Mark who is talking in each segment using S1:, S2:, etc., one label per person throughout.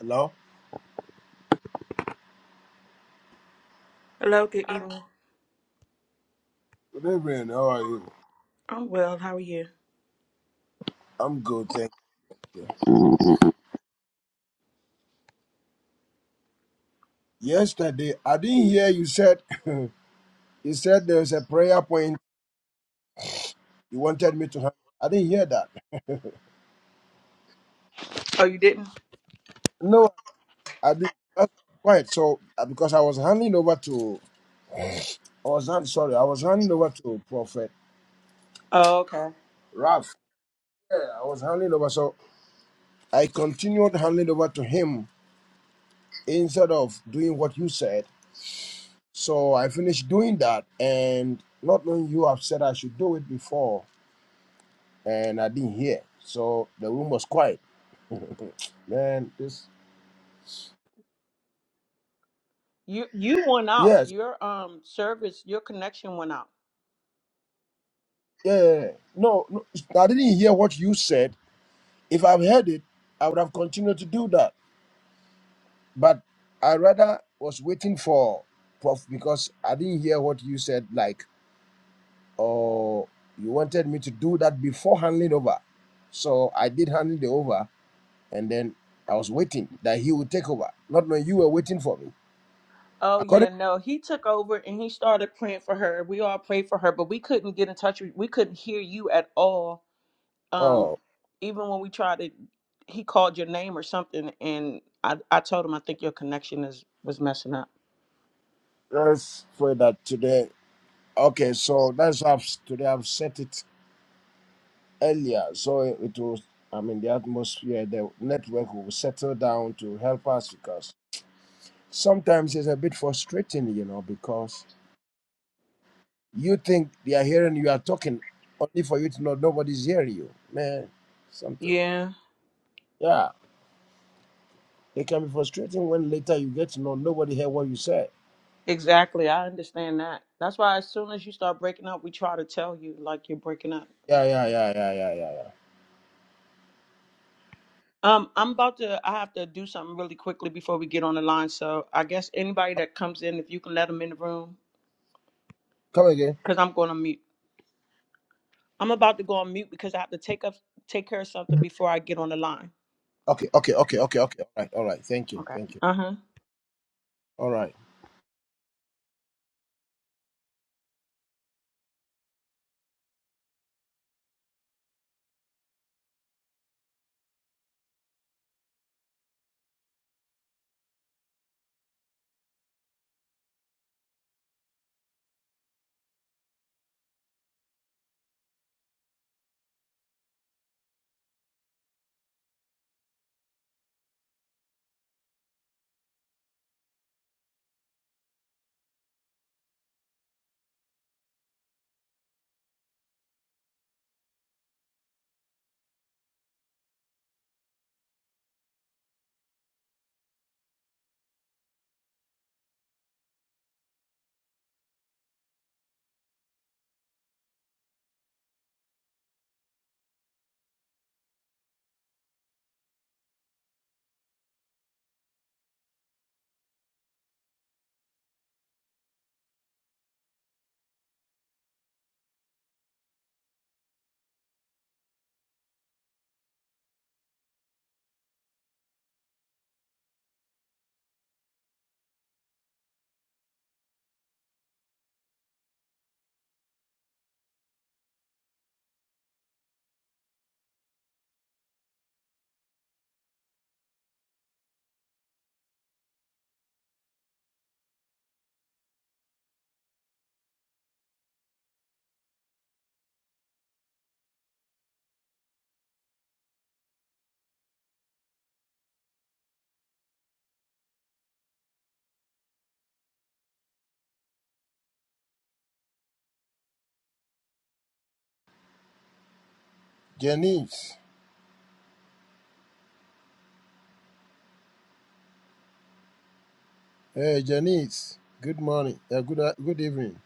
S1: Hello?
S2: Hello, good evening.
S1: Good evening. How are you?
S2: Oh well, how are you?
S1: I'm good, thank you. Yesterday, I didn't hear you said you said there was a prayer point you wanted me to handle. I didn't hear that.
S2: Oh, you didn't?
S1: No, I didn't. That's quiet. So uh, because I was handing over to I was hand, sorry, I was handing over to Prophet
S2: Oh, okay.
S1: Ralph. Yeah, I was handing over. So I continued handing over to him instead of doing what you said. So I finished doing that, and not knowing you have said I should do it before. and I didn't hear. So the room was quiet. Then this,
S2: You you went out.
S1: yes,
S2: Your um service, your connection went out.
S1: yeah, yeah, yeah. no, no, I didn't hear what you said. If I've heard it, I would have continued to do that. But I rather was waiting for Prof because I didn't hear what you said. Like, oh, you wanted me to do that before handling over. So I did handle the over, and then I was waiting that he would take over, not knowing you were waiting for me.
S2: Oh yeah,
S1: According,
S2: no. He took over and he started praying for her. We all prayed for her, but we couldn't get in touch with we couldn't hear you at all. Um
S1: oh,
S2: even when we tried to he called your name or something and I I told him I think your connection is was messing up.
S1: let's pray that today Okay, so that's how I've, today I've set it earlier. So it was, I mean, the atmosphere, the network will settle down to help us because sometimes it's a bit frustrating, you know, because you think they are hearing you are talking only for you to know nobody's hearing you. Man, something.
S2: Yeah,
S1: Yeah, it can be frustrating when later you get to know nobody heard what you said.
S2: exactly. I understand that. That's why as soon as you start breaking up, we try to tell you like you're breaking up.
S1: Yeah, yeah, yeah, yeah, yeah, yeah, yeah.
S2: Um, I'm about to. I have to do something really quickly before we get on the line. So I guess anybody that comes in, if you can let them in the room,
S1: Come again.
S2: because I'm going to mute. I'm about to go on mute because I have to take up take care of something before I get on the line.
S1: Okay, okay, okay, okay, okay. All right, all right. Thank you,
S2: Okay.
S1: thank you.
S2: Uh
S1: All right, Janice. Hey, Janice. Good morning. Uh, good uh, good evening.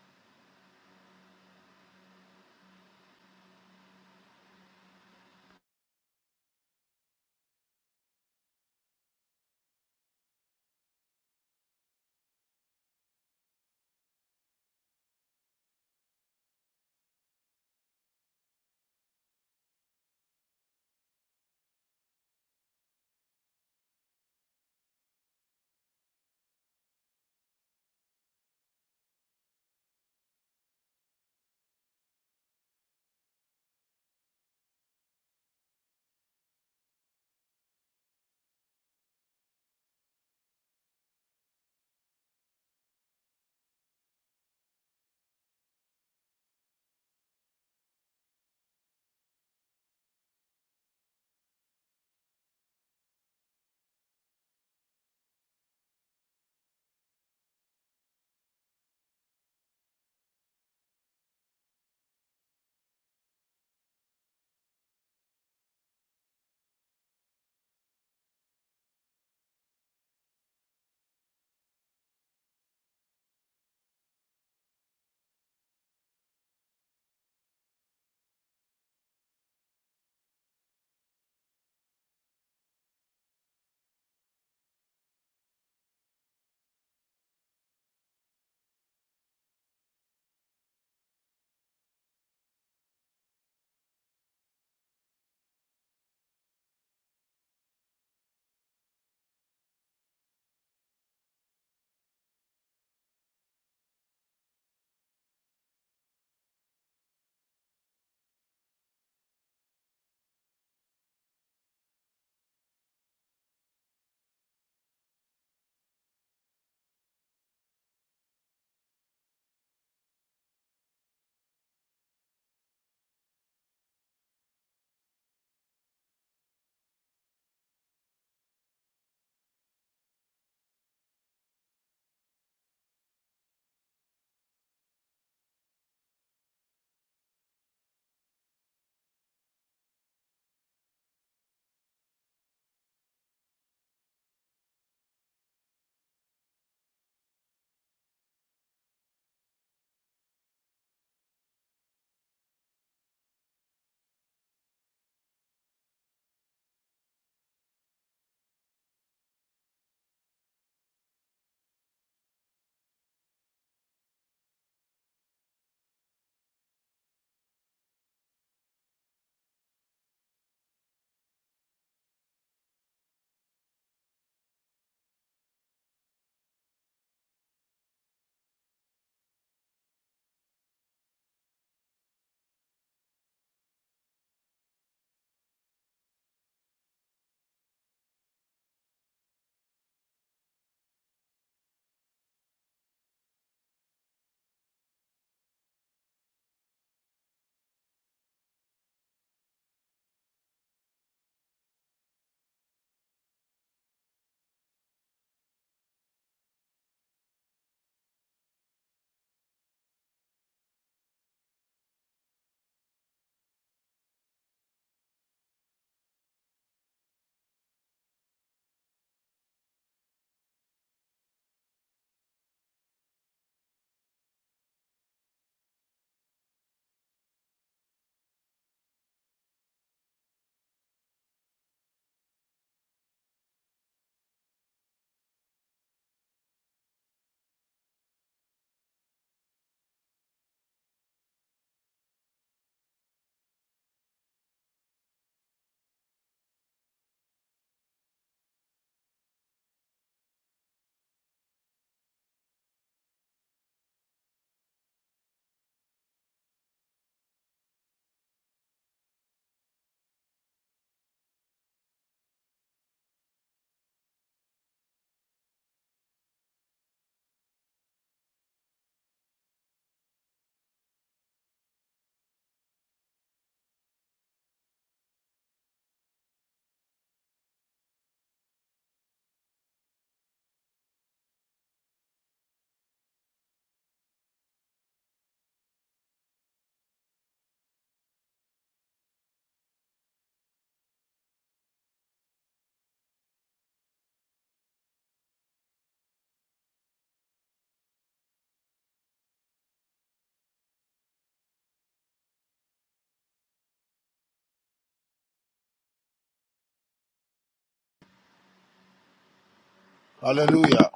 S1: Hallelujah.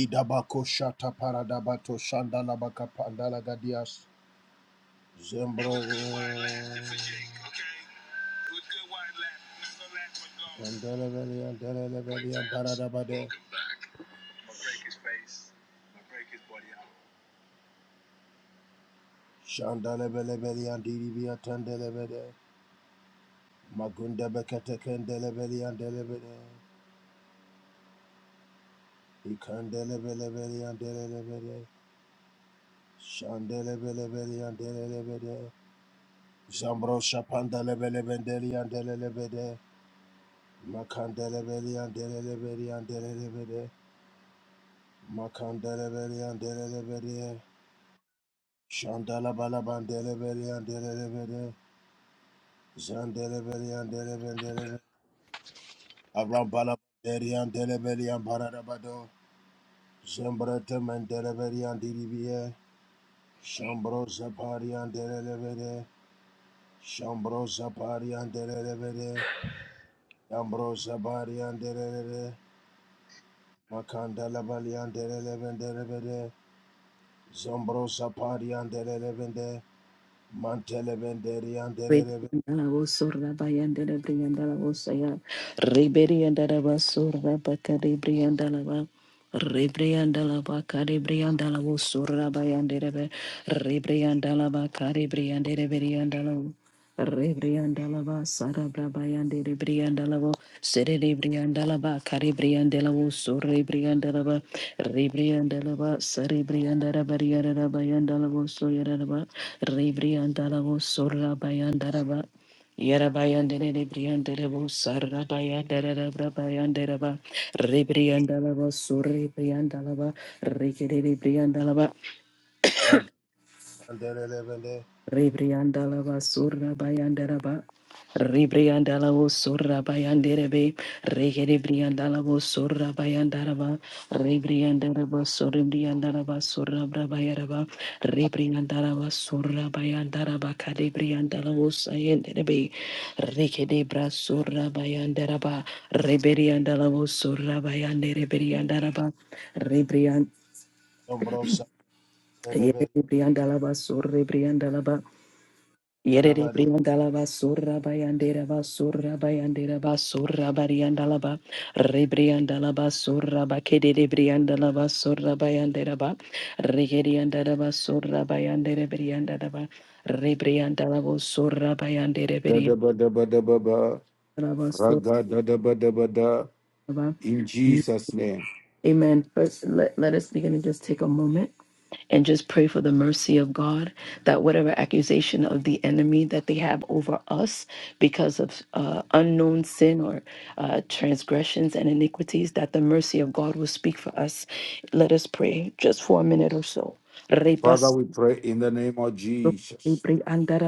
S1: Idabako shata paradabato shandalabaka pandalagadias zembo ndelebele ndelebele shandalebelebele andiribia tandelebele magundabekateke ndelebele andelebele ikandelebelebele andelebele shandelebelebele andelebele zambro shapandelebele bendeli andelebele makandelebele andelebele andelebele Makandelebelian delebelian Shandalabalaban delebelian delebelian Zandelebelian delebelian Arambalabelian delebelian Paradabado Zembretaman delebelian diribie Shambro Zaparian delebelian Shambro Zaparian delebelian Yambro Zaparian delebelian Makandelebelian delebelian delebelian Zombro Zaparian delebelian Mantelebelian delebelian
S3: Rebriandalaba, Sara Brabayande, Rebriandalavo, Sere Rebriandalaba, Caribriandela Uso, Rebriandelaba, Rebriandelaba, Saribriandara Bariara Bayandala Uso, Yaraba, Rebriandala Uso, Rabayandaraba. lava Sarabayanderebrabayandereba, Rebriandalaba, Surrebriandalaba, lava
S1: Yeah,
S3: Rebriandala basura bayandaraba. Rebriandala osura bayanderebe. Regerebriandala osura bayandaraba. Rebriandaraba soribriandaraba sura brabayaraba. Rebriandaraba sura bayandaraba kadebriandala osayenderebe. Regedebra sura bayandaraba. Rebriandala osura bayanderebriandaraba. Rebriand Rebriandalaba, Yerere briandala basura bayandera basura bayandera basura bariandala ba rebriandala basura ba kedere briandala basura bayandera ba regeriandala basura bayandere briandala ba rebriandala basura bayandere
S4: Da da
S3: briandala
S4: ba da ba da ba ba.
S3: basura
S4: Raga da da ba da ba da.
S3: ba.
S4: In Jesus' name.
S3: Amen. First, let, let us begin to just take a moment and just pray for the mercy of God that whatever accusation of the enemy that they have over us because of uh, unknown sin or uh, transgressions and iniquities, that the mercy of God will speak for us. Let us pray just for a minute or so.
S4: Father,
S3: Repas-
S4: we pray in the name of Jesus.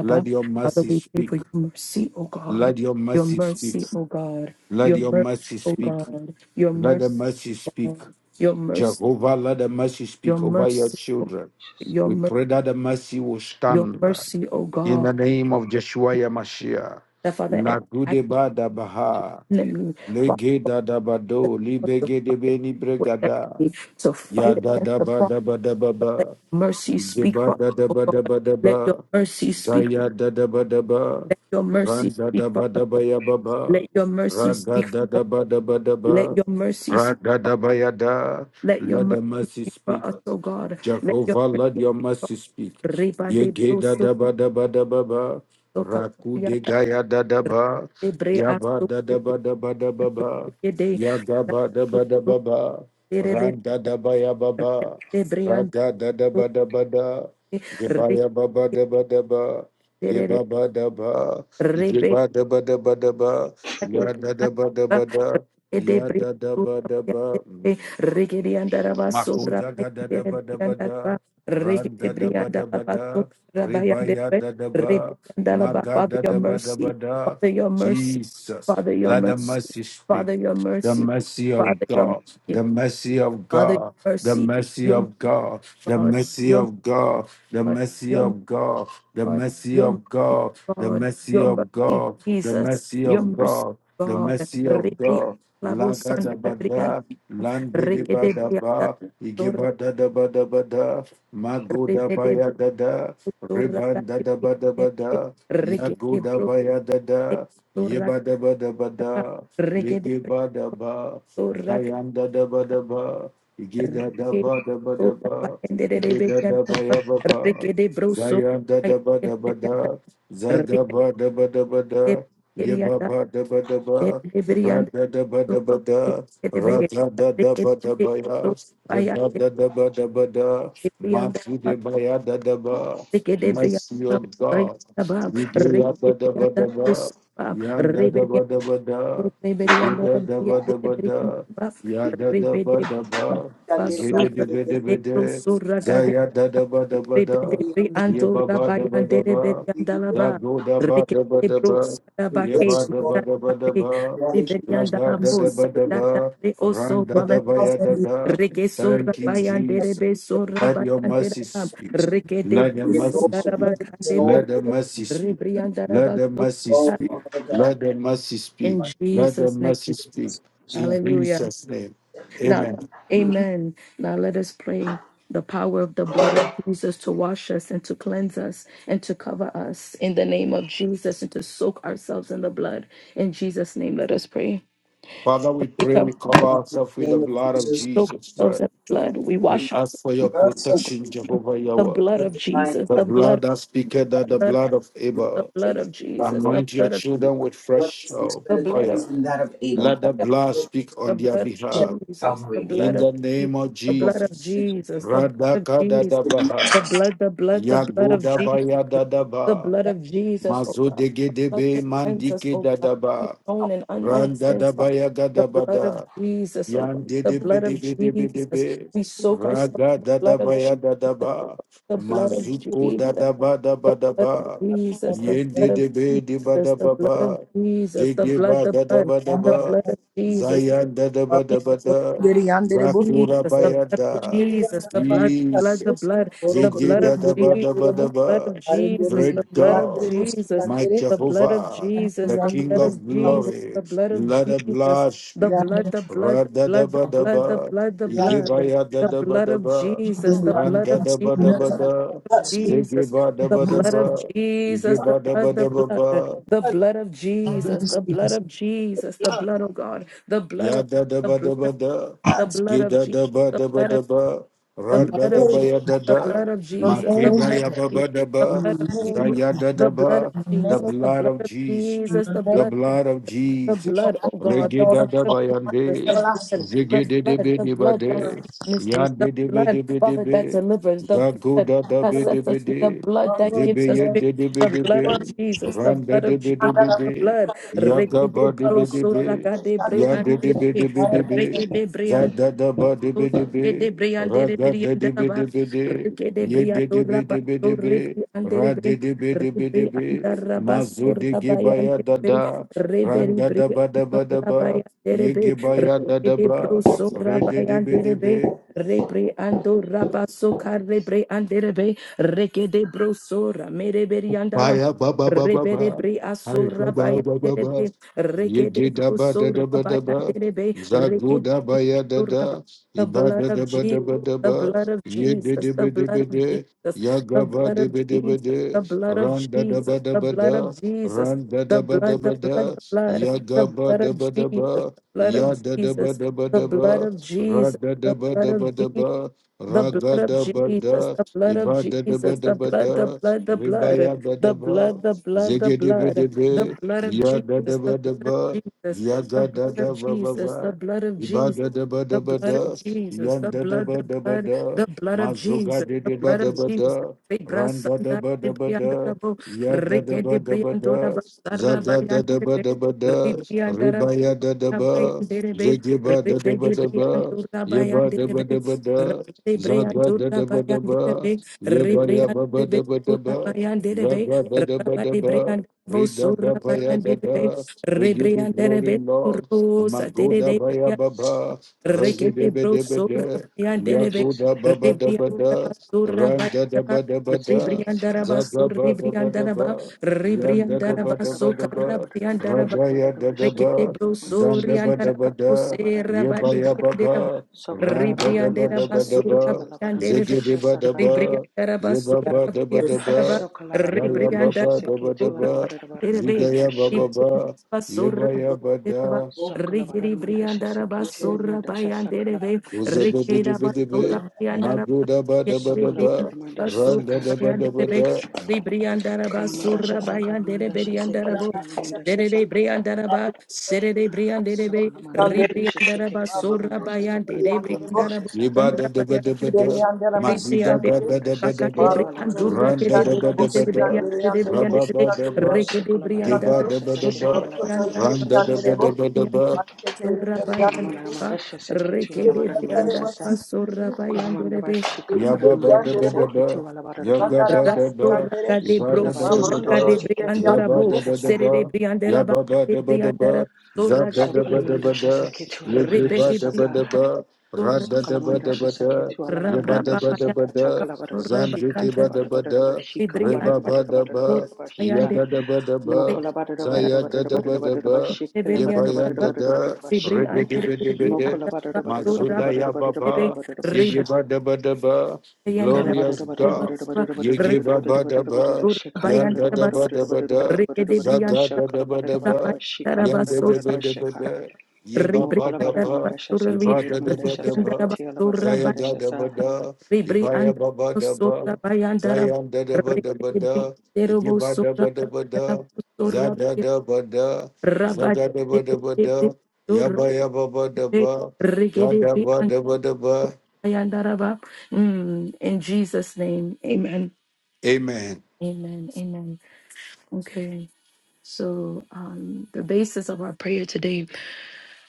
S4: Let your
S3: Father,
S4: mercy
S3: we pray
S4: speak.
S3: for your mercy, O God.
S4: Let your
S3: Your
S4: mercy speak.
S3: mercy, O God.
S4: Let
S3: Your
S4: your
S3: mercy,
S4: mercy
S3: O
S4: speak.
S3: God. Your
S4: Let the
S3: mercy,
S4: mercy
S3: O
S4: speak.
S3: God. Your mercy,
S4: Jehovah, let the mercy
S3: your
S4: speak over your
S3: mercy, O-
S4: children.
S3: your
S4: We
S3: mercy.
S4: pray that the mercy will
S3: Your
S4: stand
S3: mercy, O
S4: in
S3: God.
S4: the name of Joshua Yamashiach.
S3: That Father asked, "I
S4: Lagude bada baha,
S3: need me Father
S4: lege da da bado,
S3: to
S4: libege
S3: fight
S4: de beni
S3: against the
S4: bregada,
S3: enemy. To
S4: Ya
S3: fight
S4: da
S3: against
S4: da
S3: the
S4: ba
S3: wrong.
S4: da ba da ba
S3: Let
S4: ba.
S3: your mercy
S4: Ye
S3: speak
S4: ba
S3: for
S4: da
S3: us,
S4: da
S3: oh
S4: ba da
S3: God.
S4: ba da
S3: Let your
S4: ba.
S3: mercy speak for.
S4: Zaya
S3: us.
S4: da da ba da ba.
S3: Let your
S4: Ran
S3: mercy
S4: da
S3: speak
S4: da
S3: for
S4: ba da
S3: us.
S4: ba
S3: O God.
S4: ya ba ba.
S3: Let your mercy
S4: Ra da
S3: speak for
S4: da da
S3: us.
S4: ba da ba da
S3: Let
S4: ba.
S3: your mercy
S4: Ra
S3: speak
S4: da
S3: for.
S4: da
S3: us.
S4: ba ya da.
S3: Let your
S4: Let the
S3: mercy
S4: mercy
S3: speak for
S4: speak.
S3: us, oh God. Let your
S4: Jehovah, let
S3: mercy
S4: your
S3: speak for
S4: mercy speak.
S3: everybody.
S4: Yege da
S3: So
S4: da ba da ba da ba ba.
S3: so can
S4: Raku
S3: we
S4: de
S3: understand?
S4: gaya da da ba.
S3: They pray us
S4: Yaba
S3: to
S4: da
S3: the
S4: da
S3: day.
S4: ba da ba da ba ba.
S3: They
S4: Yaga ba da ba da ba ba. Ran da da ba ya ba
S3: pray us
S4: ba.
S3: to the day.
S4: Raga da da ba da ba da.
S3: Father, your mercy, Father, your
S4: Yeba ya ba
S3: mercy,
S4: ba da ba da ba. Yeba ba da ba. Yeba da ba da ba da ba. Ya da da ba da ba da. Ya da da ba da ba. Mm. Makuza da da da ba da ba da, ran da da ba da ba da, ribaya da da ba, maga da da ba da ba da.
S3: Father, your mercy,
S4: Jesus,
S3: Father, your
S4: let the
S3: mercy,
S4: mercy speak
S3: Father, your
S4: the
S3: mercy,
S4: mercy of
S3: Father, your
S4: God, the mercy of God, the
S3: mercy,
S4: mercy
S3: your
S4: of God, the
S3: God,
S4: mercy
S3: your
S4: of God, the
S3: God,
S4: mercy
S3: your
S4: of God, the
S3: God.
S4: mercy
S3: Your
S4: of
S3: mercy,
S4: God, the
S3: God.
S4: mercy
S3: Your
S4: of
S3: mercy,
S4: God, the
S3: Jesus.
S4: mercy
S3: Your
S4: of
S3: mercy,
S4: God, the
S3: God.
S4: mercy of
S3: Ribi
S4: God.
S3: alabo
S4: Laga da
S3: sandabrian.
S4: bada, landi di
S3: Rikede
S4: bada
S3: brianda.
S4: ba,
S3: Sora.
S4: igeba da da bada bada, mago da
S3: Ribede
S4: baya da da,
S3: sora.
S4: riban da da bada bada, yago
S3: Rikede
S4: da
S3: bro.
S4: baya da
S3: De
S4: da,
S3: Sora.
S4: yeba da bada bada.
S3: Rikede
S4: Yege
S3: sora. Rikede
S4: ba da ba,
S3: sora.
S4: Zayanda da ba daba, ba, Yege da
S3: Rikede bro. Sora.
S4: ya ba ba,
S3: Rikede brianda.
S4: Zayanda da ba da ba da,
S3: Reke
S4: Zaga ba da ba da ba
S3: de
S4: da, Ye ba
S3: brianda.
S4: ba da
S3: De de brianda. so kedebe kedebe so
S4: ya, Re
S3: baya
S4: ba da da ba da ba da,
S3: kedebe
S4: Ma
S3: anda
S4: su de ba
S3: kedebe
S4: Mercy
S3: anda
S4: of
S3: baya
S4: God,
S3: tabam
S4: Yege ya
S3: kedebe anda usam
S4: Yanda da
S3: rebebe
S4: ba da
S3: rebebe anda
S4: Yada da ba da ba
S3: rebebe anda
S4: da,
S3: bas
S4: ya da da ba
S3: rebebe
S4: da
S3: anda
S4: ba,
S5: We bless you,
S4: igede de
S3: basura
S4: be de be
S3: de
S4: de. da, ya da da ba da ba da,
S3: Rebede
S4: ye ba ba da ba da ba, za go da ba da ba da ba, ye ba da
S5: Lord.
S4: ba da ba da ba,
S5: You are the King
S4: za
S5: of
S3: Riberianda
S4: ga
S3: la
S4: da
S5: Kings.
S4: da
S5: You
S3: bosa,
S4: ba
S5: are
S4: da
S5: the Lord. You are the
S3: da da
S4: ba,
S3: re oso
S4: ran da da
S3: bala
S4: ba ya
S5: Alpha and
S4: da
S5: the Omega.
S4: da.
S3: Reke sora
S4: Thank
S5: There
S4: you,
S5: is none
S3: bayan
S5: like
S4: Jesus.
S3: derebe
S5: you. There is
S3: sora
S4: Let your
S3: bayan
S5: none like
S4: mercy
S3: derabam.
S4: speak.
S5: you.
S3: Reke de
S4: Let
S5: We
S4: your
S5: give you
S3: buso
S5: all
S4: mercy
S5: the
S4: speak.
S5: praise and
S3: darabakande
S5: all
S3: be
S4: Let the
S5: the glory.
S4: mercy speak.
S3: rebrian
S4: Let the
S3: darabaso.
S4: mercy
S5: Oh,
S4: speak.
S5: Father God,
S4: Let the mercy speak.
S3: In
S5: I thank
S4: Let the
S3: Jesus' name,
S4: mercy
S5: you for
S4: speak.
S5: us this one
S4: In
S3: Hallelujah.
S4: Jesus' name.
S5: Sunday.
S3: Now,
S4: Amen.
S5: You
S3: Amen. Now let us pray. The power of the blood of Jesus to wash us and to cleanse us and to cover us in the name of Jesus and to soak ourselves in the blood. In Jesus' name, let us pray.
S4: Father, we
S3: We
S4: pray
S3: cover
S4: we cover
S5: are in
S4: ourselves
S5: the
S4: with the
S5: name of
S4: blood of
S5: Jesus.
S3: soak
S4: Jesus
S3: ourselves
S4: Christ.
S3: in the blood. We
S4: We
S5: You
S3: wash
S4: ask for
S3: ourselves in
S4: your
S3: the
S5: bless
S3: blood, oh
S5: us.
S4: protection, Jehovah
S3: The
S5: Your
S4: Yahweh.
S3: blood of
S5: divine
S3: Jesus,
S4: The
S3: the
S5: blood,
S3: blood,
S4: blood that
S3: the
S4: speaketh, that the
S3: blood,
S4: blood of
S5: your
S3: the
S4: Abel.
S3: blood
S5: gracious
S3: of
S5: blood,
S3: Jesus,
S5: your
S3: the
S4: Anoint your
S3: blood of Jesus
S4: children
S5: blood.
S4: with
S5: Blood
S4: fresh
S5: that speaks
S4: oil.
S3: the
S5: better
S3: blood of
S5: things than that of
S3: the
S5: Abel.
S4: Let
S3: blood
S4: the
S3: of
S4: blood speak
S3: the
S4: on their
S3: blood of
S5: Share
S4: behalf.
S3: Jesus, the
S5: Calvary, Lord.
S4: In
S3: blood of
S4: the
S3: Jesus,
S4: name of
S5: Speak
S3: the
S5: the
S3: blood of
S4: Jesus.
S5: blood, speak
S3: Jesus, the blood of
S4: Radaka
S3: Jesus,
S5: the
S3: the
S4: Dadabaha.
S5: blood,
S3: blood, the blood, the blood of Jesus,
S4: Yagodabaya
S3: the
S4: Dadaba.
S3: blood of Jesus, oh
S4: Mazo
S3: God,
S4: de
S3: the blood
S4: gedebe
S3: that cleanses us,
S4: mandike
S3: oh God,
S4: dadaba.
S3: known and unknown
S4: Randa
S3: sins, Father,
S4: dabaya
S3: the blood of
S4: gadabada.
S3: Jesus, oh God,
S4: Yan de
S3: the
S4: de be
S3: blood
S4: de
S3: of
S4: be de be de
S3: Jesus,
S4: be.
S3: we soak ourselves
S4: Raga
S3: in the
S4: da da
S3: blood
S4: ba
S3: of
S4: ya da da
S3: Jesus, oh
S4: ba.
S3: God, the blood of
S5: speak
S4: Mazuko
S3: Jesus,
S4: da da ba da
S3: the
S4: ba da
S3: blood of
S4: ba.
S3: Jesus, the
S4: Yen de
S3: blood of
S4: de be de ba
S3: Jesus,
S4: da
S3: the
S4: ba
S3: blood of
S4: ba.
S3: Jesus, the
S4: Jege
S3: blood,
S4: ba
S3: the
S4: da da
S3: blood,
S4: ba da
S3: the
S4: ba.
S3: blood of Jesus,
S4: Zayan da da ba da ba da. Zakura ba
S3: Jesus, the
S4: ya
S3: blood of
S4: da.
S3: Jesus, the blood, the blood, the
S4: Jesus.
S3: blood, the
S4: Zege
S3: blood
S4: da
S3: of
S4: da ba
S3: Jesus,
S4: da ba da
S3: blood
S4: ba.
S3: of Jesus, the
S4: Great
S3: blood of
S4: God,
S3: Jesus,
S4: my
S3: the blood of
S4: Jehovah, the
S3: Jesus, the
S4: King
S3: blood
S4: of
S3: of Jesus,
S4: glory,
S3: the blood of
S4: let the
S3: Jesus,
S4: blood
S3: the
S4: speak.
S3: blood, the blood, the
S4: Rada da
S3: blood, the
S4: ba da
S3: blood, the
S4: ba
S3: blood,
S4: Radadabadaba,
S3: the blood,
S4: Igibaya
S3: the blood of
S4: Dadabadaba,
S3: Jesus,
S4: Randadabadabada, Zigibadabadaba, ba.
S3: the
S4: Randa
S3: blood of
S4: da ba da
S3: Jesus.
S4: ba da,
S3: Jesus,
S4: Zigiba da
S3: the
S4: ba da
S3: blood of
S4: ba,
S3: Jesus, the
S4: Igiba da ba
S3: blood,
S4: da
S3: the
S4: ba
S3: blood,
S4: ba,
S3: the
S5: the
S3: blood of Jesus,
S5: blood,
S3: the
S5: speak the blood.
S3: blood of Jesus, the blood of God, the blood
S4: Ya
S3: of
S4: da da
S3: the
S4: ba da
S3: blood of
S4: ba da,
S3: the
S5: hearts.
S3: blood
S4: ge
S3: of
S4: da
S3: Jesus,
S4: da ba
S3: the
S4: da ba
S3: blood
S4: da
S3: of
S4: ba,
S3: the
S4: ra
S5: Your
S4: da
S3: blood
S4: da
S3: of
S4: ba
S3: Jesus,
S5: name,
S4: ya da
S3: the
S4: da,
S3: blood of
S4: ma
S5: your
S3: Jesus, the
S5: name,
S4: ke da
S5: we
S3: blood of
S4: ya
S5: pray.
S4: ba ba da
S3: Jesus, the
S4: ba,
S3: blood
S5: your
S3: of
S4: za
S5: name, we
S3: Jesus,
S4: ya
S5: pray.
S4: da
S3: the
S4: da
S3: blood
S4: ba.
S3: of
S5: your
S4: The
S5: name,
S3: Jesus, the
S4: blood
S3: blood
S4: of
S3: of
S4: Jesus,
S3: Jesus, the
S5: your name,
S4: the
S3: blood, the
S4: blood of
S3: blood, the
S5: your
S4: Jesus.
S3: blood, oh
S5: eyes and
S3: God, the
S4: Rege
S5: all
S4: da
S3: blood
S5: the
S4: da
S3: of
S5: thoughts
S4: ba ya
S5: of
S3: Jesus,
S4: de,
S3: the blood,
S5: everlasting.
S3: the
S4: zige de de
S3: blood,
S4: be
S3: the
S4: de ba
S3: blood that
S4: de,
S5: Your
S3: speaks
S4: ya
S3: mysteries, the
S4: de de be
S3: blood,
S4: de be de
S3: Father, that
S4: be,
S3: delivers, the
S4: za go
S3: blood
S4: da da
S3: that
S4: be
S5: word,
S4: de
S3: sets
S5: your
S4: be
S3: us free, the
S4: de,
S3: blood
S5: word,
S3: that
S5: Lord,
S3: gives
S4: zebe
S3: us
S4: ye de
S3: victory,
S4: de be
S3: the
S5: your
S4: de
S3: blood of
S5: word,
S4: be,
S3: Jesus, the
S4: ran de
S3: blood
S4: de
S3: of
S4: be de
S5: and
S3: Jesus.
S5: that
S4: be
S5: I will
S3: The
S4: de,
S3: blood,
S5: look at you.
S4: ya ga
S3: Rekede
S4: ba de
S5: I
S3: bro,
S4: be
S5: look
S4: de
S3: so
S5: at you,
S4: be.
S5: you did
S3: rakade
S5: not
S3: bre,
S5: let
S4: Ya
S5: it
S3: ante
S4: de
S5: go.
S4: de
S3: de
S4: be de
S3: bre.
S4: be
S5: I
S4: de
S5: look at you.
S4: be,
S3: Reke de
S4: za
S3: brian
S4: da da ba de
S3: de
S4: be de be,
S3: Rede
S4: ra
S3: briandere
S4: ga de de be
S3: briandaba,
S4: de be de,
S3: rekede
S4: ye de
S3: briando
S4: de be de be de
S3: rabasto
S4: be,
S3: rebriandere
S4: ra de
S3: be,
S4: de be de be de be, ma zo
S3: rebriandarabaso
S4: de ge ba ya
S3: rabayandere
S4: da
S3: be,
S4: da, ra
S3: reberi
S4: da da ba da
S3: briando
S4: ba da ba,
S3: rabayandere
S4: ye
S3: be,
S4: ge ba ya da da
S3: rekede
S4: ba,
S3: bruso
S4: re de de be de
S3: rabayandere
S4: be,
S3: be, rebriando rabaso carrebriandere be, rekede bruso ramere briandala,
S4: Fire, ba ba ba ba
S3: rebere
S4: ba.
S3: briaso
S4: Hai ba ba ba ba
S3: rabayandere
S4: ba.
S3: be,
S4: Ye
S3: rekede
S4: ge da ba da
S3: bruso
S4: da ba da ba.
S3: rabayandere be,
S4: Zagu
S3: rekede
S4: da ba ya da da.
S3: the
S4: Iba
S3: blood
S4: da da
S3: of
S4: ba
S3: Jesus,
S4: da ba da
S3: the
S4: ba.
S3: blood of
S4: Ye de
S3: Jesus,
S4: de
S3: the
S4: be de
S3: blood
S4: be
S3: of
S4: de.
S3: Jesus,
S4: Ya
S3: the
S4: ga ba
S3: blood
S4: de
S3: of
S4: be de be
S3: Jesus,
S4: de.
S3: the blood of
S4: Ran da da
S3: Jesus,
S4: ba da
S3: the
S4: ba
S3: blood of
S4: da.
S3: Jesus,
S4: Ran da da
S3: the
S4: ba da
S3: blood, the
S4: ba
S3: blood,
S4: da.
S3: the blood,
S4: Ya ga
S3: the
S4: ba
S3: blood
S4: da
S3: of
S4: ba
S3: Jesus,
S4: da ba.
S3: the blood
S4: Ya
S3: of
S4: da da ba
S3: Jesus,
S4: da ba
S3: the
S4: da ba.
S3: blood of
S4: Ra
S3: Jesus,
S4: da da
S3: the
S4: ba
S3: blood
S4: da ba
S3: of
S4: da
S3: Jesus.
S4: ba.
S3: The
S4: Ra ga
S3: blood of
S4: da ba
S3: Jesus,
S4: da.
S3: the blood of
S4: Iba da da ba
S3: Jesus,
S4: da
S3: the
S4: ba
S3: blood, the
S4: da.
S3: blood, the blood,
S4: Rebaya
S3: the blood,
S4: Dadaba,
S3: the blood, the
S4: Zegedebe
S3: blood, the
S4: Debe,
S3: blood of Jesus, the
S4: Yadadaba
S3: blood of
S4: Daba,
S3: Jesus, the blood of
S4: Yagadadaba
S3: Jesus, the
S4: Baba,
S3: blood of Jesus,
S4: Ibadadaba
S3: the
S4: Daba
S3: blood of
S4: Da,
S3: Jesus, the blood,
S4: Yandadaba
S3: the
S4: Daba
S3: blood,
S4: Da,
S3: the blood of
S4: Mazuga
S3: Jesus, the
S4: Dedeba
S3: blood of
S4: Daba
S3: Jesus.
S4: Da,
S3: Rebra sanda
S4: Randadaba Daba Da,
S3: rebriandorabo, rekede
S4: Yadadaba Daba Da,
S3: briandoraba,
S4: Zagadadaba
S3: sarabayanderebe,
S4: Daba Da,
S3: rebriandaraba,
S4: Rebaya Dadaba,
S3: sorabayanderebe,
S4: Zegeba Dadaba
S3: rebede
S4: Daba, Yeba Daba
S3: briandorabayanderebe,
S4: Daba Da,
S3: rabade
S4: Zagadadaba Daba,
S3: briandorabayanderebe, rebrianderebe,
S4: Yabba-yabba-ba-da-ba-da-ba.
S3: sorabayanderebe, rabade
S4: Zabba-da-da-ba-da-ba.
S3: briandarabo,
S4: rida da ba ya da
S3: sorabayanderebe,
S4: da We give you glory,
S3: rebrianderebe,
S4: Lord. Magoda ba ya
S3: sorosa,
S4: ba ba, rege de
S3: Rekete
S4: baba,
S3: bro
S4: de bede
S3: sora
S4: de,
S3: bayandelebe.
S4: yagoda baba da bada,
S3: Rebriandaraba sora
S4: randa da
S3: bayandaba.
S4: ba da, ba da,
S3: Rebriandaraba
S4: zaga
S3: sora
S4: bada da ba, da
S3: rebriandaraba.
S4: ba, yanda da
S3: Rebriandaraba
S4: bada da ba,
S3: sokara
S4: da
S3: bayandaraba.
S4: ragaya da da
S3: Rekete
S4: ba,
S3: broso
S4: zanda
S3: riandara
S4: bada
S3: bako
S4: bada,
S3: sera badi
S4: yabaya ba
S3: briandera bo.
S4: ba, randa da bada
S3: Ribriandera
S4: da ba, da
S3: basura
S4: ba
S3: bayandere be.
S4: zege de ba da
S2: huh.
S4: ba,
S3: Ribriandera
S4: Yaba
S3: basura
S5: Yeah.
S4: ba da ba da
S5: Yes,
S3: bayandara ba.
S4: ba, Zaya ba
S2: Sokalabarabandasha
S3: Ribriandera
S4: ba da ba
S2: Seketi
S4: da
S3: basura
S4: ba,
S3: bayandere be.
S4: Zigaya ba ba
S2: Alabarabarabarabasha
S3: Ribriandera
S4: ba,
S3: basura
S4: Yeba ya ba
S3: bayandere ba.
S5: you
S4: da,
S5: go.
S3: Rigiri
S2: Sokalabarabandasha
S3: briandara
S5: You
S2: Seketi
S5: did not
S3: basura
S2: Alamandasha
S3: bayandere be.
S2: Sakalabarabandasha
S4: Uzebe de
S2: Sa
S4: de
S3: Rigeda
S4: be de
S5: let it
S3: basura
S4: be,
S5: go. You did
S3: bayandara
S4: Mago
S3: ba.
S4: da ba da ba
S3: Yere
S4: da ba,
S3: briandara
S2: Sokalabarabandasha
S3: basura
S4: Randa
S2: Saka
S4: da ba da
S3: bayandere
S4: ba
S3: be.
S4: da,
S3: Ribriandara
S2: Kalamandasha
S3: basura bayandere be
S2: Sakalamandasha
S3: riandara
S5: not
S3: bo.
S2: Seketi
S5: let it go.
S2: Alamandasha Sa
S3: Serere Briandaraba, Serere Brianderebe,
S2: Sokalamarabandasha
S3: Ribriandaraba,
S2: Seketi
S3: Sora
S2: Alamandasha Saka
S3: Bayandere Briandaraba,
S2: Sakalamandasha Sa
S4: Yeba da
S3: Sandra
S4: da ba da ba
S3: Bayandere,
S4: da, Maguda
S3: Ribriandere.
S4: da da da
S2: Sokalamandasha
S4: ba da
S3: Bakade
S2: Seketi
S4: ba,
S3: Briandura,
S2: Alabarabandasha
S4: Randa
S3: Kede
S4: da
S2: Saka
S4: ba da ba
S3: Briandere,
S4: da,
S2: Sakalaramandasha
S3: Briandere,
S2: Saka
S4: Raba
S3: Briandere,
S4: ba da ba,
S3: Rekede
S4: Geba
S3: Briandaraba,
S4: da
S2: Sokalabarabandasha
S4: ba da
S2: Seketi
S3: Sora
S4: ba,
S3: Bayandaraba,
S2: Alabarabandasha
S4: Randa da
S2: Sa
S4: ba da ba da ba,
S3: Ribriandaraba, Sora Bayandaraba,
S2: Kalamandasha Seketi
S3: Rekede
S2: Alabarabandasha Sa
S3: Briandaraba, Sora Bayanderebe,
S2: Kolamandabashi kalabaramandasha
S4: Yabba-ba-da-ba-da-ba,
S2: seketu
S5: Sandara
S2: alabaramandashasa.
S3: Rasto
S4: yagga-ba-da-ba,
S5: Masikandere,
S3: raga de
S2: So
S3: broso
S5: Mabrondo,
S3: daga
S2: kolabaramandasha
S4: ibba-da-ba-da-ba-da,
S3: de
S2: seketu
S5: Inderian,
S3: briandorabo,
S2: alamandashasa.
S3: sere
S4: ibba-ba-da-ba-da-ba,
S3: de briandela baga de
S4: yabba-ba-da-ba-da-ba,
S3: briandara, so raga
S2: So
S3: de briande,
S2: kolamandasha
S4: zabba-da-ba-da-ba-da,
S2: seketu
S3: repe de
S2: alamandashasaka.
S3: brianda,
S4: yagga-ba-da-ba-da-ba,
S3: so
S2: So
S3: raga,
S2: kolamandasha
S4: radda-da-ba-da-ba-da,
S2: seketu
S3: rabra babaya,
S2: alabaramandashasaka. Ta
S4: yabba-da-ba-da-ba-da,
S3: so
S2: kalabarabashi kata
S3: rabayandara,
S4: zanjiki-ba-da-ba-da,
S2: barabarabashi
S3: de brianda, so
S4: ribba-ba-da-ba,
S2: kalabarabarabarabarabarabashika.
S3: rabayande, re
S4: yagga-da-ba-da-ba,
S3: briandara, so
S4: zaya-da-da-ba-da-ba,
S2: Mokolabarabarabarabarabarabarabashi
S3: de briandara,
S4: yabba-yan-da-da, da
S3: de
S2: kelebarabarabarabarabarabarabasha.
S4: ribbi di
S3: briandere,
S4: de di
S3: de
S4: de di
S3: briandara, so
S4: mazudaya ba ba you
S2: Mokolabarabarabarabarabarabarabarabasha.
S3: rabayande,
S4: give a da ba da ba,
S2: Shekala
S3: Yandere
S4: glorious God.
S3: Briba
S4: You give a ba da ba,
S3: Ribriandabasura
S4: yanda da ba
S3: Bayandabasa
S4: da ba da,
S3: Rikede
S4: zaga da da ba da
S3: Briandabasura
S4: ba, yanda da
S3: Bayandabasura
S4: ba da ba da, ye ba ba da ba,
S3: Ribriandabasura
S4: ye ba
S3: Ribriandabasura
S4: da da ba da ba, zaya
S3: Bayandabasura
S4: ga da ba da, ye ba ya ba ba da
S3: Ribriandabasura
S4: ba,
S3: Bayandabasura
S4: zaya da da ba da ba
S3: Rikede
S4: da, ye give a da
S3: Briandabasura
S4: ba da ba da, za
S3: Bayandabasura
S4: da da ba da,
S3: Rabada
S4: zaga da ba da ba da, ya
S3: Briandabasura
S4: ba ya ba ba da ba, da
S3: Rikede
S4: da ba
S3: Briandabasura
S4: da ba da ba.
S3: Bayandaraba. Mm, In Jesus' name, amen.
S4: Amen.
S3: Amen. Amen. Okay. So um, the basis of our prayer today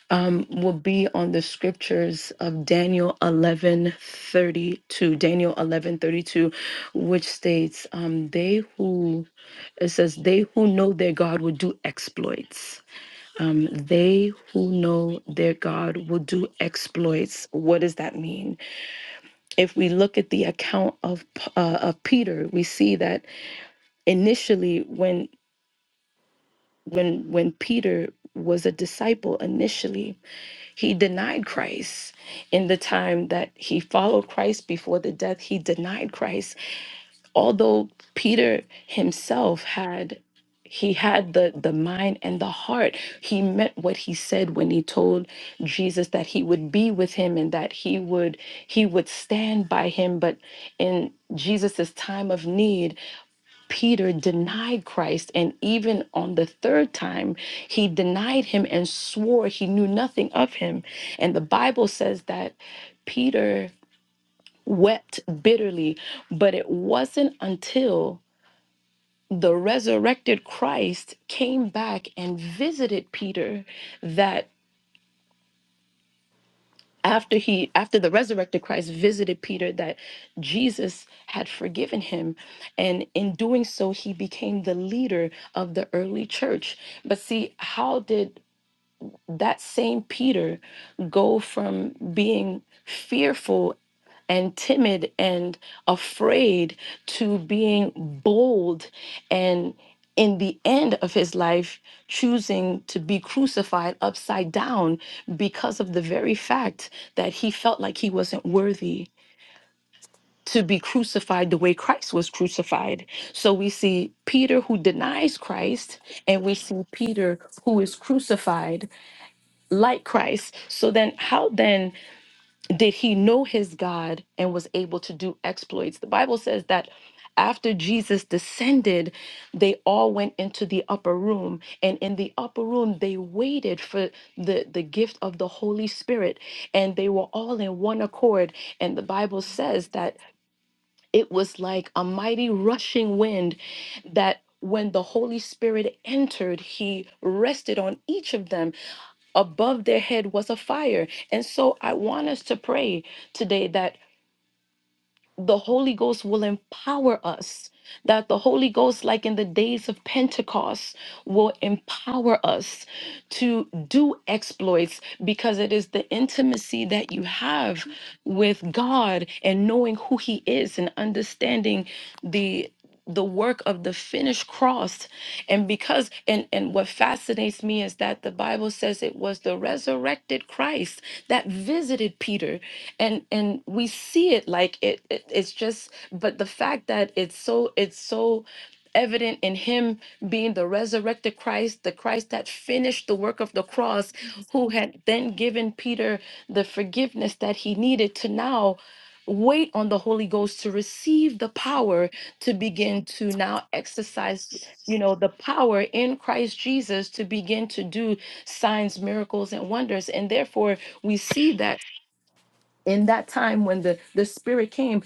S3: um, will be on the scriptures of Daniel eleven thirty two. Daniel eleven thirty two, which states, um, "They who it says they who know their God will do exploits. Um, they who know their God will do exploits. What does that mean? If we look at the account of P- uh, of Peter, we see that initially when when when Peter was a disciple initially, he denied Christ in the time that he followed Christ before the death. He denied Christ, although Peter himself had he had the the mind and the heart. He meant what he said when he told Jesus that he would be with him and that he would he would stand by him. But in Jesus's time of need, Peter denied Christ, and even on the third time, he denied him and swore he knew nothing of him. And the Bible says that Peter wept bitterly, but it wasn't until the resurrected Christ came back and visited Peter that. after he after the resurrected christ visited peter that jesus had forgiven him and in doing so he became the leader of the early church but see how did that same Peter go from being fearful and timid and afraid to being bold and in the end of his life choosing to be crucified upside down because of the very fact that he felt like he wasn't worthy to be crucified the way Christ was crucified. So we see Peter who denies Christ and we see Peter who is crucified like Christ. So then, how then did he know his God and was able to do exploits? The Bible says that after Jesus descended, they all went into the upper room, and in the upper room, they waited for the, the gift of the Holy Spirit, and they were all in one accord. And the Bible says that it was like a mighty rushing wind that when the Holy Spirit entered, he rested on each of them above their head was a fire. And so I want us to pray today that the Holy Ghost will empower us, that the Holy Ghost, like in the days of Pentecost, will empower us, to do exploits because it is the intimacy that you have with God and knowing who he is and understanding the the work of the finished cross and because and and what fascinates me is that the bible says it was the resurrected christ that visited peter and and we see it like it, it it's just but the fact that it's so it's so evident in him being the resurrected Christ, the Christ that finished the work of the cross, who had then given Peter the forgiveness that he needed to now wait on the Holy Ghost to receive the power to begin to now exercise, you know, the power in Christ Jesus to begin to do signs, miracles, and wonders. And therefore, we see that. In that time when the, the Spirit came,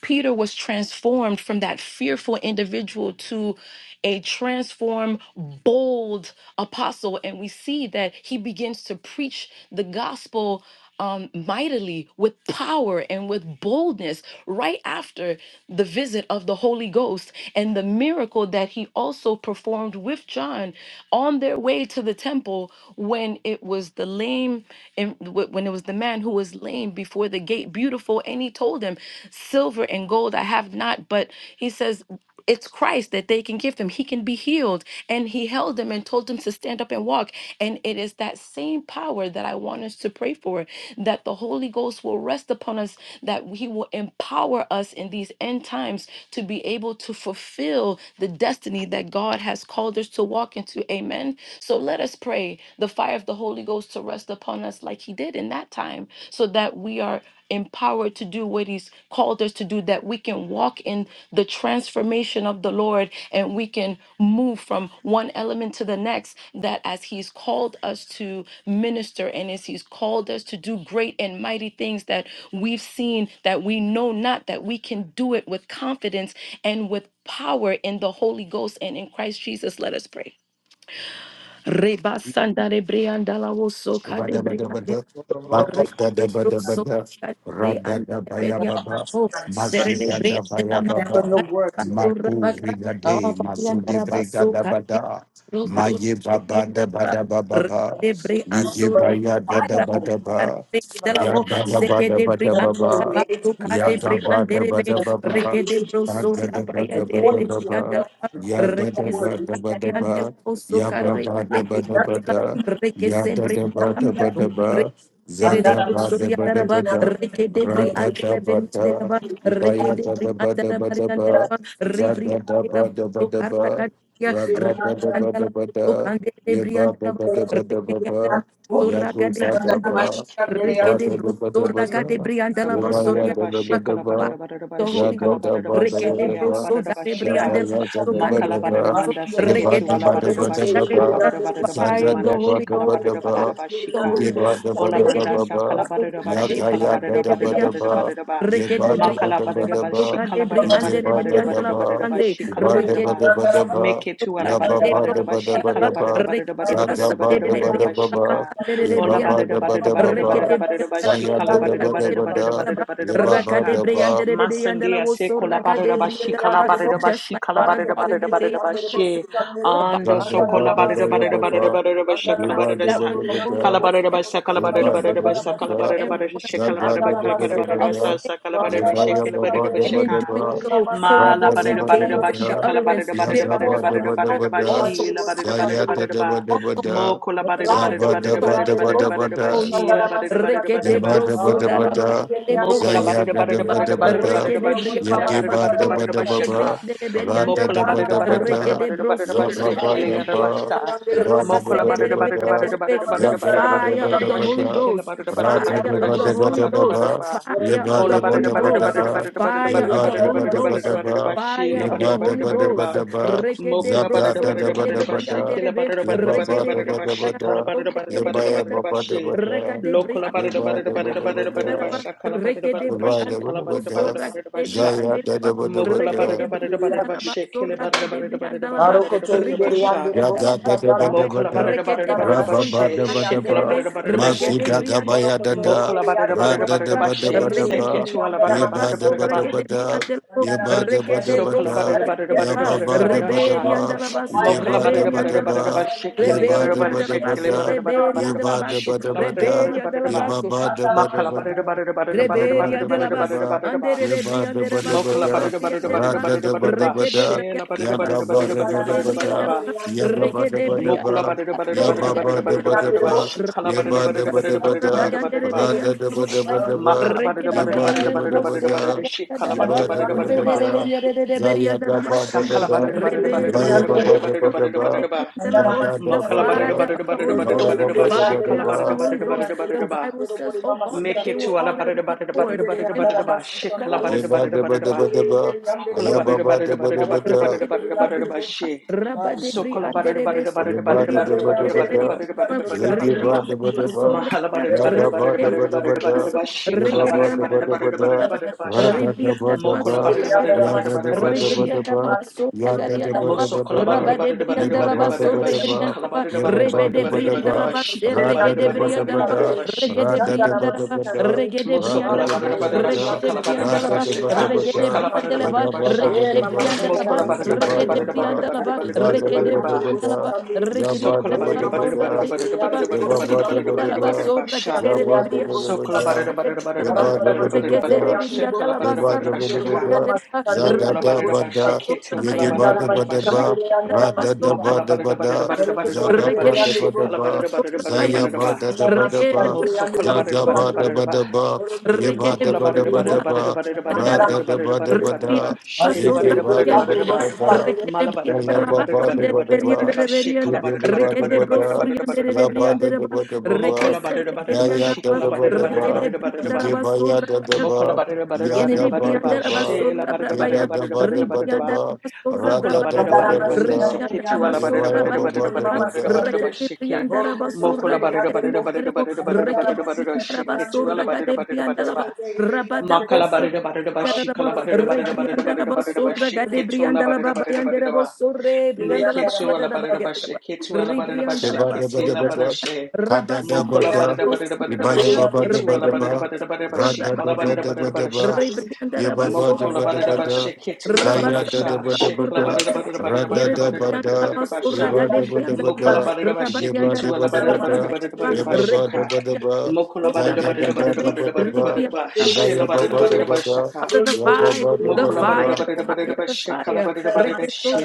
S3: Peter was transformed from that fearful individual to a transformed, bold apostle. And we see that he begins to preach the gospel um, mightily with power and with boldness right after the visit of the Holy Ghost and the miracle that he also performed with John on their way to the temple when it was the lame and wh- when it was the man who was lame before the gate beautiful and he told told him, Silver and gold I have not, but he says, it's Christ that they can give them. He can be healed. And he held them and told them to stand up and walk. And it is that same power that I want us to pray for that the Holy Ghost will rest upon us, that he will empower us in these end times to be able to fulfill the destiny that God has called us to walk into. Amen. So let us pray the fire of the Holy Ghost to rest upon us like he did in that time so that we are empowered to do what he's called us to do that we can walk in the transformation of the lord and we can move from one element to the next that as he's called us to minister and as he's called us to do great and mighty things that we've seen that we know not that we can do it with confidence and with power in the holy ghost and in christ jesus let us pray Reba sandare briandala wo soka de briandela.
S4: Shabadabadabada,
S3: Rede broso
S4: makadadabadabada,
S3: cadre ande peria.
S4: radadabayababa,
S3: Oh,
S5: Stand
S3: serede bria de la maso
S5: on your
S4: mazidadabayababa,
S5: word today.
S3: basura baga. Oh,
S4: makuvidade,
S3: famian darabaso cadre
S4: mazudibrigadabada,
S3: broso peria de la
S4: mayebabadabadababa,
S3: rede bria sura
S5: Bring
S3: de
S5: fire on us.
S4: lijibayadadabadaba,
S3: cadre
S5: Give
S3: de
S5: us
S3: la
S5: the
S3: vo.
S5: power
S3: Seke de bria
S5: That we may
S4: yadadabadabadababa,
S5: be able
S3: darabaso
S5: to
S3: cadre bria
S5: export.
S3: ande rebe.
S5: That we may
S4: yagabadabadababa,
S3: Reke
S5: be
S3: de
S5: able to
S3: broso rabaya
S5: export.
S3: de
S5: According
S3: rede
S5: to your
S3: bria
S4: kadadabadabadababa,
S3: de
S5: word.
S3: la
S5: According to your
S3: reke se
S5: word. We Stand
S3: rabaya
S5: on
S3: de la
S5: it.
S4: yadadabadabadaba,
S3: voso
S5: That
S3: cadre de
S5: we
S3: bria de
S5: lack
S3: la
S4: yababadabadabada,
S3: reke se
S4: Yada da
S3: bria de
S4: ba
S3: la
S5: Nothing
S4: da ba da
S5: can
S3: maso.
S4: ba, zaga ba da ba da
S5: be.
S3: Tererebusuriandaraba,
S4: ba
S5: Nothing
S4: da,
S3: rekedebri
S4: rada da ba da,
S3: andeleberiandereba,
S4: ibaya da da
S3: rekedebri
S4: ba da ba da
S5: can
S4: ba,
S3: andarabariandereba, ribri
S4: zaga da
S5: be.
S4: ba da ba da ba,
S3: andelabusukarakadia,
S4: raga da
S5: Thank
S4: da ba da ba da, yeba da
S3: ribandalabusukanderebriandaraba,
S4: ba da ba da ba ba, yado ba da
S3: rekedebriandalabusurakadebriandaraba,
S4: ba, iba da da ba da ba da,
S2: Make it to
S4: yeba
S5: you.
S4: ya da da ba da ba,
S3: rekedebrusurakadebriandalabusuriandaraba. Fire of The Holy
S4: zada
S3: Ghost,
S4: da ba da ba da ba, zaga ya da da ba da ba,
S3: rekedebrusodarebriandalabusukanderiandaraba,
S4: yeba da ba da ba da ba ba.
S3: rekedebrusurakadebriandaraba.
S4: Za
S3: Fire
S4: da
S3: of
S4: da
S3: the
S4: ba
S3: Holy
S4: da ba
S3: Ghost,
S4: da
S3: fire of
S4: ba,
S3: the
S4: ye
S3: Holy
S4: ba da ba da ba
S3: Ghost,
S4: ba ba, ya ga ya da da ba da ba, ye ba da ba da ba da
S3: so
S4: ba, ye ba da da ba, ba da ba da ba da ba, ya ba ba da
S2: Alabama,
S4: ba da ba da ba, za ga ba da ba da ba ba,
S2: Shikala,
S4: ye ba
S2: Ola
S4: ba
S2: barada
S4: da ba
S2: barada
S4: da ba
S2: barada
S4: ba,
S2: barada barada ba
S4: za ya
S2: shika la
S4: da
S3: so
S4: da
S2: barada
S4: ba da
S2: barada
S4: ba da,
S2: barada
S5: Thank
S2: barada barada
S4: ye ba ba
S2: bashika.
S4: da
S2: shika.
S4: ba,
S5: you.
S2: Masandia se
S3: so
S2: kola barada ba shika la barada ba
S3: just like
S2: shika la
S3: Father
S2: barada
S3: God in
S2: barada
S3: the
S2: barada
S3: days
S2: ba
S3: of
S2: she.
S3: Pentecost the
S2: Ando
S4: za
S3: Bible
S2: so
S4: da
S3: says
S4: ba
S2: kola
S4: da ba
S2: barada
S4: ya
S2: barada
S4: ba
S2: barada
S4: ba,
S2: barada bashika, shika
S4: ye
S2: la
S4: ba
S2: barada
S4: da
S3: that
S4: ba
S2: sa.
S3: when
S4: da
S3: the
S4: ba
S3: Holy
S4: da,
S2: Kala
S3: Spirit
S2: barada ba sa kala
S4: ye
S3: he
S2: barada
S4: ba da
S2: barada
S4: ba
S2: ba
S3: rested
S4: da
S3: on
S2: sa
S4: ba
S3: each
S2: kala
S3: and
S4: da.
S2: barada
S3: every
S2: barada
S3: one of
S2: shika
S3: them
S2: la
S3: as
S4: Zaga
S2: barada
S3: a
S2: ba
S4: da da
S2: kala
S4: da
S2: kala
S3: fire,
S4: da da
S2: barada
S3: a
S2: ba sa
S4: da.
S2: sa
S3: flame
S2: kala
S3: on the
S2: barada ba
S3: top of
S4: Yaba
S2: shika
S3: their
S2: la
S4: yaba
S3: head.
S4: ba
S2: barada ba
S4: da
S3: And
S4: ba
S3: in
S2: shika.
S4: da
S3: doing
S4: ba.
S3: so,
S2: Ma
S4: Ra
S3: Holy
S2: la
S4: da
S3: Ghost,
S4: da
S3: you
S2: barada
S4: ba da
S2: barada
S4: ba
S3: gave
S2: ba
S3: them the
S4: da.
S2: shika la
S3: utterance.
S2: barada barada
S4: Yaga
S3: Therefore,
S2: barada
S4: ba da
S3: Father
S2: barada
S4: ba da
S3: God,
S4: ba
S2: barada ba
S4: da.
S3: also
S2: shi la
S3: allow
S2: barada
S3: the
S2: barada
S4: Zaya
S3: power,
S4: da
S5: Andara
S2: barada
S4: da
S2: ba.
S4: ba da ba
S3: also
S4: da.
S2: Mokola barida
S3: fire to
S5: Mebrokoto
S2: barida
S4: Zaba da
S3: rest
S2: barida
S5: ingeri
S4: ba
S3: upon
S2: barida
S4: da
S5: yandere
S4: ba
S5: bo.
S2: barida
S4: da ba
S2: barida
S3: us,
S2: ba
S3: O
S4: da.
S2: she
S5: Asandara
S2: la
S3: Lord.
S2: barida barida
S5: masikandere.
S2: barida
S4: Yeba
S2: ba
S4: da ba da ba
S5: Marondoro
S4: da,
S5: ingeri yandere bo
S2: Mokola
S4: Zaya
S3: Rekedebrosodarabadebrosoraba,
S2: barida
S4: da da
S2: barida
S5: sikandere
S4: ba
S2: barida
S4: da
S5: yandere
S4: ba
S5: bo
S2: barida
S4: da,
S2: barida ba
S5: sikoro
S2: she
S5: bori
S2: kala
S5: mama
S2: barida
S4: Yageba
S5: sandara
S2: barida
S4: da ba
S2: barida
S4: da
S2: ba
S4: ba
S5: masikandere.
S2: shaka
S4: ba, Ra da
S5: Ingeri
S4: da
S2: Mokola
S3: rekedebriandalabasoragadebriandeleberiandalaba,
S4: ba
S2: barida
S5: yandara
S4: da ba
S2: barida barida
S4: da,
S5: masikandere.
S2: barida barida ba
S4: Zaga
S2: she
S4: ba
S2: kele
S3: rekedebrosoragadebriandeleberiandalaba,
S4: da
S5: Marondoro
S2: yada ba
S4: ba,
S5: ingeri
S2: sha
S5: yandere bo
S4: Iba da da
S2: Mokola
S4: ba da
S5: sikandere.
S2: barida
S4: ba
S2: barida
S4: da,
S2: barida
S5: Bori
S2: barida
S5: mama
S3: the
S2: barida
S4: Zaga
S5: sandara
S2: barida
S4: da da
S2: barida
S3: fire
S4: ba
S3: of
S2: barida
S4: da
S3: the
S2: ba
S5: masikandere.
S4: ba
S2: she
S3: Holy
S4: da,
S2: kele
S3: Ghost,
S2: barida
S4: Ra
S2: barida
S5: Masikandere
S4: da
S2: barida
S3: fire
S4: da
S5: yandere
S2: barida
S4: ba
S3: of
S5: bo
S3: the
S4: da ba
S2: shaka la
S3: Holy
S4: da
S2: barida
S4: ba
S5: sikandere.
S3: Ghost,
S2: barida
S4: ba,
S2: ba
S3: fire
S5: Borokoto
S3: of
S4: Yeba
S3: the
S2: Ola
S4: da ba
S5: ingeri
S3: Holy
S2: barida
S4: da ba
S2: barida
S5: yandara
S4: da
S3: Ghost,
S5: ma.
S2: barida
S4: ba,
S2: barida barida
S3: fire
S5: Ingeri
S2: barida
S3: of
S4: Yeba
S3: the
S2: barida
S4: da
S5: yandara
S4: ba
S3: Holy
S2: barida
S4: da ba
S3: Ghost,
S2: barida
S4: da
S5: masikandere.
S2: barida ba
S4: ba,
S2: she
S3: fire
S2: la
S3: of
S2: barida
S3: the
S4: Yeba da
S3: Holy
S2: barida
S4: ba da
S2: barida
S4: ba
S3: Ghost.
S2: ba
S4: da ba,
S3: Regede
S2: Mokola
S4: Zaga
S2: barada
S3: broso
S4: da da
S2: barada
S4: ba da
S2: barada
S3: regede
S4: ba
S2: bashi,
S4: da,
S2: kila
S3: brianderebe
S2: barada barada
S4: Yeba ba
S2: barada
S3: regede
S4: da
S2: barada
S4: ba da ba
S2: bashi, kala
S4: da,
S3: briandarabaso
S2: barada barada
S3: regede
S4: Yeba
S2: barada
S4: ya ba
S2: barada
S4: ba
S3: briandaraba
S4: da ba
S2: bashi,
S4: da.
S3: regede
S2: lokola
S3: briandu
S2: barada
S4: Deva
S2: barada
S4: Deva
S3: regede
S2: barada
S4: Deva
S2: barada barada
S3: briandaraba
S4: Deva
S2: basha, kala barada
S3: regede
S2: barada basha,
S4: Deva
S2: kala
S4: Deva
S2: barada
S3: briandarabaso
S4: Deva
S2: barada barada
S3: regede
S2: basha,
S4: Zaya
S3: briandaraba
S4: Deva Deva
S2: mokola
S4: Deva
S3: regede
S2: barada barada
S5: Ingeri
S2: barada
S5: yandere
S2: bashi,
S5: bo.
S3: briandarabaso
S2: kila barada
S3: regede
S2: barada barada
S3: briandaraba
S2: barada barada
S5: Marokoto
S2: barada
S5: inderi
S3: Rikete
S2: basha,
S5: andere
S3: brianda la
S4: Yaga da da
S3: basura
S5: bosikandara.
S4: ba da
S3: bai.
S4: ba
S2: mokola
S4: da,
S2: barada barada
S3: Rekete
S5: Andara
S2: barada
S4: raba
S3: broson
S4: ba
S2: bashi,
S4: da
S5: masikandere
S4: ba da
S2: shikala
S5: andere
S4: ba,
S3: bakanderebe.
S2: barada barada
S5: bosundorobo.
S2: bashi,
S3: Rekete
S4: mazuda
S3: brianda
S4: gabaya da
S5: Borokoto
S3: so
S4: da,
S2: mokola
S5: inderi
S2: barada
S5: andere
S2: barada
S5: bo.
S3: brianda
S4: rada
S2: barada
S4: da
S3: la
S4: ba da
S3: ba.
S4: ba
S2: bashi,
S4: da
S5: Yerendere
S3: Rekete
S2: seke
S4: ba,
S5: inderi
S2: tu ala
S5: andere
S3: brianda
S2: barada
S3: la
S5: ma.
S4: yaba
S2: barada
S4: da
S3: baso.
S4: ba
S2: barada
S4: da
S2: ba.
S4: ba
S3: Rekete
S4: da,
S3: brianda la bo.
S5: Andara
S4: yaba da ba da
S3: Rekete
S5: masikandere.
S4: ba
S2: Sokala
S4: da,
S5: Let
S2: barada
S3: brosuria
S5: us
S2: barada
S5: be
S3: de la
S2: barada
S3: ba.
S4: yaba
S5: exploits,
S2: barada
S4: ba da
S5: Lord,
S2: barada
S4: ba da
S5: Holy
S2: sha.
S5: Ghost.
S3: Reberianda
S4: ba,
S5: Let
S3: la
S5: the
S3: baso.
S5: fire
S2: Mokala
S4: yeba
S5: rain over
S4: da
S2: barada
S4: ba
S5: us.
S4: da
S3: Reberianda
S2: barada
S3: la
S5: Let
S2: barada
S5: the
S4: ba,
S2: ba
S3: baso.
S5: fire rain over
S2: shikili
S5: us when
S4: yeba
S2: barada
S5: we
S4: da
S2: barada
S4: ba
S3: Reberianda
S5: need
S3: la
S4: da
S5: to
S4: ba
S2: shikili
S3: baso.
S5: exploit.
S4: da,
S2: barada
S5: In
S2: barada
S5: our time.
S2: barada
S3: Reberianda la
S2: ba
S4: yeba da
S3: baso.
S4: ba
S5: In
S4: da
S2: shikala
S5: the
S4: ba
S5: name
S2: barada
S4: da,
S2: barada
S5: of
S3: Reberianda
S2: barada
S3: la
S5: Jesus.
S2: ba.
S4: yeba
S3: baso.
S4: ba da
S5: Andara
S4: ba da
S2: Makala
S4: ba
S2: barada
S5: masikandere.
S4: da,
S2: barada barada
S4: yeba
S2: barada
S4: ba
S3: Reberia
S2: barada
S4: da
S3: de
S4: ba
S3: la
S2: barada
S4: da
S3: Bas,
S4: ba,
S2: barada barada ba.
S3: Andere de
S4: yeba da
S3: Briande de
S4: ba da ba
S2: Mokala
S3: Basorra,
S4: da,
S2: barada barada
S3: Briande de
S2: barada
S3: Ba,
S4: rada
S2: barada
S4: da ba
S2: barada
S4: da
S2: ba.
S4: ba
S3: Reke de
S4: da,
S3: Briande
S2: Shela barada
S3: de
S4: yaga
S2: barada
S4: ba
S2: barada
S3: Basorra,
S4: da ba
S2: barada
S5: Andara
S4: da
S3: de
S4: ba
S2: barada
S3: Briande
S2: barada
S3: de
S4: da.
S2: ba.
S3: Ba,
S5: masikandere
S4: Ya
S5: andere
S3: Reke de
S5: bosikandere.
S3: Briande
S2: Mokala
S4: Yabba-dabba-dabba,
S2: barada barada
S5: Borokoto
S2: barada barada
S5: inderi
S2: barada barada
S5: andere
S2: ba.
S4: yabba-dabba-dabba,
S5: bo.
S2: Shikala barada barada
S3: Raderianda
S2: barada
S3: Sora
S2: barada
S4: yabba-dabba-dabba,
S2: barada
S5: Thank
S3: Bayanda
S2: barada ba.
S3: Reberianda Bosaya
S4: ra-da-dabba-dabba-dabba,
S2: Makala barada
S3: Regede
S2: barada barada
S3: Brianda
S2: barada barada
S3: Bosora
S2: barada
S4: yabba-dabba-dabba,
S2: shikala barada
S3: Gadaraba
S2: barada barada ba.
S4: yabba-dabba-dabba,
S3: Rederianda Reberianda Basande
S2: Sakala
S4: zaya-dabba-dabba,
S2: barada barada barada
S3: Reberianda
S2: barada barada barada
S3: Sora
S2: barada
S4: ibaya-babba-dabba-dabba,
S2: barada ba.
S3: Gadebrianda Bos the
S2: Makala
S4: zaga-dabba-da,
S2: barada
S3: fire of
S2: barada
S3: the
S2: barada
S3: Holy
S2: barada
S3: Ghost
S2: barada ba.
S3: fire
S2: Shikala
S4: ibaya-babba-dabba-dabba,
S3: of the
S2: barada
S3: Holy
S2: barada
S3: Ghost
S2: barada
S3: the
S2: barada ba.
S3: Bible says oh God that
S2: Make
S3: they
S2: it
S3: were
S2: to ala
S3: all in
S2: barada
S3: one
S2: barada barada
S3: accord
S2: barada
S3: and
S2: barada ba. Shikala
S3: Padayanda
S2: barada barada
S3: Bosora
S2: barada ba.
S4: zeba-dabba-dabba-dabba,
S2: Makala barada barada barada barada
S4: ayabba-babba-dabba-dabba,
S2: barada barada barada ba. She.
S3: Rabadebri
S2: Sokola barada barada
S3: anderebeso,
S2: barada
S4: Yeba
S2: barada
S4: da
S3: Ribri
S4: da
S2: barada
S4: ba da
S2: barada
S4: ba
S2: barada barada
S4: da.
S3: Reketriandaba, Rabadebrianderebeso,
S2: barada
S3: Ribrianderebeso,
S2: barada
S4: Yege
S2: barada ba.
S4: ba da ba
S3: Ribriandaba,
S4: da ba.
S2: Mahala
S3: Soraya,
S2: barada
S4: Yaga
S2: barada
S4: ba
S2: barada
S4: da ba
S2: barada
S4: da ba
S2: barada
S5: you.
S4: da.
S2: barada
S3: baso
S2: ba. Shikala
S4: Yeba ba
S2: barada
S4: da
S3: regerianda
S4: ba
S2: barada
S3: la
S4: da ba
S2: barada
S5: Eh,
S3: baso
S4: da.
S2: barada
S3: raba
S5: mama
S2: barada ba.
S4: Ra
S5: sandara
S2: Sha.
S4: da da
S3: rebrianda
S4: ba
S3: la
S4: da
S3: baso
S2: Mokola
S4: ba.
S2: barada barada
S3: regerianda
S4: Ya
S2: barada
S4: da da
S2: barada
S4: ba
S2: ba.
S4: da ba
S2: She.
S4: da
S3: regerianda la
S4: ba.
S3: baso
S4: Ya da da
S3: regerianda
S4: ba
S3: la
S5: masikandere.
S3: ba
S4: da
S2: Moso
S4: ba da ba.
S2: kolabarida
S3: raba de
S2: barida barida
S3: brianda
S4: Yeba
S3: la
S2: barida
S4: ba da
S3: baso
S2: barida
S4: ba
S2: ba
S4: da
S2: she
S4: ba.
S3: regerianda la ba
S4: Yeba
S3: rebe
S4: ba da
S3: de
S4: ba da
S3: brianda la
S4: ba.
S3: ba se
S4: Ra da
S3: regede
S4: da ba da
S3: brianda
S4: ba
S3: la ba
S4: da. Ra
S3: regede
S4: da da ba
S3: brianda la
S4: da
S3: ba
S4: ba da. Ra da da ba
S5: Marikoto
S4: da ba
S5: indere
S4: da.
S3: regede brianda
S4: Ra
S3: la
S4: da
S3: ba
S4: da ba da ba
S5: yandere
S3: regede
S4: da.
S3: brianda la
S5: bosikandere.
S3: ba
S4: Yeba ba da ba da
S3: regede
S4: ba.
S3: brianda la ba
S4: Yege ba
S3: regede
S4: da ba.
S3: brianda la ba
S4: Yeba da da
S3: regede
S4: ba da ba
S3: brianda la ba regede brianda la
S4: da.
S3: ba
S2: so
S4: Jabba
S3: regerianda la
S5: Eh,
S4: dubba
S5: mama
S4: dubba
S3: baso
S4: da,
S5: sikandere
S3: raba
S5: yandere
S4: yabba ba dubba
S5: bosikandere.
S3: Ribrianda la
S4: dubba,
S3: basura,
S5: Andere
S4: jabba
S5: andere
S4: dubba
S5: bosi
S2: so
S4: dubba
S5: andere.
S4: da,
S3: rekede
S4: yabba
S5: Barandara
S4: dubba
S5: masi
S4: dubba
S5: andere
S4: da,
S3: rekete
S5: andere
S3: biria
S5: bosi.
S4: Ye
S3: dalaba
S4: ye da da
S3: sarra
S4: da da da
S5: Sindoro bori
S3: biria
S5: mama
S3: dalaba
S5: si
S4: da
S5: andere
S4: da
S3: ribri
S5: andere
S4: da
S5: bosi
S4: da
S5: andere.
S3: sorra
S4: da da
S3: baya
S4: ba deba da ge ge ba, ba
S5: Andara
S3: dalaba
S4: ba,
S5: masi andere
S3: ribria
S4: ba
S5: andara
S3: dalaba
S4: da
S5: masi
S3: sorra
S4: deba
S5: andere.
S2: Mokola barada
S3: biria
S2: barada
S4: deba,
S2: barada
S5: Boroko
S2: barada
S5: to
S4: za
S3: dalaba
S4: ga
S2: barada
S5: andere
S2: barada
S4: ba,
S3: rekete
S5: andere
S4: deba
S3: biria
S5: bosi.
S2: shikala
S3: dalaba
S2: barada barada
S3: sorra
S2: barada
S3: baya
S2: barada ba.
S3: dalaba
S5: Andara masi
S3: rekete
S5: andere
S3: biria
S5: andere
S2: Mosokola
S3: dalaba
S5: bosi
S2: barada barada
S3: sorra
S5: andere.
S3: baya
S2: barada ba.
S3: dalaba
S4: deba,
S5: Borondoro
S4: ye ba
S3: rekete
S2: Mokola
S5: andere
S4: deba
S3: biria
S2: barada
S5: andere
S4: deba
S2: barada
S5: bosi.
S3: dalaba
S2: barada
S4: deba,
S2: barada barada
S4: ra
S5: Andara
S3: sorra
S4: da
S2: barada
S5: masi
S4: deba
S2: barada barada
S5: andere.
S4: deba
S2: barada ba.
S4: da,
S3: Ribrianda
S5: Baroko
S4: ze
S2: Shela
S5: to
S4: ge
S3: basura
S2: barada
S4: ba
S2: barada
S5: andere
S3: rianda
S4: deba
S5: andere
S2: barada ba.
S4: deba
S5: bosi
S4: da,
S5: andere.
S3: Rekete
S2: Mala
S4: ya
S2: barada
S3: brianda
S4: ya
S3: la
S2: barada
S4: ba,
S2: barada
S4: ba
S3: basande
S2: barada
S4: deba
S2: barada
S3: reberianda
S2: barada
S4: deba,
S2: ba.
S4: ze
S2: Shikala
S3: reberianda.
S4: ge
S2: barada
S4: deba
S2: barada
S3: Rekete
S4: deba
S2: barada barada
S4: da,
S2: barada
S3: brosurianda
S2: barada
S4: ya
S2: barada
S4: ba
S2: ba.
S3: rebrianda
S4: da
S3: reba.
S4: deba deba ba
S2: Mokola
S3: Rekese
S2: barada barada
S4: ra ra za za za ya ya
S2: ba.
S3: regerianda
S4: ya ya ga
S3: la ba.
S2: Shikala barada
S5: Andara
S2: barada
S4: ze
S3: Rekete
S5: masi
S2: barada
S4: Ibadabadabada, zadadabada, yegibadabadaba, radadabadabada, zabadabadabada, zayabadabadaba, zagabadabadaba, yebadabadabadaba, radadabadabada, zigibadabadabada, zayabadabadaba, yegibadabada, yabadabadababa, da
S2: barada
S5: andere andere.
S3: brianda
S2: ba.
S3: la
S5: bosi
S3: basura.
S2: Mokola
S4: yigibayadababa,
S2: barada barada
S4: Ya
S3: Yenide
S2: barada
S4: da ba
S2: barada ba.
S4: da
S3: briandara
S4: ba,
S5: kandere.
S2: Shela
S3: basura
S2: barada
S4: ge
S3: brabaya,
S4: da
S2: barada
S4: da
S2: barada
S4: ba da
S2: barada
S4: ba
S2: barada
S4: da
S2: ba.
S3: ribriandara
S4: ba,
S3: basura
S4: ra
S2: Okola
S4: da
S3: brabaya,
S4: da
S2: barada
S4: ba
S5: Andara
S4: da
S2: barada
S4: ba
S2: banda
S4: da,
S5: masikandere
S2: seke
S3: ribriandara
S2: tuala
S5: andere
S4: ye
S2: barada
S4: ba
S3: basura
S4: ya
S2: barada
S5: bosunduru
S4: ba ba
S2: barada
S4: da
S3: bayandaraba,
S2: barada
S4: ba
S5: mama
S2: barada
S4: da.
S2: barada ba
S5: sikandere
S3: rekede
S2: sheke
S5: boru
S3: briandara
S5: koto
S3: basura
S2: mokola
S5: inderi
S2: barada
S5: andere bo
S2: barada barada
S3: gaderebo,
S2: barada barada
S5: asandara
S3: rekede
S2: barada barada
S3: briandara
S5: masikandere
S2: sheke
S5: andere
S2: tuala
S3: basura
S5: bo
S2: barada
S3: gade
S2: barada barada
S3: briandalaba,
S2: ba
S5: jarikete inderi
S3: rabada
S5: andere bo
S2: makala
S3: brosuka.
S2: barada barada ba
S5: mama
S3: Yarabo,
S2: shikala
S5: koto
S2: barada
S5: inderi
S2: barada
S5: andere bo
S2: barada
S3: Rebriandala
S2: barada barada ba
S5: sikandere
S3: Basura,
S5: andere bo
S2: sheke tuala
S3: Gadebriandala
S2: barada barada barada ba
S3: Bayanderebo, Sore,
S5: inderi
S3: Briandala
S2: meke
S5: andara
S2: tuala barada
S3: Bayandereba,
S2: ba
S5: masikandere
S2: sheke tuala barada ba
S3: Rebriandala
S4: Sheba
S2: sheke
S4: deba
S2: tila
S4: deba
S3: Basura,
S2: barada
S4: da,
S2: she
S4: kada
S3: Rabasa
S4: deba
S2: mokola
S5: inderi
S4: da,
S2: barada
S5: andere
S3: rabaya,
S2: barada barada ba
S5: bo
S4: ibaya
S3: Osandarabaya,
S5: inderi
S4: baba
S2: sheke
S4: deba
S2: tuala barada
S4: deba,
S3: Rebriandaraba,
S2: barada barada ba
S4: rada
S2: shikala
S4: deba
S2: barada
S3: Sorabayandaraba,
S2: barada
S4: deba deba,
S2: barada
S3: Rebriandaraba,
S4: yeba ba
S5: mama
S2: Mokola
S4: deba deba
S5: sandara
S2: babadaba
S4: da,
S3: Sorabayandaraba,
S5: masikandere
S2: sheketingla
S4: zaya
S2: babadaba
S4: da
S2: sha
S4: deba
S3: Rabasandaraba,
S4: deba
S2: shekla
S4: da,
S5: mama
S2: babadaba babadaba
S3: Sorabayaraba,
S5: sikandere
S4: rada
S2: babadaba
S4: deba
S2: babadaba
S4: da,
S3: Yerebriandaraba,
S2: babadaba sha
S5: inderi
S4: iba
S5: andere
S4: deba
S5: bo
S4: deba
S3: Soragadebriandaraba,
S2: mokola
S4: da,
S5: sikandere
S2: babadaba
S4: yeba
S2: sheketu
S3: Rabayandaraba,
S4: deba
S2: la
S5: andara
S4: deba
S2: babadaba
S4: da,
S2: babadaba babadaba
S3: Sorabayaraba,
S5: masikandere
S2: babadaba
S4: yeba
S2: sha
S4: ba
S2: ka
S4: deba
S3: Regedebriandaraba,
S4: deba,
S2: mokola
S4: zada
S2: babadaba
S4: deba
S2: babadaba
S3: Sorabayandarebe,
S4: deba
S2: babadaba
S4: deba,
S2: babadaba
S3: Ribriandaraba,
S5: Rondo
S2: sha shekla
S4: ibaya
S2: babadaba
S4: baba deba
S2: babadaba
S3: Sokarabriandaraba.
S2: sha
S4: da,
S2: ka
S3: Father, the
S4: yaba
S3: fire,
S4: ba
S2: mokola
S3: the
S4: deba deba,
S3: fire,
S2: babadaba
S3: the
S2: babadaba
S3: fire,
S2: babadaba
S3: the
S2: sha ka la
S3: fire.
S2: babadaba sha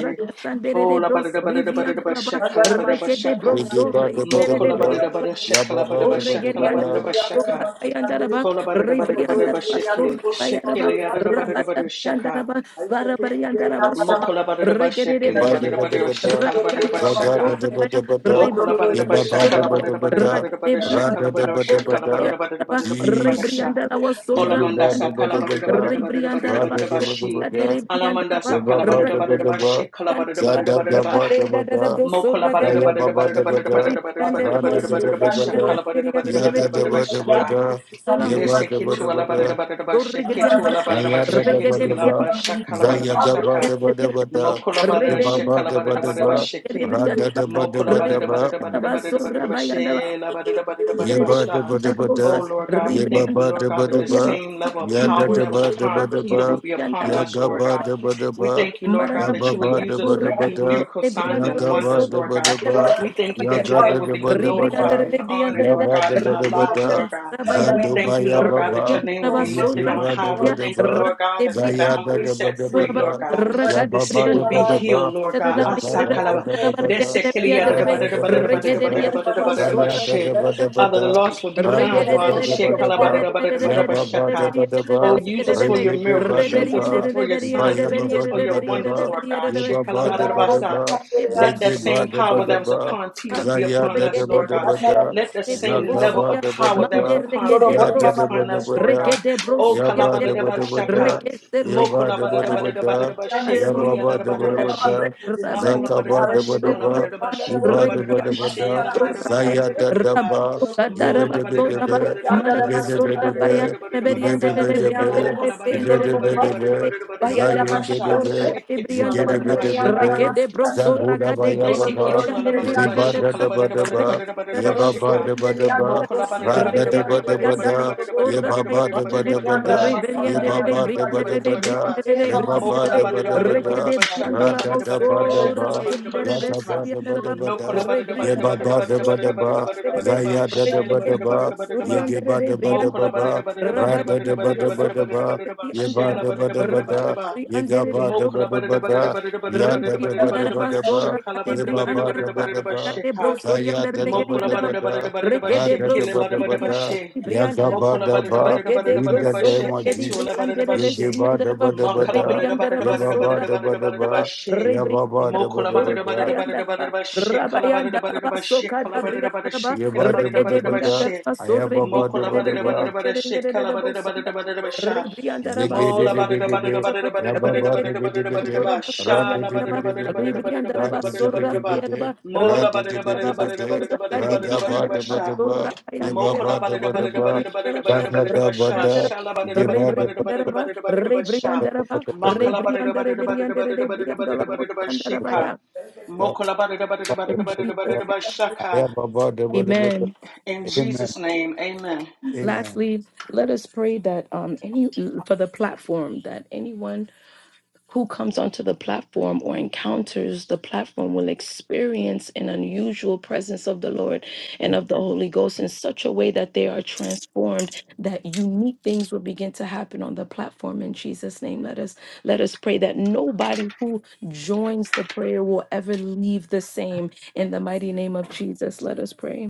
S2: oh la babadaba babadaba babadaba
S3: Soribriandaraba,
S2: sha ka la babadaba sha
S3: Rekete
S2: ka
S4: yeba
S3: brosore,
S4: deba
S3: indere
S4: deba
S3: de
S2: mokola
S4: da,
S3: brianda la
S2: babadaba sha ka
S4: yaba
S2: la
S3: base.
S4: ba
S3: O
S2: babadaba
S4: deba
S2: sha ka
S4: deba
S2: la
S3: regerianda
S4: da.
S3: la
S2: babadaba sha ka.
S3: basura, bayanda la ba,
S2: Kola bada da bada da bada
S3: rebrianda
S2: ba
S3: la
S2: sheke,
S3: basura, bayaraba,
S2: shekele yada da bada da
S3: rabata
S2: bada
S3: brianda la
S2: shaka.
S3: ba, varabrianda la basura.
S2: Mokola bada da ba shekele
S4: Yabba
S2: bada da
S4: dabba
S2: bada da
S4: dabba da, ba da,
S2: shekala bada da
S3: Rabrianda
S2: ba
S4: zaga
S2: shaka.
S3: Sorabaya,
S4: dabba ba da,
S2: Mokola bada da
S3: Rebrianda
S2: ba
S4: yabba
S2: shakala
S4: dabba dabba da, ba
S3: Sorabaya,
S2: bada
S4: da
S2: da
S4: ba
S2: bada da
S4: da,
S2: bada da bada
S4: ra
S3: Rakadebrianda
S2: shakala bada da
S4: dabba dabba
S2: shakala bada
S4: da,
S3: Sorabaya,
S2: da bada da bada da bada da bada
S4: Jesus,
S2: sha.
S3: Rebrianda Sorabaya,
S4: yabba
S2: Olamanda
S4: dabba
S2: sakala
S4: dabba
S2: bada da bada
S4: da,
S2: da bada da bada da
S4: da ba da ba da, ra
S3: Rebrianda
S2: bada
S4: dabba
S2: da ba
S4: dabba
S2: shi.
S4: da,
S3: Sorabaya,
S2: Alamanda sakala bada
S4: ba dabba ba
S2: da
S4: da
S3: Rakadebrianda
S4: ba
S2: bada da
S4: da
S2: ba
S4: ba,
S2: shekala
S3: Rakadebrianda
S2: bada da bada da
S4: zaga
S2: bada da ba.
S4: dabba
S3: Rade da
S4: dabba
S3: da da
S4: da,
S2: Mokola
S3: Basura
S4: ba
S2: bada da
S3: Garianda
S2: bada
S4: yabba
S2: da
S4: ba
S2: bada da
S4: dabba
S2: bada da
S4: da,
S2: bada
S4: ba
S2: da bada da
S4: da,
S5: Thank
S3: Ribriande la
S4: ra da
S2: bada da bada da
S3: mosso,
S2: bada
S4: dabba
S2: da ba
S4: dabba
S3: ribriande
S4: da,
S2: shakala
S3: la
S2: bada da bada
S3: ribriande
S2: da bada
S3: deve,
S4: yada
S2: da bada da ba
S4: dabba dabba
S2: shaka.
S3: ribriande
S4: da,
S3: la
S4: da ba dabba ba da. yaba da ba da
S2: Mesekitu
S4: ba da,
S2: alabadabadaba
S3: mosso,
S2: shekitu
S3: ribriande la mosso,
S2: alabadaba
S4: Aya ba da ba
S2: shekiti
S3: ribriande la
S2: alaba
S3: mosso,
S4: zaya
S2: shakalabadaba
S4: da ba
S2: shaka.
S4: da ba da ba
S3: ribriande la
S4: da,
S2: Mokolabadaba
S3: Rebelia da
S2: shekalabadabadaba
S3: basur,
S2: sheki.
S4: ra
S3: rebrianda
S4: da
S3: la
S4: da ba
S3: regenda la basura,
S2: Mokolabadabadabadabadabadaba
S3: bayanda la
S2: she labadabadabadaba
S3: yere
S4: Yeba da
S2: sha.
S4: ba da
S3: la
S4: ba da,
S2: Oh,
S3: bosa,
S2: Lord God, we
S4: yeba
S2: thank
S3: rebrianda
S2: you,
S4: ba
S3: la
S2: Lord
S4: da
S2: God,
S4: ba
S2: that
S4: da
S2: the
S3: basurianda
S4: ba,
S2: same
S3: la
S2: level of
S4: ya da
S2: power
S4: da
S2: that was
S4: ba da ba
S2: upon
S4: da
S2: Peter
S4: ba,
S3: basura,
S2: would be
S3: rebrianda
S2: upon
S3: la
S4: ya
S2: us,
S4: ga
S2: Lord
S3: basura,
S4: ba
S2: God.
S4: da ba da
S2: We
S4: ba,
S2: thank you, Lord
S3: Marana
S2: God,
S4: ya
S2: that
S4: ba
S2: you will
S4: ba
S3: Brabaya
S4: da
S2: use
S4: ba
S2: us to
S4: da ba
S3: Turaka
S2: do miracle signs
S4: ya
S3: Debrianda
S2: and
S4: ga ba
S2: wonders,
S3: Laboso
S4: da
S2: Lord
S4: ba
S2: God.
S4: da
S3: Yandara
S4: ba,
S2: We thank you
S4: ya
S3: Bakara
S2: that your
S4: ga
S3: Bakara
S4: da
S2: name will
S4: da
S2: be
S4: ba da ba
S3: Ribrianda
S2: glorified and
S5: you.
S3: Ribrianda
S2: honored,
S4: ya
S2: Lord
S4: ba da
S2: God,
S5: In
S2: in
S4: ba
S2: our
S4: da
S5: the
S4: ba
S5: name of
S2: lives,
S3: Ribrianda
S2: Lord
S5: Jesus,
S2: God.
S4: za
S5: Father,
S3: Rabayanda
S2: We
S5: I
S4: do
S5: must
S2: thank
S4: ba
S2: you,
S4: ya
S5: come
S2: Lord
S4: ba
S5: to
S2: God,
S5: you.
S2: that
S4: ba,
S2: your
S3: Ribrianda
S2: name will
S5: Oh,
S2: be
S4: you
S5: Father,
S2: lifted
S4: de
S5: I
S3: Rabasura
S2: on
S5: must
S4: ba da
S2: high. We
S5: go
S4: ba
S3: Gadebria
S5: and
S4: da
S2: thank you,
S5: see
S4: ba,
S2: Lord
S5: you.
S2: God, that the
S4: za
S5: Let the
S4: ya
S3: Radebrianda
S2: bound will
S4: da
S2: be
S5: glory
S4: da ba
S5: see
S2: set
S4: da
S5: you.
S4: ba
S2: free,
S3: Suraba
S2: Lord
S4: da,
S5: Let
S2: God.
S5: the glory
S4: ya
S2: The
S4: ba
S5: see
S4: ba
S2: sick
S5: you in
S2: will
S4: da
S3: Ragadebrianda
S4: ba
S2: be
S4: da
S5: our lives.
S3: Labasura
S4: ba,
S2: healed, Lord God.
S5: King of
S4: ya ga
S2: Asa
S3: Rabayanda
S5: kings,
S3: Rabayanda
S4: ba da ba
S5: Lord
S2: kalaba.
S5: of
S4: da
S5: lords,
S4: ba
S2: The
S4: da,
S2: sick will be
S5: there is
S2: healed.
S3: Rabayanda
S5: none
S4: ra
S5: like
S4: da
S3: Rabayanda
S4: da
S5: you.
S4: ba da ba da.
S5: Lord,
S3: Rabayanda
S5: Mama, Son, God,
S4: Zaya da
S5: Almighty,
S4: da
S5: let
S4: ba
S5: us
S4: da
S3: Rabayanda
S5: see
S4: ba
S2: All of
S5: that.
S2: the
S4: da,
S2: lost will be
S4: ba
S3: Rebrianda,
S4: da
S2: found,
S4: da
S5: Jesus,
S2: Father.
S4: ba
S5: Lord,
S4: da
S5: let
S2: Share
S4: ba
S5: your
S4: da
S5: fire
S4: ba,
S5: rain over
S4: ya
S5: us.
S4: ba ba da
S2: kalaba.
S4: ba da
S5: Just be
S2: Oh,
S4: ba,
S2: use us
S5: expert.
S4: re
S2: for your
S4: ge de
S5: Just
S4: ba
S2: miracles.
S4: da
S5: be
S2: Use
S5: expert.
S2: us
S4: ba,
S2: for your
S4: ba
S2: signs.
S4: ya ba
S5: In the
S2: Use
S5: name
S2: us
S4: ba
S2: for
S4: da
S2: your
S4: ba
S5: of
S4: da
S2: wonders,
S5: Jesus.
S4: ba,
S2: Lord God.
S4: ya
S2: Share
S4: ba ba
S5: And that
S4: da ba
S5: I
S4: da
S5: must
S2: kalaba.
S4: ba,
S5: come to the
S4: ze
S5: end
S2: Let that
S4: ge
S5: of this.
S4: ba
S2: same
S4: da ba
S2: power
S4: da
S2: that
S5: family.
S2: was
S4: ba,
S2: upon Peter be
S4: zaya
S2: upon
S4: da da
S2: us,
S4: ba
S2: Lord
S4: da
S2: God.
S4: ba
S5: Sandara
S4: da,
S5: na
S2: Let the
S4: za
S5: sekendere
S2: same
S4: ga
S5: handa.
S2: level
S4: ba
S2: of
S4: da ba da
S2: power that was
S4: ba,
S2: upon
S5: Basindoro
S2: Peter
S4: ya
S5: bore
S2: be
S4: da
S5: mama
S4: da ba
S2: upon
S4: da
S2: us,
S4: ba
S5: brekete.
S2: Lord
S4: da,
S2: God. Oh,
S4: ya ba da ba da ba da,
S2: kalabadadabashaka.
S4: ya ba da ba da ba da,
S2: Mokolabadadabadadabadadabashi,
S4: ya ba ba da ba da
S5: Bore
S4: ba
S5: mama
S4: da,
S2: kiliyadadabadadabashi.
S5: brekete.
S4: za ka ba da ba
S2: Makalabadadabashi,
S4: da ba,
S2: kalabadadabashi,
S4: iba da ba
S2: kalabadadabashi,
S4: da ba da.
S5: Masandara
S4: Zaya
S5: Masitandiri.
S4: da da
S2: labadadabadadabadadabadadabadadaba.
S4: ba,
S2: Mo
S4: ibede bede
S3: Kadarabasoraba,
S4: be,
S5: Yandere
S4: ibede bede
S3: Marabasoraba,
S5: masikandere.
S4: be, ibede
S2: labadadabadadabadadabadadabadadabadadabadadabadadabadadabadadaba.
S5: Masikandere
S4: bede
S5: yandere
S2: Oh,
S4: be,
S5: bosundoro
S4: ibede
S5: bore bak.
S4: bede be,
S3: Yandarebriandarebriandarebriandarebriandarebre,
S5: Yandere
S4: zayen de de
S2: kolabadadabadadabadadabadadabadadabadadabadadabadadabadadabadadabadadabasha.
S5: masikandere.
S4: be,
S3: Bayandarabasoraba,
S4: zigede
S3: Debriandaraba,
S5: İnderi
S4: bede
S5: yandere
S2: Shekitualabadadabashika.
S4: bede,
S5: masikandere.
S4: zabu da
S3: Rekedebrosoraka,
S4: ba ya
S3: Debre,
S4: ba
S5: Borondoro
S4: ba,
S2: Meseketu ala
S5: inderi
S2: barada
S4: ige
S2: ba
S5: yandere
S4: ba da
S2: shika la
S4: da
S3: Andriandarebriandaraba,
S4: ba
S2: barada
S4: da
S5: bosundoro.
S2: barada
S4: ba,
S2: barada barada
S4: ye
S2: ba
S4: ba
S5: Borondoro
S4: ba
S2: shika.
S4: da ba
S3: Rebriandarabasoraba,
S5: inderi
S4: da
S5: yandere
S4: ba,
S2: Moko
S3: Yandaraba,
S2: la barada
S4: ra da
S2: barada
S5: bosundoro
S4: da ba
S2: barada
S5: yandere
S4: da
S2: barada
S4: ba
S2: barada barada
S4: da,
S5: bosundoro bo.
S4: ye
S2: barada
S3: Rekedebriandarabasoraba,
S4: ba
S2: barada
S4: ba da ba
S2: barada barada
S5: Barindi
S3: Yandarebe,
S4: da ba
S2: barada ba
S5: yandere
S4: da,
S2: shika la
S4: ye
S5: masikandere
S2: barada
S4: ba ba
S2: barada
S4: da
S2: barada
S4: ba
S5: masikandere.
S4: da
S2: barada
S4: ba
S2: barada
S4: da,
S2: ba.
S4: re
S5: Ema
S4: ba ba
S2: Moko la
S4: da
S3: Rebriandarebriandarebriandarebriandare,
S5: masikandere
S4: ba
S2: barada
S4: da ba
S2: barada
S5: yandere
S2: barada
S4: da,
S2: ba shaka
S5: bosundoro.
S4: ra
S2: la
S4: da
S2: barada
S4: da
S2: barada
S4: ba
S2: ba
S4: da
S2: shaka
S5: Berekete
S2: la
S3: Rekedebriandolabosoraba,
S4: ba,
S2: barada ba
S5: inderi
S4: ya
S5: bo.
S3: Yandarebe,
S4: da
S2: shika.
S4: ba da ba da
S3: Soriandaraba,
S4: ba
S5: Borondoro
S2: Noko
S4: da.
S2: la
S5: inderi
S2: barada
S4: Ye
S2: barada
S4: ba
S2: barada
S4: ba da
S2: barada barada
S4: ba da ba,
S2: barada barada
S3: Rebriandarabasoraba,
S2: barada ba
S4: zaya da da
S2: shela
S4: ba da
S2: barada
S4: ba,
S3: Regedebru
S2: barada barada
S4: ye
S2: ba.
S4: ge
S3: Suriandere
S4: ba
S3: de
S4: da ba da
S2: Moko
S4: ba
S2: la
S3: Briandaraba,
S2: barada
S4: ba,
S2: barada
S4: ra
S2: barada
S4: da
S2: barada
S4: da ba
S2: barada
S3: Rabariandaraba,
S4: da ba
S2: barada
S4: da
S2: barada
S4: ba,
S2: barada ba
S3: Sorabri
S4: ye ba
S3: Andaraba,
S2: shela
S4: da ba
S2: barada
S4: da ba
S2: barada barada
S4: da,
S2: ba.
S3: Rabri
S4: ye ga
S3: Andere de
S4: ba da
S3: Bro
S4: ba
S2: Mokala
S4: da
S2: bada
S4: ba
S2: da bada da
S4: da,
S3: Suriandaraba,
S2: bada da bada da
S4: ya
S2: bada
S4: da
S2: da
S3: Rebri
S4: da
S2: bada da
S4: ba da
S2: bada da
S4: ba
S3: Andaraba,
S2: bada
S4: da ba,
S2: shakala
S4: ye
S2: bada da
S3: Sorabri
S4: ba
S2: bada da
S4: ba
S2: bada
S4: da
S2: da
S4: ba
S3: Andaraba,
S2: bada
S4: da
S2: da bada
S4: ba,
S3: Rakate Bro
S2: shaka.
S4: zaya
S3: Suriandere
S4: da
S3: de
S4: da ba
S2: Mokola
S4: da
S2: bada
S4: ba
S3: Geriandalaba,
S2: da bada
S4: da,
S2: da bada da bada
S4: ra
S3: Rekede
S4: da
S3: Bro
S4: da
S2: shekele
S4: ba da
S2: bada
S4: ba
S2: bada bada
S4: da,
S2: she.
S4: ya ga
S3: Suriandaraba,
S4: ba
S2: Mokola
S4: da
S2: bada da
S4: ba,
S2: bada da bada
S3: Rekede
S2: da
S4: in
S3: Bro
S2: bada da
S4: the
S2: bada
S4: name
S2: sheke
S4: of
S3: Sorrekedi
S2: tuola
S4: Jesus,
S2: bada da
S3: Briandere
S2: bada
S4: ye ge
S2: she.
S4: ba da ba
S3: Vesriandaraba,
S4: da ba
S2: Makala
S4: da,
S2: bada da bada da
S4: ye
S3: Rebriandaraba,
S2: bada
S4: ba
S2: da bada
S4: ba
S2: da
S4: da
S2: bada
S4: ba
S2: da
S4: da
S2: bada da
S3: Sorabandaraba,
S2: bada
S4: ba,
S2: she.
S4: ya
S3: Rebri
S4: ba ba da ba
S2: Mokola
S4: da
S2: bada
S4: ba
S2: da bada
S4: da.
S2: da bada da
S3: Surabayandaraba,
S2: bada da bada shekala bada da bada da
S3: Rabayandaraba,
S2: bada shekala bada da bada
S3: Sokadabriandaraba,
S2: shekele
S4: Yeba
S2: bada da
S4: deba
S3: Rekede
S2: bada da
S4: deba
S2: bada
S4: da.
S3: brianda
S2: she.
S3: raba sorre
S4: Ayaba ba
S3: brianda
S2: Mokola
S4: deba
S3: de
S2: bada da
S3: brianda
S2: bada da
S4: deba.
S3: de
S2: bada
S3: de de de de
S2: shekala
S3: de
S2: bada da bada da
S3: bosanda.
S2: bada da bada
S3: Re
S2: sha.
S3: brianda raba
S4: Zege de
S2: Mola
S3: sorre
S4: debe
S2: badada badada
S4: debe.
S3: brianda
S2: badada
S3: raba
S2: badada
S4: Yaba
S2: badada
S4: ba
S2: badada
S3: rekede
S4: debe
S2: badada
S4: debe de. de
S2: badada
S3: brianda
S4: de
S2: ba.
S3: raba
S4: de, Ra
S3: sorya
S4: de
S2: Shala
S4: debe
S2: badada
S4: debe de.
S2: badada
S3: raba re
S2: badada badada
S3: brianda raba
S2: badada badada
S3: sorra
S2: badada
S4: de
S2: ba.
S3: baya raba
S4: de,
S3: re
S4: Ra
S2: Mola
S4: de
S2: badada
S4: debe
S3: brianda
S2: badada
S3: raba
S4: debe de. de de, Ra de debe debe de.
S2: badada
S4: de de,
S2: badada
S3: sorra
S2: badada
S3: kade
S4: Ra
S2: badada
S4: ga ba
S2: badada
S3: brianda
S2: ba
S3: raba
S4: deba
S2: sha.
S4: deba.
S3: sorra baya
S4: Yeba
S3: derebe
S4: ba
S2: Mokola badada
S4: deba
S3: re
S2: badada
S4: deba.
S2: badada
S3: brianda
S2: badada
S3: raba
S4: Da
S2: badada
S4: da
S2: badada
S4: da
S2: ba
S4: ba
S2: sha.
S4: da.
S2: Shala badada
S3: re
S2: badada
S4: Yeba deba
S2: badada
S3: brianda
S2: badada
S3: raba
S2: badada badada
S3: re
S2: ba sha.
S3: brianda
S4: deba
S3: raba
S4: deba da.
S3: re brianda raba re
S2: Makala badada
S3: brianda re
S2: badada badada
S3: brianda
S2: badada
S3: re
S2: badada
S3: brianda la
S2: badada badada ba
S3: bosanda
S4: Da
S3: raba
S2: shika.
S3: ya.
S4: da
S5: berekete.
S4: da.
S2: Mokola badada badada
S4: Ba
S3: In
S2: badada
S4: deba
S2: badada
S4: deba
S3: Jesus'
S4: da.
S2: badada ba
S3: name,
S2: shaka.
S4: Ayaba ba deba deba
S3: amen.
S4: da.
S2: In
S4: Amen.
S2: Jesus' name, amen.
S5: Jesus.
S4: Amen.
S3: Lastly, let us pray that um, any for the platform that anyone who comes onto the platform or encounters the platform will experience an unusual presence of the Lord and of the Holy Ghost in such a way that they are transformed, that unique things will begin to happen on the platform in Jesus' name. Let us let us pray that nobody who joins the prayer will ever leave the same in the mighty name of Jesus. Let us pray.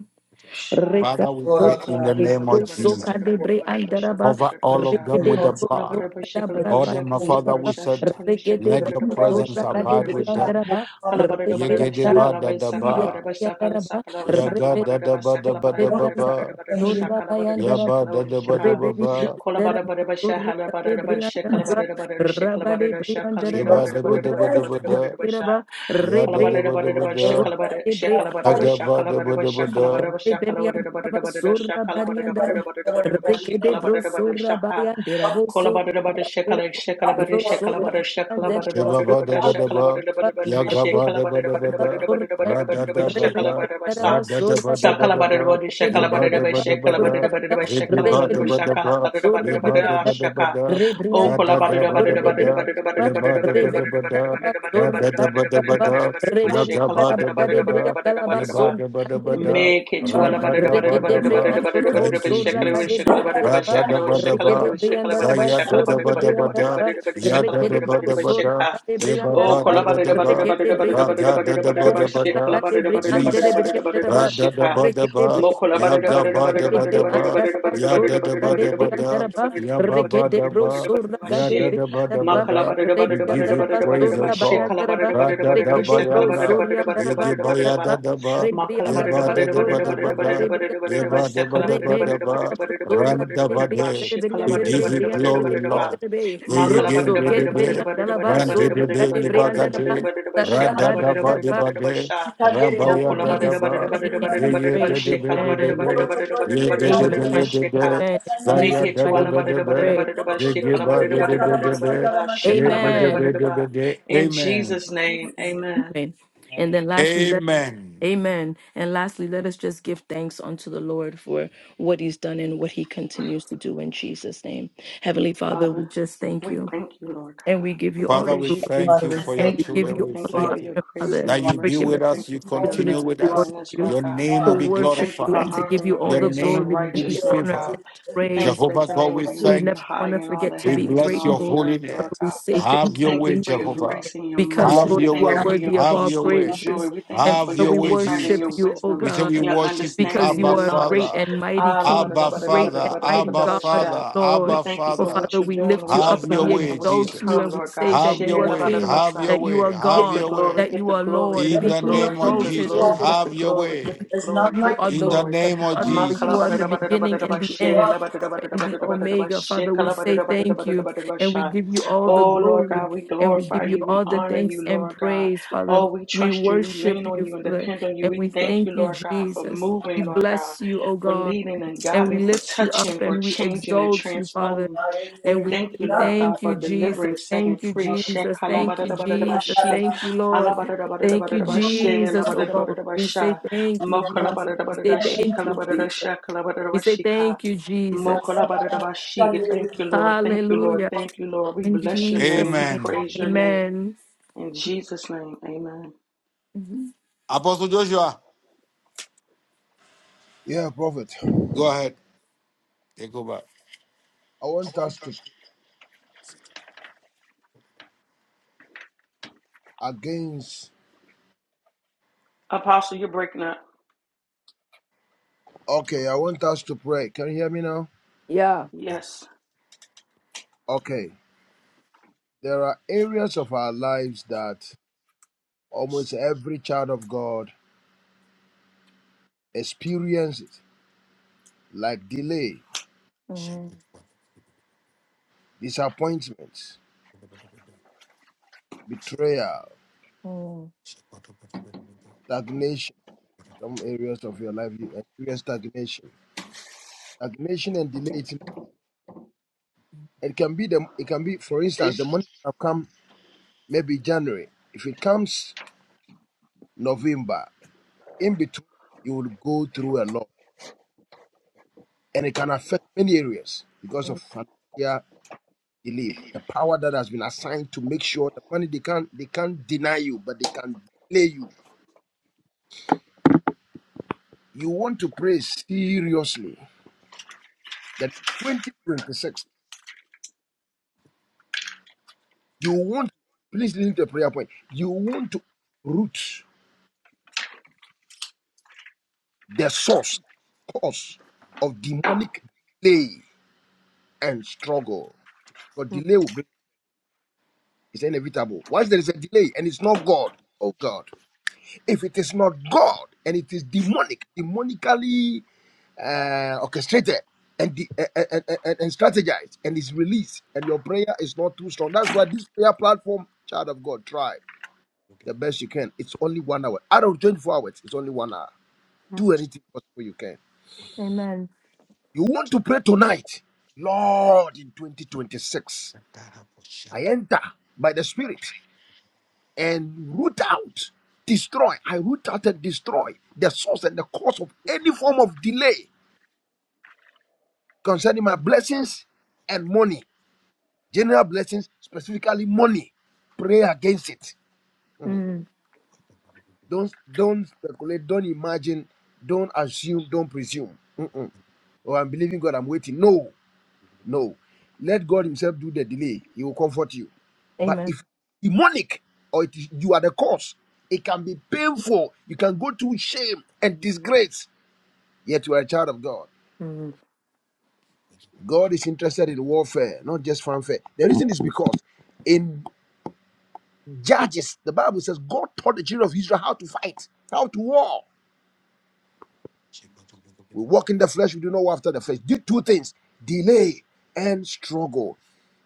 S2: Sha
S3: Reza
S4: Father, we
S2: so
S4: pray
S3: zoda
S4: in the
S3: de
S2: collaborated
S3: bro,
S4: name
S2: about it
S4: of
S2: about it
S3: broso
S2: about
S4: Jesus.
S2: it about it
S3: kadebre
S2: about it about shakala
S3: andaraba.
S2: about
S4: Cover
S2: it about
S4: all of
S2: sha
S3: Reke
S4: them
S3: de
S4: with the
S3: bro,
S4: blood.
S2: collaborated by
S3: soka da
S2: shakala
S5: that
S2: over
S4: Oh,
S5: you
S3: braba,
S5: would
S4: then, my
S2: shakala
S5: save us.
S4: Father,
S2: shakala
S4: we
S3: Deraba.
S4: said,
S3: Reke de
S2: shakala shakala
S4: let
S2: about
S5: That
S3: bro,
S2: it
S4: your
S2: about it
S5: anyone that
S3: soka
S2: about
S4: presence
S3: da broso
S2: shakala
S5: comes into
S2: about
S4: abide
S2: it
S5: this
S2: by
S3: kadebre
S4: with
S2: sha
S4: them.
S5: platform,
S3: andaraba.
S5: Father God,
S2: collaborated about it
S3: Rebre
S2: with
S5: we
S3: andaraba.
S4: Yegedeba
S2: shakala
S4: da
S2: by
S4: da
S5: thank
S2: sakala
S5: that
S2: about it
S4: ba,
S2: by
S3: yaki
S2: sakala
S3: Andaraba.
S2: sakala
S3: Rebe
S2: sakala
S4: yaga
S2: about
S4: da
S2: it
S4: da
S2: about
S4: ba da
S2: sakala
S4: ba
S2: about it
S4: da
S3: rebe
S5: once
S4: ba
S2: about it about
S3: andaraba.
S2: it
S4: ba,
S2: about
S5: and
S2: it
S5: he didn't
S3: Zorra
S2: shakala about it by
S3: bayandaraba.
S4: yaba
S2: shakala
S4: da
S2: or
S4: da ba da
S2: Shaka
S3: Rebe
S4: ba
S3: rebe
S4: ba,
S2: Kola bara
S3: andaraba.
S2: bara bara sha
S3: Zorra
S2: hala bara bara
S3: kadebre
S2: bara sha kala
S3: andaraba.
S2: bara bara bara sha kala
S3: Raba
S2: bara
S3: de
S2: bara
S3: bre
S2: sha kala yara
S3: andaraba.
S4: sheba
S2: bara bara
S4: da ba
S2: bara
S4: da
S3: Zorra
S4: ba
S2: bara bara
S4: da ba
S3: kadebre
S4: da,
S3: andaraba.
S4: ya da
S3: Rebre
S4: da
S2: bara
S4: ba da
S2: bara
S4: ba
S2: bara sha
S4: da,
S2: kala
S3: zoka
S2: bara bara bara bara
S3: de
S2: sha kala
S3: bre
S2: bara
S4: yaga
S2: sha
S4: ba
S2: kala
S4: da
S2: bara
S4: ba
S2: bara
S4: da
S2: sha
S4: ba
S2: kala
S4: da.
S2: bara bara sha kala bara
S3: Reberiandaraba
S2: bara sha
S3: sorra
S2: kala bara bara
S5: to
S2: bara
S3: bariandaraba.
S5: do
S2: bara
S5: over
S2: bara
S5: there. We
S2: sha
S3: Rekede
S5: thank
S2: kala
S5: you
S3: bro
S2: bara bara bara bara bara bara shi kala bara bara bara
S3: sorra
S2: sha ka
S3: bayandera bo
S2: kola
S3: sorra
S2: bara bara bara sha
S3: bayandera
S2: kala
S3: be.
S2: sha
S5: for
S2: kala
S5: that
S3: Bro
S2: bara sha
S5: report,
S2: kala
S5: Lord.
S3: sorra
S5: We thank
S2: bara sha kala
S5: you
S3: bayandera
S2: bara
S5: for what
S4: Sheba
S2: bara
S5: you
S2: bara
S3: sorra
S4: bada bada,
S2: bara
S4: ba
S2: sha kala bara
S3: bayandera.
S2: bara bara bara
S4: yaga
S2: sha kala
S4: bada
S2: bara bara
S4: bada
S2: bara
S3: Reberiandaraba
S2: bara
S4: bada,
S3: sorra baya.
S2: bara bara bara
S4: da
S2: sha
S4: ba
S2: kala
S4: da,
S2: bara bara
S3: Reberiandaraba
S4: bada da da bada bada, ra da da
S3: sorra
S4: ba
S2: Oh,
S4: da
S3: baya.
S4: ba da ba,
S3: Rekede
S4: ye bada
S3: briandaraba
S4: bada
S3: sorra
S4: bada, da bada bada
S3: baya.
S4: zege ba da ba
S3: Reberiandaraba sorre
S4: ye ba da ba
S3: briandaraba.
S4: da da, za da
S3: Rebriandaraba sorre briandaraba.
S4: ye ba da ba da da,
S3: Reberiandaraba
S4: ra
S3: sorra
S4: da
S3: bayandaraba.
S4: yaga
S3: Reberiandaraba
S4: bada bada ba da ba,
S3: gadebriandaraba
S4: ye bada,
S3: sonda
S4: da bada da
S3: kandelebe.
S4: da,
S2: Make it to
S4: ra
S2: Alabama.
S3: Reke
S4: ba
S3: de bre antorobo
S4: Thank you,
S3: surra ka de
S4: Jesus.
S3: bre
S4: Ra
S3: anderaba.
S4: da da ba da
S3: Reke de
S4: ba,
S3: bre
S4: za
S3: andaraba
S4: da da
S3: surre
S4: ba da
S3: bre andaraba.
S4: Ya da
S3: Reke
S4: da
S3: de
S4: ba
S3: bro
S4: da ba
S3: surra
S4: da.
S3: ka de
S4: Ya
S3: bre
S4: ba
S2: Oh,
S4: ba da ba da ba.
S3: andaraba.
S4: Ra
S2: Colabada
S4: ga da da ba
S3: So
S4: da ba da.
S3: karada de bri andere
S4: Jesus.
S3: bri andere ba.
S4: Ra da da ba da
S3: Rekete
S4: ba.
S3: bri andere
S4: Ya
S3: ba.
S4: ga ba da ba
S3: Rebri
S4: da ba.
S3: andere ba.
S4: Ya da da
S3: Sura
S4: ba
S3: de
S4: da
S3: bri
S4: ba da.
S3: andere ba.
S4: Ya ba ba
S3: Rekete
S4: da
S3: bro
S4: ba.
S3: sura
S4: Ya
S3: de
S4: da
S3: bri
S4: da ba
S3: andere
S4: da ba
S3: ba.
S4: da.
S3: Rebri
S4: We give you
S3: andere ba.
S4: praise, O
S3: Sura ba
S4: God.
S3: andere ba.
S4: Ra da da ba
S3: Rekete
S4: ya
S3: bro
S4: na.
S3: sura andere
S4: Ye
S3: ba
S4: ge ba
S3: andere
S4: ya
S2: Mokola
S4: da
S3: ba.
S4: da ba.
S2: Make
S3: Rebri
S4: Ye
S3: andere
S4: ba
S3: ba.
S4: da da ba
S3: Sura
S4: da ba
S3: ba
S4: da.
S3: de bri
S4: Ye
S3: andere ba.
S4: ba da ba da ba
S3: Rebri
S4: da
S3: andere
S4: ba.
S3: ba. Sura
S4: Ran da
S3: de
S4: ba
S3: bri
S4: de.
S3: andere bri
S4: We
S3: andere
S4: give
S3: bri
S4: you
S3: bri andere
S4: glory,
S3: bri bri
S4: Lord.
S3: andere bri.
S4: They again
S3: Rosso
S4: did
S3: kere
S4: the
S3: bri
S4: bed.
S3: andere ba.
S4: Ran did
S3: Sura
S4: the bed
S3: de
S4: ni
S5: I
S3: bri
S5: thank
S3: andere
S5: you
S4: bagate.
S5: for your love.
S4: Rada da ba de
S3: ba.
S4: ba de.
S5: You can get it
S3: In
S5: out of
S4: Rabaya
S5: the
S4: da da
S5: most
S3: Jesus'
S5: people
S4: ba.
S5: who
S3: mighty
S5: bring
S3: name
S5: them
S4: They
S5: and
S3: we
S5: you
S4: ye
S3: pray.
S4: did
S5: can do
S4: the
S5: it.
S4: bed the
S3: Amen.
S5: Lord,
S4: bed.
S5: for so you
S4: Ye
S5: get it
S4: did
S5: out
S4: the
S5: of
S3: Amen.
S4: bed ye
S3: Amen.
S4: did the bed,
S3: In
S4: Zaya
S3: Jesus'
S2: it
S4: da
S2: to
S4: da
S3: mighty
S2: Allah,
S3: name
S4: ba da
S3: we
S4: ba.
S3: pray.
S4: They
S5: so
S4: give out the bed the bed. Ye did the
S3: Amen.
S4: bed the bed.
S2: in
S4: Amen.
S2: Jesus'
S5: In
S2: name,
S5: Jesus' name.
S2: amen.
S3: Amen. And then lastly, let
S4: Amen.
S3: Amen. And lastly, let us just give thanks unto the Lord for what he's done and what he continues to do in Jesus' name. Heavenly Father, we
S2: Father,
S3: just thank
S2: we
S3: you
S2: thank you, Lord
S3: and we
S2: God.
S3: give
S2: We
S3: you all
S4: Father,
S3: the
S4: we
S2: praise you.
S3: glory
S4: thank
S5: Father,
S4: you
S5: we
S4: for your
S3: and
S5: thank
S3: we
S5: you, Lord.
S3: give
S4: children.
S2: We
S3: you
S4: We
S5: You
S3: all
S2: thank you
S3: the
S2: for
S4: thank you
S2: your
S3: honor,
S5: are.
S2: grace and
S3: Father,
S2: your
S4: that you
S3: for
S4: be
S2: mercy.
S3: giving
S4: with
S3: us
S2: We
S4: us,
S2: thank
S4: you
S2: you for
S3: the
S2: your
S5: Lord, that
S4: continue
S2: love
S3: opportunity
S2: and
S4: with
S5: you
S3: to
S5: are
S4: us.
S3: worship
S2: kindness,
S3: you,
S2: Lord
S4: Your
S2: God.
S4: name
S3: to
S4: will
S5: our
S4: be
S2: We
S3: worship
S2: thank you
S3: you,
S2: for
S4: glorified,
S3: and to give
S2: honoring
S3: you
S2: the
S3: all
S4: your
S3: the
S2: prayers of the
S3: glory
S4: name
S3: and
S4: will be
S3: the
S2: righteous,
S5: Lord,
S2: Lord
S3: honor and
S4: favored.
S3: the
S2: God.
S5: Jesus,
S2: We
S3: praise.
S2: thank you
S4: Jehovah
S2: that your name
S4: God,
S2: will
S4: we
S2: be
S3: We
S4: thank you.
S2: lifted
S3: never
S2: high
S3: want to
S2: in all
S3: forget
S2: the
S3: to
S4: We
S3: be
S2: heavens and
S4: bless
S2: all
S4: your
S2: the
S3: grateful.
S2: earth,
S4: holy name.
S2: Lord
S3: Father, we
S2: God.
S3: say
S4: Have
S2: We
S3: thank you,
S4: your
S2: thank
S4: way,
S2: you
S3: Jesus,
S2: for your
S4: Jehovah.
S2: grace and your
S5: and
S3: because
S2: mercy.
S5: that
S4: Have
S3: Lord,
S2: We
S5: you
S4: your
S3: you
S2: thank you
S3: are
S4: way.
S5: found
S2: for
S5: you
S2: your
S3: worthy of
S4: Have
S3: all
S2: peace
S4: your
S2: and your
S4: way.
S2: joy.
S3: praises.
S2: We thank you
S3: And
S4: Have
S2: for
S3: Father,
S2: your
S4: your
S3: we
S4: way,
S2: insight and
S3: worship
S2: your
S4: Jesus.
S3: you, O
S2: wisdom,
S4: We say
S3: God,
S4: we
S2: your
S4: worship you,
S3: because
S2: understanding,
S3: you
S2: your
S4: Abba
S3: are a great
S2: knowledge.
S4: Father.
S3: and mighty
S2: Ah, la, ba,
S3: King,
S2: da, da,
S4: Abba
S2: ba, da, da, ba,
S3: great
S2: da, da,
S3: and
S4: Father.
S2: ba, da, da,
S3: mighty
S2: ba, da,
S4: Abba
S2: ba,
S3: God, O
S2: sha.
S4: Father.
S3: Lord.
S2: We
S4: Abba
S2: thank you
S3: For
S2: for
S4: Father.
S2: what
S3: Father,
S2: you're
S3: we
S2: doing,
S3: lift you
S2: what
S4: Have
S3: up
S2: you've
S3: and
S4: your
S3: we
S2: done,
S4: way,
S2: and what's to
S3: exalt
S4: Jesus.
S3: you
S2: come,
S3: and we
S2: Lord
S3: say
S2: God.
S4: Have
S3: that you
S4: your
S2: Sha,
S3: are
S2: la, ba,
S4: way.
S2: da, da, ba,
S3: King,
S4: Have
S2: sa.
S4: your
S3: that you
S4: way.
S3: are
S4: Have
S2: Get the
S3: God,
S4: your
S2: glory,
S3: that
S4: way.
S2: get
S3: you
S2: the
S3: are
S2: glory,
S3: Lord.
S5: are
S2: get
S4: In
S2: the
S3: Be
S4: the
S5: King of
S4: name
S2: glory,
S4: of
S2: get
S5: Kings,
S2: the
S3: exalted,
S5: you
S4: Jesus.
S3: O
S5: are
S2: glory,
S3: God.
S2: get the
S4: Have your
S2: glory, get
S4: way.
S2: the
S5: There's none
S2: glory,
S3: You
S2: get
S5: like
S2: the
S3: are
S4: In
S3: the
S5: you.
S4: the
S2: glory.
S3: God,
S4: name of
S3: Father. You are the
S4: Jesus.
S3: beginning and the
S5: You
S2: Makalabadadabadadabadadabashe,
S3: end
S5: are the
S3: the Alpha and the Omega.
S2: labadadabadadabadadabadadabashe,
S3: Father, we say thank you and we
S2: kalabadadabadadabadadabadadabasha.
S3: give you all the
S2: Oh Lord
S3: glory
S2: God, we
S3: and we
S2: glorify
S3: give you
S2: you, we
S3: all the
S2: honor
S3: thanks
S2: you,
S3: and
S2: Lord God.
S3: praise,
S2: Oh,
S3: Father.
S2: we
S3: We
S2: trust you, we lean
S3: worship
S2: on
S3: you,
S2: you and
S3: Father,
S2: depend on you.
S3: and
S2: We
S3: we
S2: thank
S3: thank
S2: you,
S3: you,
S2: Lord God, for
S3: Jesus. We
S2: moving, Lord God,
S3: bless you, O
S2: for
S3: God,
S2: leading and
S3: and
S2: God,
S3: we
S2: and for
S3: lift you up
S2: touching, for
S3: and we
S2: changing and
S3: exalt you, Father.
S2: transforming.
S5: Lord, and
S3: And
S2: We
S5: there is
S3: we
S2: thank
S3: say,
S2: you,
S5: none
S2: Lord
S5: like
S2: God,
S3: Thank you,
S2: for
S3: Jesus.
S2: delivering,
S5: you.
S2: setting
S3: Thank you,
S2: free.
S3: Jesus. Thank you, Jesus.
S2: Shekalabadadabadadabashi,
S3: Thank you, Lord. Thank you,
S2: alabadadabadadabadadabashe,
S3: Jesus. Oh God. We say,
S2: labadadabadadabasha,
S3: Thank you, Jesus. We say,
S2: mokalabadadabadadashi,
S3: Thank you, Jesus.
S2: kalabadadasha,
S3: We say,
S2: kalabadadabashika,
S3: Thank you, Jesus.
S2: mokalabadadabashi. Thank you, Lord. Thank you, Lord.
S3: Hallelujah.
S2: Thank you, Lord. We
S3: In
S2: bless your name.
S3: Jesus'
S2: We
S3: name.
S4: Amen.
S2: praise your name.
S3: Amen.
S2: In Jesus' name, amen.
S3: Mhm.
S4: Apostle Joshua,
S1: prophet. I
S4: go ahead. Take over.
S1: want us to pray against.
S2: Apostle, you're breaking up.
S1: Okay, I want us to pray. Can you hear me now?
S2: Yes.
S1: Okay. There are areas of our lives that almost every child of God experiences, like delay,
S3: Mm,
S1: disappointment, betrayal,
S3: mm,
S1: stagnation. Some areas of your life you experience stagnation. Stagnation and delay. It, it can be the. It can be, for instance, the money have come maybe January. If it comes November, in between, you will go through a lot. And it can affect many areas because of
S3: mm.
S1: financial delay, a power that has been assigned to make sure the money they can't they can't deny you, but they can delay you. You want to pray seriously that 2026, you want please listen to a prayer point. You want to root the source, cause of demonic delay and struggle. God delay will bring It's inevitable. Once there is a delay and it's not God, oh God. If it is not God and it is demonic, demonically uh, orchestrated and, the, and, and, and strategized and is released, and your prayer is not too strong. That's why this prayer platform, child of God, try the best you can. It's only one hour. Out of 24 hours, it's only one hour. Do anything possible you can.
S3: Amen.
S1: You want to pray tonight, Lord, in 2026, I enter by the Spirit and root out, destroy. I root out and destroy the source and the cause of any form of delay concerning my blessings and money, general blessings, specifically money. Pray against it. Mhm.
S3: Mm,
S1: Don't don't speculate. Don't imagine. Don't assume. Don't presume. Mm-mm. Oh, I'm believing God. I'm waiting. No, No. Let God Himself do the delay. He will comfort you. But
S3: Amen.
S1: if demonic or it is, you are the cause, it can be painful. You can go through shame and disgrace. Yet you are a child of God. God is interested in warfare, not just fanfare. The reason is because in Judges, the Bible says God taught the children of Israel how to fight, how to war. We walk in the flesh, we do not war after the flesh. Do two things delay and struggle.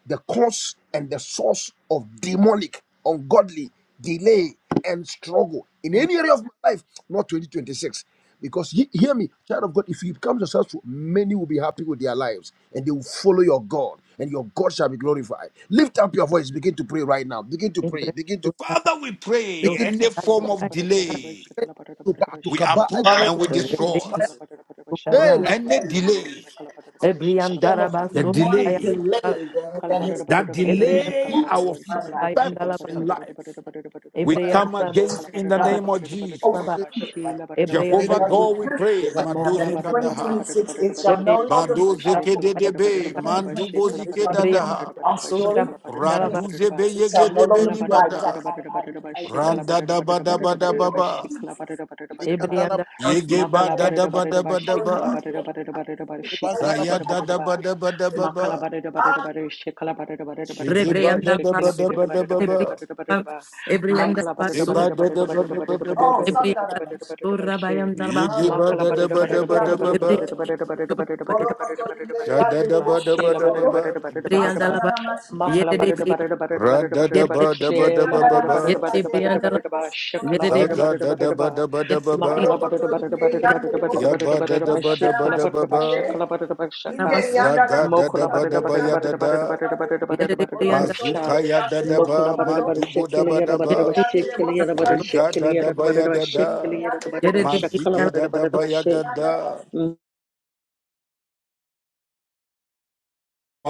S1: the cause and the source of demonic, ungodly delay and struggle in any area of my life, not 2026. Because he, hear me, child of God, if you become successful, many will be happy with their lives and they will follow your God and your God shall be glorified. Lift up your voice, begin to pray right now. Begin to pray, begin to
S4: Father, we pray
S1: begin to
S4: any
S2: Sakala
S4: form
S2: Barata
S4: of
S2: Barata Barata by
S4: delay,
S2: Shakala Barata
S1: to
S2: Barata
S1: ba-
S2: by
S1: to
S4: we
S2: Shakala
S1: kaba-
S2: Barata by
S4: uproot and
S5: In
S4: we
S5: the name of
S4: destroy.
S1: fire.
S2: Shakala
S5: Jesus,
S2: Barata by
S5: come
S2: Shakala
S5: up
S1: Hey,
S5: your
S1: la-
S2: Barata
S4: Any
S2: Barata by
S5: Lord.
S4: delay,
S2: Shakala Barata Barata Barata by Shakala Barata Barata Shakala
S5: form
S2: Barata
S5: of
S4: the
S2: Sakala Barata by
S5: demonic
S4: delay
S2: Sakala
S5: delay that,
S2: Kala
S5: that has
S2: Barata
S4: that
S2: Barata Barata by
S3: Amen.
S5: taken
S2: Shakala
S4: delay
S5: root in
S2: Barata
S4: our
S2: by
S5: my
S2: Shakala
S5: life.
S2: Barata Shakala
S4: purpose
S3: Bayandalaba,
S2: Barata
S4: in
S2: Barata
S4: life,
S2: Barata Barata
S4: we
S2: Barata
S1: fire.
S4: come
S3: Ebreandalaba,
S4: against in the
S2: Barata
S5: I
S4: name of
S2: Barata by Shakala Barata Barata Barata Barata
S4: Jesus.
S3: Rabalaba,
S2: Barata
S1: Hey,
S2: by
S5: overcome it right
S2: Sheila Barata Barata
S4: Jehovah
S1: Angele,
S5: now.
S3: Ebreandalaba,
S5: I
S2: Barata by
S4: God, we
S5: reverse it
S4: pray.
S5: right now. That
S2: Mokola
S4: Madozi
S5: in
S2: Barata Barata
S4: kadaha,
S2: Barata
S5: 2026
S2: Barata
S5: it shall no
S2: Barata
S5: longer
S2: Barata Barata by
S5: be
S4: badoze
S5: our portion.
S2: Shakala Barata
S5: In
S4: kedebe,
S2: Barata
S3: Ebreandalaba,
S2: Barata by
S5: 2026
S2: Shakala
S4: mandubozi
S5: it shall
S2: Barata
S5: no
S2: Barata
S5: longer
S3: Ebreandalaba,
S4: kedadaha,
S2: Barata
S5: be our
S2: Barata by
S5: story.
S2: Shakala Barata
S5: In
S2: Barata
S3: Surabandalaba,
S2: Barata
S4: raduze
S2: by
S5: 2026 it shall no
S4: beyegedebe
S5: longer
S2: Ola
S5: be
S2: barada
S5: our
S4: nibada,
S5: ident-
S2: barada
S5: our-
S2: barada
S5: our
S2: barada ba shikala
S5: identity.
S4: randa
S2: barada
S4: da
S2: barada
S4: bada
S5: In the
S2: barada
S4: bada
S5: name
S2: barada ba
S5: of
S4: baba.
S2: shikala
S5: Jesus.
S2: barada barada
S1: hey,
S2: barada ba
S1: Kandala,
S5: I
S3: Ebreandalaba,
S5: put it
S4: Yegeba
S2: makala
S5: like
S4: da da
S2: barada
S4: ba
S3: Surabayandalaba,
S2: barada
S4: da
S2: ba
S4: ba da
S5: For a
S2: shikala
S5: number
S4: ba.
S5: of
S2: barada barada
S5: I
S2: barada ba
S5: see it.
S1: hey,
S5: like- I don't
S2: shikala
S1: Bandala,
S5: know
S4: Zaya
S2: barada
S1: hey,
S4: da
S2: barada
S4: da
S2: ba
S4: ba da ba da ba
S2: Makala
S4: ba.
S2: barada barada barada shekala barada barada barada barada
S4: Shigeba
S2: barada
S4: da da
S3: Rebreandalaba,
S2: shekele
S4: ba da
S2: barada
S4: ba da
S2: barada
S4: ba
S2: barada
S4: ba.
S2: barada barada
S3: Surabandalaba,
S2: ba.
S5: Right?
S2: Makala
S3: Ebreandalaba,
S2: barada
S4: Zeba
S2: barada
S4: da
S3: Surabandalaba,
S4: da
S2: barada
S4: ba
S2: barada
S4: da ba
S2: barada
S4: da ba
S2: barada
S5: Oh,
S4: ba.
S5: Sandarana.
S2: barada barada barada barada ba she.
S3: Surabayandalaba,
S4: Yegeba
S2: Makala
S4: da
S5: Barokoto
S4: da
S2: barada
S4: ba da
S2: barada
S4: ba da
S2: barada
S4: ba
S5: Inderiandere.
S2: barada
S4: ba.
S2: barada barada barada barada barada
S3: Ebreandalaba,
S5: Borokoto
S2: barada
S4: Sha
S2: barada barada
S4: da
S2: barada
S5: Inderiandere
S4: da
S2: ba.
S4: ba da ba
S2: Shela
S5: Bosito
S4: da ba
S5: Rabo.
S2: barada
S4: ba.
S2: barada barada barada ba.
S3: Ebreandalaba,
S5: Masanara
S2: Makala
S5: Masikate.
S2: barada
S3: Yeredebrian,
S2: barada barada
S4: Ra da da
S2: barada barada barada
S4: ba da
S3: Yeredebrian,
S4: ba da
S2: shela
S4: ba
S5: Inderiandara
S4: ba
S2: barada
S4: ba.
S2: barada barada barada
S5: Masikandere the
S3: Yeredebriandalaba,
S2: barada ba.
S5: Bosito
S2: Shekala barada
S4: Zaga
S3: Yeredebrian,
S2: barada
S4: da da
S5: Rabo.
S2: barada ba.
S4: ba da ba da ba ba.
S3: Yeredebrian,
S2: Makala barada barada barada barada
S5: Thank
S2: barada
S4: Yaba da
S2: barada barada
S4: da
S2: ba.
S4: ba da ba
S2: Shekala
S4: da ba
S2: barada ba
S4: ba.
S2: shekala barada ba shaka.
S1: Dom-
S4: Zaga da da
S2: Mokola
S4: ba da
S2: barada
S4: ba
S2: barada
S4: ya da
S2: barada barada
S4: da.
S2: barada barada barada barada
S3: Yeredebriandalaba,
S2: barada sha.
S4: Mazuka ya da da
S2: Mokola
S4: ba.
S2: barada barada
S4: Mandugo da
S2: shekeli
S4: ba da
S2: yada
S3: Yet
S2: barada barada
S4: ba.
S2: shekeli yada barada
S4: Riga da
S2: shekeli
S4: da
S2: yada
S4: baya
S2: barada barada
S4: da da,
S2: shekeli yada barada barada shakala
S4: mazige da
S2: barada
S4: da
S2: barada barada
S4: baya
S2: she.
S4: da da,
S5: you.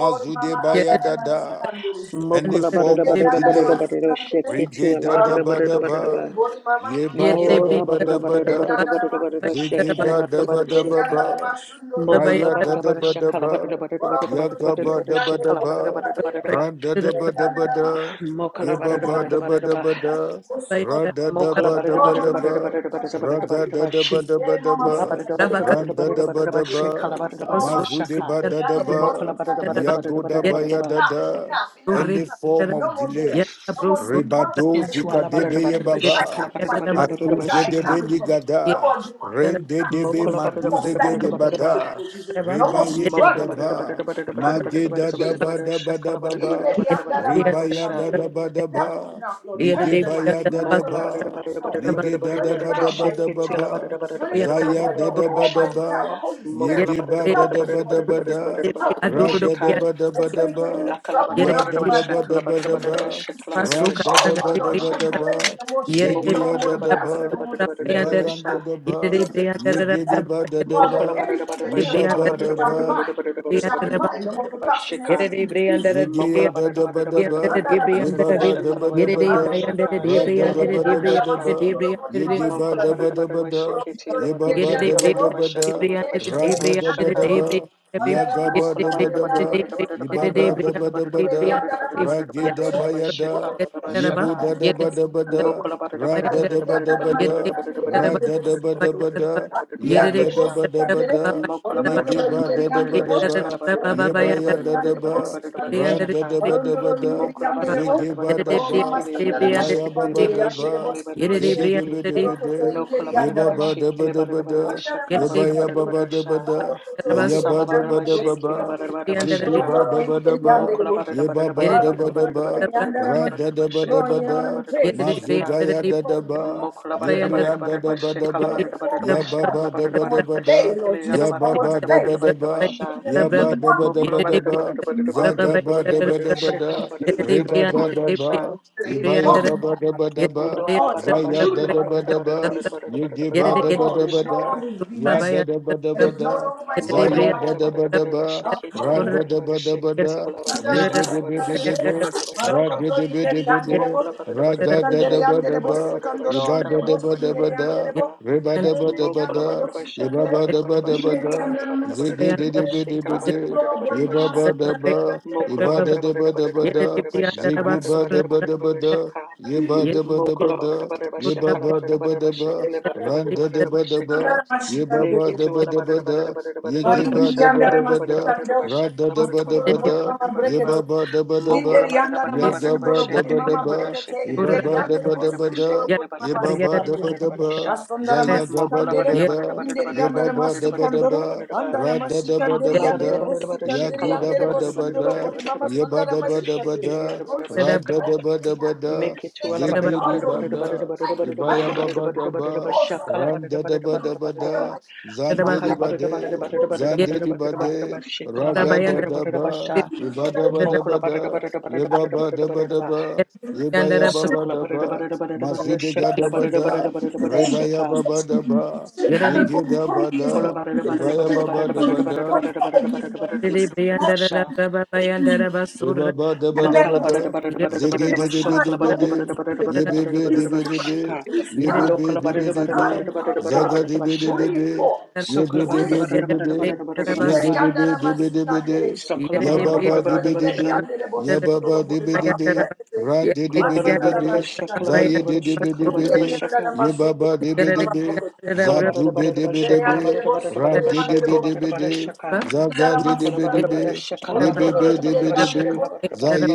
S5: Oh, mama
S4: baya
S5: andara
S4: da da.
S5: masikandere.
S4: Any
S2: Mokola barada
S4: form
S5: Iye
S4: of
S2: barada
S5: andara
S2: barada
S4: delay,
S2: barada
S5: masikandere.
S2: sheketu
S4: rige
S2: ala
S4: da
S5: Aro
S4: da
S2: barada
S4: ba
S2: barada
S4: da
S5: koto
S2: barada
S5: iye
S4: ba,
S2: ba.
S5: bori mama.
S4: ye ba da
S5: Oro
S4: da
S2: Mola
S4: ba da
S2: barada
S5: koto
S4: ba
S5: iye
S2: barada
S4: da.
S2: barada
S5: andara
S2: barada barada
S4: Ziggy
S5: masikandere.
S2: shekela
S4: ba
S2: barada
S4: da ba
S2: barada
S4: da
S5: Iye
S4: ba
S2: sheka.
S5: andara
S4: ba,
S5: masundo
S2: Mola
S5: bori
S4: Raya
S5: mama.
S4: da
S2: barada
S4: da
S2: barada
S4: ba da
S2: shakala barada
S4: ba,
S2: barada barada barada barada
S4: Yaga ba
S2: barada
S4: da ba da
S2: barada
S4: ba,
S2: barada ba.
S4: Ran da da ba da ba da,
S2: Mokola
S4: Yeba
S2: barada
S4: ba
S2: barada
S4: da ba
S2: barada
S4: da
S2: ba.
S4: ba da, Ra da da
S2: Mokola
S4: ba da
S2: barada
S4: ba
S2: barada
S4: da
S2: barada
S4: ba,
S2: barada barada barada
S4: Raga
S2: barada
S4: da da ba
S2: bashi.
S4: da ba da
S2: La
S4: ba,
S2: barada barada
S4: Ran
S2: barada
S4: da
S2: barada
S4: da ba
S2: barada
S4: da
S2: bashi. Kala
S4: ba,
S2: barada
S5: Oh,
S2: barada
S4: Mazu de
S2: bashaka.
S4: ba da da
S1: Dom- Dom-
S5: mama,
S4: ba,
S2: Mokola barada barada barada
S4: Yago da
S2: barada
S4: ba
S2: barada
S4: ya da
S2: ba.
S5: Enough,
S4: da,
S5: enough, enough,
S4: any
S5: enough.
S4: form of
S5: No more beer.
S4: delay.
S5: No more demonic
S4: Ribado
S5: related
S2: Into
S4: zika
S5: and
S2: ala
S5: quick
S2: barada
S4: debe ye
S2: barada
S5: cases. I
S2: bashi.
S4: baba.
S2: Kala
S5: captured
S2: barada
S5: my
S2: barada
S5: hand and
S2: barada
S5: my
S4: Akuze
S5: entire
S4: de
S2: bashika.
S5: family from it. No
S4: beligada,
S5: more demonic
S4: rende de
S5: attacks,
S4: be
S5: Lord.
S2: Mokola
S5: No
S2: barada
S5: more
S4: maduze
S2: barada barada
S4: gede
S2: barada ba.
S5: stagnation,
S4: bada,
S5: Lord Jesus. No more
S4: rebaye da
S2: Mokola
S4: da
S5: struggling.
S2: barada
S5: No more
S4: ba,
S2: barada barada barada
S5: struggling
S2: barada
S5: in
S4: mageda
S2: barada
S4: da
S2: barada
S4: ba
S5: Jesus.
S2: barada
S4: da ba da
S2: shakala
S4: ba
S2: barada
S5: In the
S2: barada
S4: ba,
S2: barada barada
S5: Yandara
S2: barada
S4: rebaya da
S2: basha.
S4: da
S5: Masukandoro.
S4: ba da
S5: Enough is
S4: ba,
S5: enough, Lord. Turn
S4: lige
S5: it around.
S4: baya da
S5: Turn
S4: da
S5: it
S2: Mokola
S5: around
S2: barada
S4: ba,
S2: barada
S5: by your power.
S2: barada
S4: lige
S2: barada
S4: da
S2: barada
S5: Turn
S4: da
S5: it
S4: ba
S2: barada
S4: da
S5: around
S4: ba
S5: by
S2: bashi.
S5: your
S4: da ba
S2: Kitila
S5: power.
S4: ba,
S2: barada barada
S3: Yere de Brian, de de
S5: Turn it
S2: barada
S5: around
S2: barada
S4: zaya
S5: by
S4: da
S2: barada
S5: your
S4: da
S2: barada
S4: ba da
S2: basha.
S5: almighty power.
S4: ba,
S5: Holy Spirit,
S2: Mokola
S4: yege
S2: barada
S4: ba da
S5: help
S2: barada
S4: da
S5: me,
S4: ba
S2: barada
S4: da
S5: Lord
S2: barada
S4: ba
S5: Jesus.
S2: barada
S4: da,
S2: barada barada
S5: Help me,
S2: barada
S4: ra
S5: Holy
S4: da da
S2: shika.
S5: Spirit.
S4: ba da
S5: In
S4: ba da
S5: 2026,
S4: ba,
S2: Lakala
S5: trouble will
S2: barada
S4: ya
S5: not
S2: barada
S4: da
S5: be
S2: barada
S4: da
S5: my
S4: ba
S5: portion.
S4: da
S2: shakala
S4: ba
S2: barada
S4: da
S5: In
S2: barada barada
S4: ba,
S2: shakala
S5: 2026,
S2: barada
S4: ran da
S2: barada
S4: da
S5: oh,
S2: shakala
S4: ba
S5: Father
S2: barada
S4: da
S5: God,
S2: barada
S5: no
S4: ba
S5: more
S4: da
S2: shaka.
S5: delays,
S4: ba.
S5: no more shame,
S2: Mokola
S5: no
S4: Zegeya
S5: more
S2: barada barada
S5: embarrassment,
S4: dadaba,
S2: barada barada
S5: no more
S2: barada
S5: disgrace.
S2: barada barada
S4: Ibayan
S5: Marriage,
S2: sha.
S4: dadaba,
S5: children, success.
S4: Yegedeba
S5: Father,
S2: Mokola
S4: dadaba,
S2: barada
S5: everything
S2: barada
S5: that
S2: barada
S5: you have
S2: shakala
S4: Yebaba
S5: promised me
S2: barada
S5: shall be
S4: daba,
S5: mine.
S2: barada barada
S5: It shall be mine.
S2: barada barada barada
S5: No more
S2: barada barada barada shika.
S5: procrastination in
S3: Brian,
S5: Jesus.
S4: Yegeya
S2: Mokola
S4: da
S2: barada
S4: da ba
S2: barada
S4: da
S2: barada
S4: ba,
S2: barada barada
S4: ye
S2: barada
S4: ba
S2: barada
S4: ba da
S5: Andaramashikandiri.
S2: shakala
S4: ba da
S2: barada barada
S4: ba
S2: barada
S4: da,
S3: de
S2: shaka
S4: ra da
S2: shakala
S4: da
S5: Marokotoyindekiyeke,
S2: barada
S4: ba
S3: de
S4: da
S2: barada
S4: ba da
S2: shaka.
S4: ba,
S3: Brian,
S5: andaramasindorobori
S3: de
S4: ye
S3: de
S4: ge ba
S2: Mokola
S4: da ba
S2: barada
S5: mamasikandiri.
S4: da
S2: barada
S4: ba
S2: barada
S4: da,
S2: shaketi la
S4: ye
S2: barada
S4: ba
S3: Yet
S2: barada
S4: ba da
S2: shakala
S4: ba
S5: Borokotoyindekiyanderebo,
S2: barada
S4: da
S2: barada
S4: ba
S2: shakala
S4: da,
S2: barada barada
S4: ra da
S2: shakala
S4: da ba da
S2: shaka.
S5: biyekiyanderebo,
S4: ba, ya ga ba
S2: Mokola
S4: da ba
S2: butter
S4: da
S2: butter butter
S4: ba,
S2: butter
S5: andaramashikandeyanderebo,
S2: butter
S4: ye
S2: butter
S4: ba
S5: sikandoro.
S4: ba da ba da ba da,
S2: butter
S4: ra ge da
S5: Yindekiyandaramasitandere,
S2: butter
S4: ba
S2: butter
S4: ya
S2: shaka
S4: da,
S2: butter
S4: ye bo
S2: shaka
S4: da da
S5: borokotoyindekiyanderebo,
S4: ba da ba da,
S5: sikandoro.
S2: Mokola butter
S4: ra
S2: butter
S4: da
S2: butter
S4: da ba
S2: butter butter
S4: da ba
S2: butter
S4: da,
S2: butter
S5: Marikiyandaramasitandere,
S4: ra da
S5: yanderebo,
S4: da ba da
S5: sikandoro.
S4: ba da,
S2: butter butter
S4: ya da
S2: butter
S4: da
S2: sha
S4: ba da ba da,
S2: Mokola
S4: ye
S2: butter
S4: ge
S2: butter
S4: ba da
S2: butter
S4: da ba
S2: butter
S4: da
S2: shaka butter
S4: ba,
S2: butter
S4: ye
S2: butter
S4: ba ya
S2: butter
S4: da da
S2: butter
S4: ba.
S2: butter butter
S4: Ran da
S2: shaka
S4: da ba da ba da,
S2: Mokola butter butter
S4: zege ba
S2: butter butter
S4: da
S5: Oh,
S4: ba,
S5: Mama
S2: shakele butter
S5: Sandara
S4: ibaya ba
S2: shakele
S4: ba
S2: butter
S5: Masikandere,
S4: da
S5: under the
S4: ba,
S2: shakele
S5: boss,
S2: butter
S5: under the.
S4: zege de
S2: shakele
S4: be de be
S5: Borokoto
S4: de,
S2: no
S5: Ingeri
S2: collaborate
S5: under
S4: yeba
S5: the
S2: about
S4: ba da ba
S2: shakele
S4: da
S2: butter
S4: ba
S5: Masikandere,
S2: butter
S4: da,
S5: under the
S2: shaka butter
S4: yebaya
S2: butter
S4: ba
S5: Masikandere,
S4: ba
S2: butter
S4: da ba
S2: sha
S4: da,
S5: Borokoto
S4: aya
S3: it
S4: ba
S2: Mosala
S4: da
S5: Ingeri
S4: ba da
S5: under the.
S4: ba
S2: barabashekile
S4: ba,
S5: Masikandere,
S3: deeply under the
S4: zege
S3: deep,
S2: barabashaka.
S4: ba da
S5: Borokoto
S4: ba da
S5: Ingeri under the Masikandere, Borokoto Ingeri under
S4: ba,
S5: the
S2: Mokola
S5: boss.
S2: barada
S4: yeba
S2: barada
S3: yet
S4: ba
S3: it
S2: barada
S4: da
S3: deep
S4: ba
S2: barada
S4: da
S5: Oh,
S2: barada
S4: ba,
S2: barada barada barada
S4: ra
S5: Andara
S4: da
S2: barada
S4: da
S2: barada
S4: ba da
S5: Glory
S4: ba
S2: shekala
S5: and honor
S2: barada
S4: da,
S5: and
S2: barada
S3: yet
S5: praise,
S2: barada
S3: it
S5: Lord
S3: deep
S2: shaka.
S4: mazugaya
S3: under the deep
S4: da
S5: take
S4: da
S5: over in my
S4: ba,
S5: life.
S2: Mokola
S5: Let it
S3: by
S2: barada
S5: take
S3: under
S5: over
S2: barada
S4: yebrian
S5: in
S4: da
S5: my
S2: barada
S4: da
S2: barada
S5: life.
S4: ba
S3: yet it
S4: da
S2: shekala
S5: Let it
S4: ba,
S3: deep
S2: barada
S5: take
S2: barada
S5: over
S3: the
S4: ya
S5: in
S2: barada
S5: my
S4: ba
S5: life.
S4: ba
S2: shekala
S4: da
S2: barada
S4: ba
S3: brava
S5: No
S4: da
S5: more
S2: barada
S4: ba
S2: barada
S5: delay,
S4: da,
S5: Lord
S2: shekili yala
S4: ya
S5: Jesus. No
S4: ba
S2: barada
S5: more
S4: ba
S2: barada
S4: da ba
S2: barada
S5: delays.
S4: da
S2: barada
S3: by
S4: ba,
S3: under
S5: Because
S2: basha.
S3: the
S4: ya
S5: every
S4: ba
S3: brava
S4: da ba
S5: demonic
S4: da
S3: yet
S2: Mokola
S4: ba
S3: it
S5: delay,
S4: da
S3: deep
S2: barada
S3: the
S4: ba.
S2: barada
S5: every
S2: barada barada
S5: demonic
S3: brava by
S4: Zagaba ba da
S2: barada
S3: under
S2: barada
S3: the
S4: ba
S5: extension
S4: da
S2: barada
S5: right
S3: brava
S2: shekala
S3: yet
S2: barada
S3: it
S5: Jesus'
S2: barada
S3: deep the
S4: reba
S3: brava by under the brava yet it deep
S2: barada
S3: under
S4: ba
S3: the
S2: barada
S4: da
S3: deep
S2: basha.
S3: deep
S5: name, is
S4: ibaya
S3: under
S5: broken
S3: the
S4: ba ba
S5: down
S4: da
S5: right
S3: yet
S2: Undo
S5: now.
S3: it
S2: ala
S5: Oh, it's
S3: under
S2: barada
S3: the
S4: zaya
S3: brava
S2: bashi
S4: da
S3: by
S5: uprooted
S4: da
S2: kala
S5: right
S4: ba
S2: barada
S4: da
S5: now.
S3: under the
S2: barada
S3: brava
S4: ba,
S5: in
S2: barada
S5: Jesus' name.
S2: barada barada
S4: yege
S3: yet it
S4: ba
S2: barada
S5: Oh,
S4: da
S3: get
S2: barada
S4: ba
S3: the
S2: barada
S4: da
S5: Lord, it no longer
S2: sheka.
S5: will be my
S3: brava
S4: ya
S3: by
S5: story.
S4: da
S3: under
S4: da
S3: the
S4: ba da
S5: It
S3: brava
S5: is no longer my
S3: yet it
S5: story or
S2: Mokola
S4: zaya
S3: deep
S5: my
S4: da
S2: barada
S4: da
S5: identity.
S4: ba
S2: barada barada barada
S5: I'll
S2: sheke
S5: come
S2: tu
S4: ra
S2: ala
S5: against
S4: da
S2: barada
S4: da
S5: it.
S2: barada
S4: ba da
S3: Yet,
S2: sheke tu ala barada
S5: Under
S4: ye
S2: basha
S4: de de
S2: kala
S4: be
S2: barada
S4: de
S2: basha
S4: be
S2: kala
S4: de,
S2: barada
S4: ra
S2: basha
S4: de
S5: under
S4: de be de
S5: the
S4: be de,
S5: Yanderebo,
S2: Mokola barada
S4: ra
S2: barada
S4: ga da
S2: barada
S4: da
S5: Sandere
S2: barada
S4: ba
S5: under the,
S2: barada barada
S5: Bossi
S2: barada ba
S5: Condoro
S4: iba
S5: under
S4: da
S2: shakala
S5: the
S4: da
S2: barada
S4: ba
S5: Bossi in
S4: da
S2: barada
S5: the
S4: ba
S2: barada barada
S5: Yanderebo,
S2: ba
S4: reba
S5: but
S4: da
S5: in
S4: ba da
S5: the
S2: Mokola
S5: Yander the
S2: barada ba
S5: Bossi
S4: iba
S2: shakala
S4: ba
S5: Thunder,
S2: barada
S4: da ba
S2: barada ba
S5: in the
S2: shakala
S4: da,
S2: barada
S5: Yander
S2: barada
S5: Massi
S2: barada
S4: zege de
S2: barada
S4: de
S2: ba
S5: Thunder,
S4: be de be
S2: shakala barada
S4: de.
S2: barada
S5: Mascuro Boy
S2: barada ba
S4: Yiba
S2: sha
S5: Mamas,
S4: ba da ba,
S2: Mokola
S4: iba da
S2: barada
S4: da ba
S2: barada
S4: da
S2: barada
S4: ba
S2: barada
S4: da,
S2: barada ba shakala
S4: ziggy
S2: barada
S4: ba da
S2: barada
S4: ba da
S2: barada
S4: ba
S2: barada
S4: da,
S2: shaka
S4: yiba da ba da ba
S2: Mokola barada
S4: da,
S2: barada ba
S4: yiba
S2: shakala
S4: ba da
S2: barada
S4: ba
S2: barada
S4: da
S2: ba
S4: ba,
S2: shakala barada
S4: ran
S2: barada
S4: da da
S2: barada ba
S4: ba da
S5: and
S2: shaka
S4: ba,
S5: the
S4: yiba ba
S2: Leke
S5: Andara
S4: da
S2: tu
S4: ba
S2: ala
S4: da ba
S2: barada barada
S4: da,
S2: barada barada
S4: yiggy
S2: barada ba
S4: ba
S5: Malingiri
S4: da ba
S2: shakala
S5: yandara
S4: da
S2: barada
S4: ba
S2: barada
S4: da,
S2: barada
S5: masikando,
S2: ba
S4: ra da
S2: shakala
S4: da ba
S2: barada
S4: da
S5: masundoro
S2: barada
S4: ba
S5: boy
S2: barada
S4: da,
S5: mama
S2: barada barada ba
S5: brekete.
S4: yiba ba da ba da
S2: Mokola
S5: Inderi
S4: ba,
S2: bara da
S5: yandara
S2: bara da bara
S4: yaga
S2: bara
S5: masundoro
S4: ba da
S5: boy
S4: ba
S2: shekele
S4: da
S5: mama
S2: gela bara
S4: ba,
S5: brekete,
S2: shekele
S4: iba
S5: inderi
S2: bara da
S4: ba da
S2: bara da
S5: yandere
S4: ba
S2: bara
S4: da ba
S2: bara
S5: bosundoro
S4: da,
S2: shekele
S5: boy
S2: bara da
S5: mama
S4: yiba
S2: bara da
S4: ba
S2: bara
S4: da
S5: sikandere.
S4: ba
S2: bara
S4: da
S2: bara
S4: ba,
S2: sha.
S5: Masondara
S4: zayaga ba
S2: Mokola
S4: da
S5: masikandere,
S2: bara
S4: ba
S2: da bara da
S4: da,
S2: bara da
S5: inderi
S2: bara da
S4: yiba
S5: yandara
S2: bara da
S4: ba da
S2: bara
S4: ba da
S2: bara
S5: masikandoro,
S2: bara
S4: ba,
S2: bara bara.
S5: andara
S4: ra da da ba da
S5: masikandere
S2: Kala
S4: ba
S2: bara da
S5: yandere
S4: da.
S2: bara bara
S5: bosikandere
S2: shekala
S4: Yagoda
S2: bara da
S5: yandere
S2: bara da
S4: bada
S2: bara da
S5: bosundoro
S2: bara da
S4: bada,
S5: bori mama
S2: bara bara
S5: sandara
S4: yabada
S2: bara bara
S4: bada
S5: masikandere.
S2: shekele
S4: bada,
S2: gela
S5: Holy
S2: bara da
S5: Spirit,
S4: rada
S2: sheka.
S4: da
S5: fight on me
S4: bada
S5: now.
S4: bada,
S5: This
S2: Make it to ala
S5: angel's
S2: bara da bara
S5: charge
S4: zegidi
S2: da
S5: over
S2: bara da
S5: me.
S2: bara da
S4: bada,
S2: bara
S5: I
S2: da bara
S5: can
S2: da
S5: fight
S4: ibaya
S5: on
S2: bara
S5: me
S2: da bara da
S4: baba
S2: bara bara
S5: now.
S2: bara
S4: daba,
S5: Oh, Father,
S2: bara
S4: randa da
S2: bara bara
S4: bada
S2: bara
S5: I
S2: da
S5: don't
S2: bara.
S4: bada,
S5: mind.
S4: zandeli
S2: Makala bara da bara da
S4: bade,
S2: bara da bara da bara bara
S4: zandeli
S2: bara bara
S4: bade,
S2: shekala bara
S4: raga
S2: da
S4: da
S2: bara da bara bara
S4: daba,
S2: sha.
S4: ibada bada
S2: Mokola barada
S4: bada,
S2: barada barada barada
S4: yababa
S2: barada
S4: da
S2: barada
S4: bada
S2: ba.
S4: ba, yabaya baba
S2: Sokola barada
S4: daba,
S2: barada, barada barada
S4: mazude gada
S2: shakala barada barada
S4: bada,
S2: barada barada
S4: rebaya
S2: Shaka,
S4: baba daba, yegida
S2: Ola
S4: bada,
S2: barada barada
S4: ibaya
S2: barada
S4: baba
S2: barada
S4: da
S2: barada
S4: bada,
S2: barada barada barada barada barada
S3: Yere
S2: barada barada
S1: Dom-
S3: briandara la
S2: basha.
S3: braba bayandara basura.
S4: Baba daba daba da.
S5: Thank
S4: ba
S2: Makala barada
S4: da,
S5: you.
S2: barada
S3: Yere
S2: barada
S4: Zege
S2: barada
S4: de
S5: It's
S4: de
S2: basha.
S4: be
S5: time.
S4: de
S2: Kala
S4: be
S3: briandara
S5: Don't
S2: barada
S5: even
S4: de.
S2: barada
S5: take
S2: barada
S5: this stuff.
S2: barada
S4: Yebebe de
S5: It's
S2: barada barada
S4: be
S2: barada
S4: de
S5: time.
S4: be.
S2: shika.
S5: It's
S3: yere
S1: Dom-
S5: time.
S4: Yebebe
S2: Lokola
S4: de be
S2: barada
S5: It's
S4: de
S2: barada
S4: be.
S5: time,
S2: barada barada
S5: Father
S2: barada
S5: God.
S4: Zaga de
S2: barada
S4: be de
S2: basha.
S4: be
S5: Bring it
S4: de.
S5: forth.
S4: Ye de
S2: Sokola
S4: de
S5: Bring
S2: barada
S4: be
S5: it
S4: de
S5: forth.
S2: barada
S3: yere
S4: be
S2: barada
S4: de.
S2: barada
S3: briandara
S2: barada
S4: Ye
S2: barada
S4: de
S5: Inderi
S3: basu.
S2: ba.
S4: de be
S5: yandere
S4: de be de be de.
S5: masikandere.
S3: Yere briandara
S4: Yababa
S5: Orokoto
S4: de
S2: Barada
S4: be de
S5: inderi
S4: be.
S2: basha.
S3: braba
S5: yandere
S3: bayandara
S4: Yababa
S5: bosundoro
S4: de
S5: bore
S4: be de
S5: mama
S4: be.
S3: bayandara bas.
S5: brekete.
S4: Ra
S3: Yere
S4: de de
S2: Kola
S4: be de
S2: barada
S4: be
S3: briandara
S5: Masandara
S2: barada
S4: de.
S2: basha.
S3: braba
S2: Kala
S5: masikandere.
S4: Zaye
S2: barada
S3: bayandara
S4: de
S2: barada
S4: de be de
S2: shakala
S4: be
S1: Dom-
S2: barada
S1: Dom-
S3: basura.
S4: de.
S5: Inderi yandere
S2: bashaka.
S4: Yebaba
S5: masundoro
S4: de
S5: bore
S4: be
S3: Yere
S4: de
S5: mama
S4: be.
S5: bokote.
S2: Mokola
S3: briandara braba
S4: Zadu be de be de
S5: Sendere
S4: be.
S5: andere bo,
S3: bayandara
S4: Ran
S5: sendere
S4: de de
S5: andere
S4: be
S5: bo.
S4: de be de.
S3: basura.
S4: Zaga
S5: Sindara
S4: de
S3: Yere
S4: de be de be.
S5: masikandere.
S3: briandara braba bayandara yere braba yere briandara Baba bayandara
S5: Borotoro inderi
S4: Yebedebedebe,
S5: andere bo.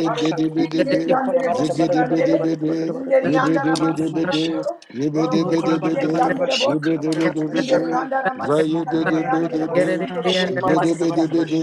S5: Arende inderi andere bo sikandere.
S4: Zigedebedebede,
S5: Inderi andara
S4: Yebedebedebede,
S5: masikandoro. Borokoto
S4: Yebedebedebede,
S5: inderi andere bo.
S4: Yebedebedebede,
S5: Inderi andara
S3: basura bayandara.
S5: masikandere andere andere bo
S4: Zayendedebedebe,
S3: Yere
S5: sindoro bore mama sikandere.
S4: Yebedebedebede.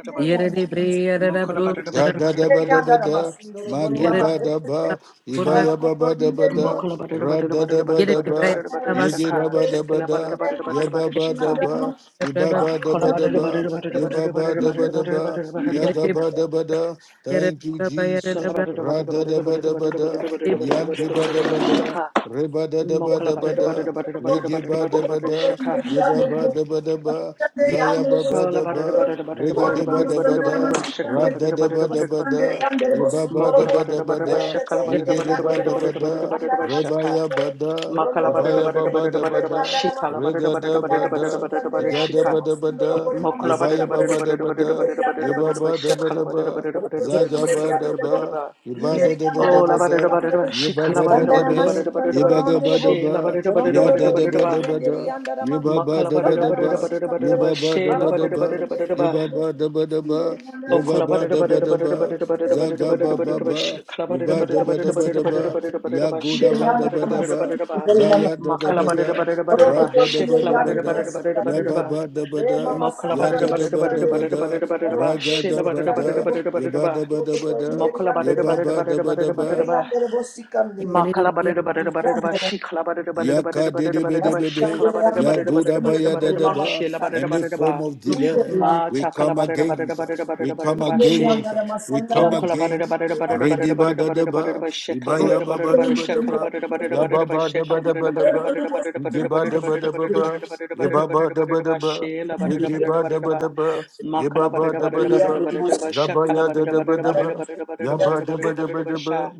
S5: Inderi
S3: Yerede
S5: andara masikandere.
S3: breyerede
S4: Ya
S3: brusarada
S4: da da ba
S5: Inderi
S4: da ba
S5: andara
S4: da,
S5: masindoro bore
S4: mago
S5: mama
S3: yerede
S4: ba da
S5: drekete.
S4: ba,
S3: burra
S5: Mara
S4: ibaya ba
S5: koto
S4: ba da ba
S5: inderi
S4: da,
S5: bo.
S4: ra da da ba da
S3: yerede
S4: ba,
S3: breyerede
S5: Andara
S4: yege
S3: basura
S4: da ba da ba da, ya ba ba da
S3: yerede
S4: ba, iba
S3: breyerede
S4: ba da
S2: Kola
S4: ba da
S2: bara bara
S4: ba,
S2: bara bara
S4: ye ba
S2: bara
S4: ba
S2: bara bara
S4: da
S2: bara
S4: ba da
S2: bara bara
S4: ba,
S2: bara
S4: ya
S2: bara.
S4: ga ba da ba da.
S3: yerede
S4: Thank you,
S3: braba
S4: Jesus.
S3: yerede
S2: Sola bara
S3: braba
S2: bara
S4: Ra
S2: bara
S4: da
S2: bara bara
S4: da ba da ba da,
S2: bara
S4: ya
S2: bara
S4: de ba da
S2: bara
S4: ba da,
S2: Shaka.
S4: re ba da da ba
S2: Mokola
S4: da ba
S2: bara bara
S4: da,
S2: bara bara bara bara bara
S4: yege ba da ba
S2: bara
S4: da,
S2: shaka.
S4: ye ba ba da ba da ba, zaya ba ba
S2: Sola
S4: da
S2: bara bara
S4: ba,
S2: bara bara
S4: rega de ba
S2: bara
S4: da
S2: bara
S4: ba da.
S2: bara bara shaka la
S4: Rada
S2: bara
S4: da
S2: bara
S4: ba da
S2: bara
S4: ba
S2: bara.
S4: da, ye ba ba da
S2: Mokola
S4: ba da
S2: bara
S4: ba
S2: bara bara
S4: da,
S2: shaka la
S4: ye
S2: bara bara
S4: gede ba da ba
S2: bara
S4: da,
S2: bara bara shaka.
S4: rebaya ba da,
S2: Makala bara
S4: ubaya ba
S2: bara
S4: ba
S2: bara
S4: da ba
S2: bara bara
S4: da,
S2: shika la bara
S4: rega
S2: bara
S4: da ba da,
S2: bara bara bara
S4: iga da ba
S2: shika.
S4: da ba da, ye
S2: Mokola ba
S4: ba
S2: da
S4: ye
S2: da ba
S4: ba
S2: da da
S4: ba
S2: ba da
S4: da
S2: da
S4: ba
S2: ba da da ba
S4: da,
S2: da da
S4: ye
S2: ba da da ba
S4: ba
S2: da da ba
S4: ba da ba
S2: shakala
S4: da
S2: ba da da ba
S4: ba,
S2: da da ba da da
S5: Orokoto
S2: ba da da
S4: zaga
S2: ba
S5: inderi
S4: ba
S2: da da ba da
S4: da
S2: da
S5: andere
S2: ba da
S5: bo.
S2: da
S4: ba,
S2: ba.
S4: ye ba da
S5: Inderi
S4: da ba
S5: andara
S4: da
S2: Oh, la
S4: ba
S2: ba da da
S4: da,
S2: ba da da
S5: masikandere.
S2: ba,
S4: ye
S2: she
S4: ba
S2: ka la
S4: ga
S2: ba da
S4: ba
S2: da
S4: da
S2: ba
S5: Standara
S2: da da ba
S4: da,
S2: da da ba da da
S4: ye
S2: ba
S5: masikandoro
S2: da
S4: ba
S2: da
S4: ga
S2: ba,
S5: andere
S4: ba
S5: bo.
S4: da
S2: she la ba
S4: ba,
S2: da da ba da da
S4: ya
S2: ba
S5: Borondoro
S2: da
S5: do
S2: da
S4: da
S2: ba
S4: da
S2: da da
S4: ba
S2: ba,
S5: inderi
S4: da ba
S5: inderi
S4: da.
S5: andara ma.
S2: ma ka
S4: Yibaba
S2: la ba da
S4: daba
S2: da ba
S5: Standara
S2: da da ba
S4: daba,
S2: da da ba da da
S5: masikandere.
S2: ba,
S4: yibaba
S2: she la
S4: daba
S2: ba da da
S5: Marokoto
S2: ba da
S4: daba,
S2: da ba da
S5: inderi
S2: da ba,
S5: andere bo.
S4: yibaba daba daba,
S5: Inderi
S2: oh
S5: andara
S2: ka la ba da
S4: yibaba
S2: da ba
S4: daba
S2: da
S5: masikandere.
S2: da ba da da ba
S4: daba,
S2: da da ba
S5: Orokoto
S2: da da ba da da ba
S5: inderi
S2: da da
S4: zagaba
S2: ba da
S5: andere
S2: da
S5: bo.
S2: ba, she
S4: baba,
S2: ka la ba da da
S4: iba
S2: ba da da
S5: Standara
S2: ba
S4: daba
S2: da da ba
S4: daba
S2: da da ba da da ba
S5: masikandere.
S4: daba,
S2: da da ba da da ba,
S4: yagu
S2: she ka
S4: daba
S2: la ba
S5: Mirianda
S2: da
S4: daba
S2: da ba da da ba
S5: Namaskar,
S2: da
S4: daba,
S2: da ba,
S5: Guru
S4: zaya da
S2: ma ka
S5: Namaskar,
S2: la
S4: daba
S2: ba
S5: Guru.
S2: da da ba
S4: da,
S2: da da ba da da
S5: Oro
S2: ba,
S4: ra da
S5: Kutor
S2: she
S4: daba
S2: ka la ba da
S4: daba
S5: Mirianda
S2: da ba da da
S4: da,
S2: ba da da ba
S5: Namaskar,
S2: da da
S5: Guru.
S2: ba.
S4: yababa daba
S5: Re
S4: da,
S5: Mama
S2: Mokola
S5: Sanda
S2: butter
S4: yada
S2: butter butter
S4: daba
S5: Namaskar,
S2: butter
S4: daba
S5: Guru.
S2: butter
S4: da,
S2: butter butter
S5: Oro
S2: ba
S5: Kutor
S4: raga
S2: shila butter
S4: daba
S5: Mirianda
S2: butter
S4: da,
S5: Namaskar,
S2: butter butter
S4: yiba
S2: ba
S4: daba
S5: Oro
S4: daba
S5: Kutor
S4: da,
S5: Mirianda
S2: mokola butter
S5: Namaskar,
S2: butter
S4: yibaba
S2: butter
S4: daba
S2: butter butter
S4: daba,
S2: ba
S5: Mirianda Namaskar, Guru. Mirianda Namaskar,
S2: makala butter butter butter ba shikala butter butter
S4: Yaka
S2: butter
S4: de
S2: butter
S4: de be
S2: butter
S4: de
S2: ba
S4: be de.
S2: shikala butter
S5: Mirianda
S2: butter
S4: Yagoda
S2: butter butter
S4: baya
S5: Namaskar,
S4: da
S2: butter
S5: Guru
S4: da
S2: ba
S5: Mama
S4: ba.
S2: shila
S5: Sanda.
S2: butter
S4: Any
S2: butter ba
S4: form of delay,
S5: Mirianda,
S2: ma
S4: we
S2: takala
S4: come
S2: butter butter
S4: against.
S2: butter
S4: We
S2: butter
S4: come
S2: butter ba she.
S5: Mirianda
S4: against. We
S5: Namaskar,
S4: come
S2: Oh,
S5: Namaskar,
S2: collaborate
S4: against.
S2: about it about it
S5: Mirianda.
S2: about it
S4: Ready
S5: Guru.
S2: about
S4: ba
S2: it
S4: da
S2: about
S4: da
S2: it about it
S4: ba.
S2: about shit,
S5: Oro
S2: collaborate
S4: Ibaya ba
S2: about it
S4: ba da
S2: about it,
S4: ba
S2: shit,
S4: da ba.
S2: collaborate about it
S4: Ya
S2: about it
S4: ba
S2: about
S4: ba da
S2: shit,
S4: ba da
S2: collaborate
S5: Kutor
S4: ba da
S2: about it about
S4: ba.
S2: it
S5: Mirianda
S2: about it about
S4: Ye
S2: it
S5: Namaskar,
S4: ba
S2: about it
S4: da
S2: about
S4: ba
S2: it
S4: da
S2: about
S4: ba
S2: it about
S5: Namaskar,
S4: ba.
S2: it
S4: Ye
S2: about it about it about
S4: ba ba
S2: it
S4: da
S2: about
S4: ba
S2: it
S4: da
S2: about
S4: ba.
S2: shit, about
S4: Ye
S2: it
S5: Guru.
S4: ge
S2: about it
S4: ba
S2: about
S4: da
S2: it
S4: ba da
S2: about
S4: ba.
S2: ma
S4: Ye ba ba
S2: collaborate
S4: da
S2: about
S4: ba
S2: it
S4: da
S2: about
S5: Maroc
S2: it
S4: ba.
S2: about it about
S4: Za
S2: shit,
S4: ba ya da
S2: collaborate
S4: da
S2: about
S4: ba
S2: it
S4: da
S2: about it about it
S4: ba.
S2: about it about it
S4: Ya ba da
S2: about it
S4: ba da
S2: about it
S4: ba da
S2: about
S4: ba.
S2: shit.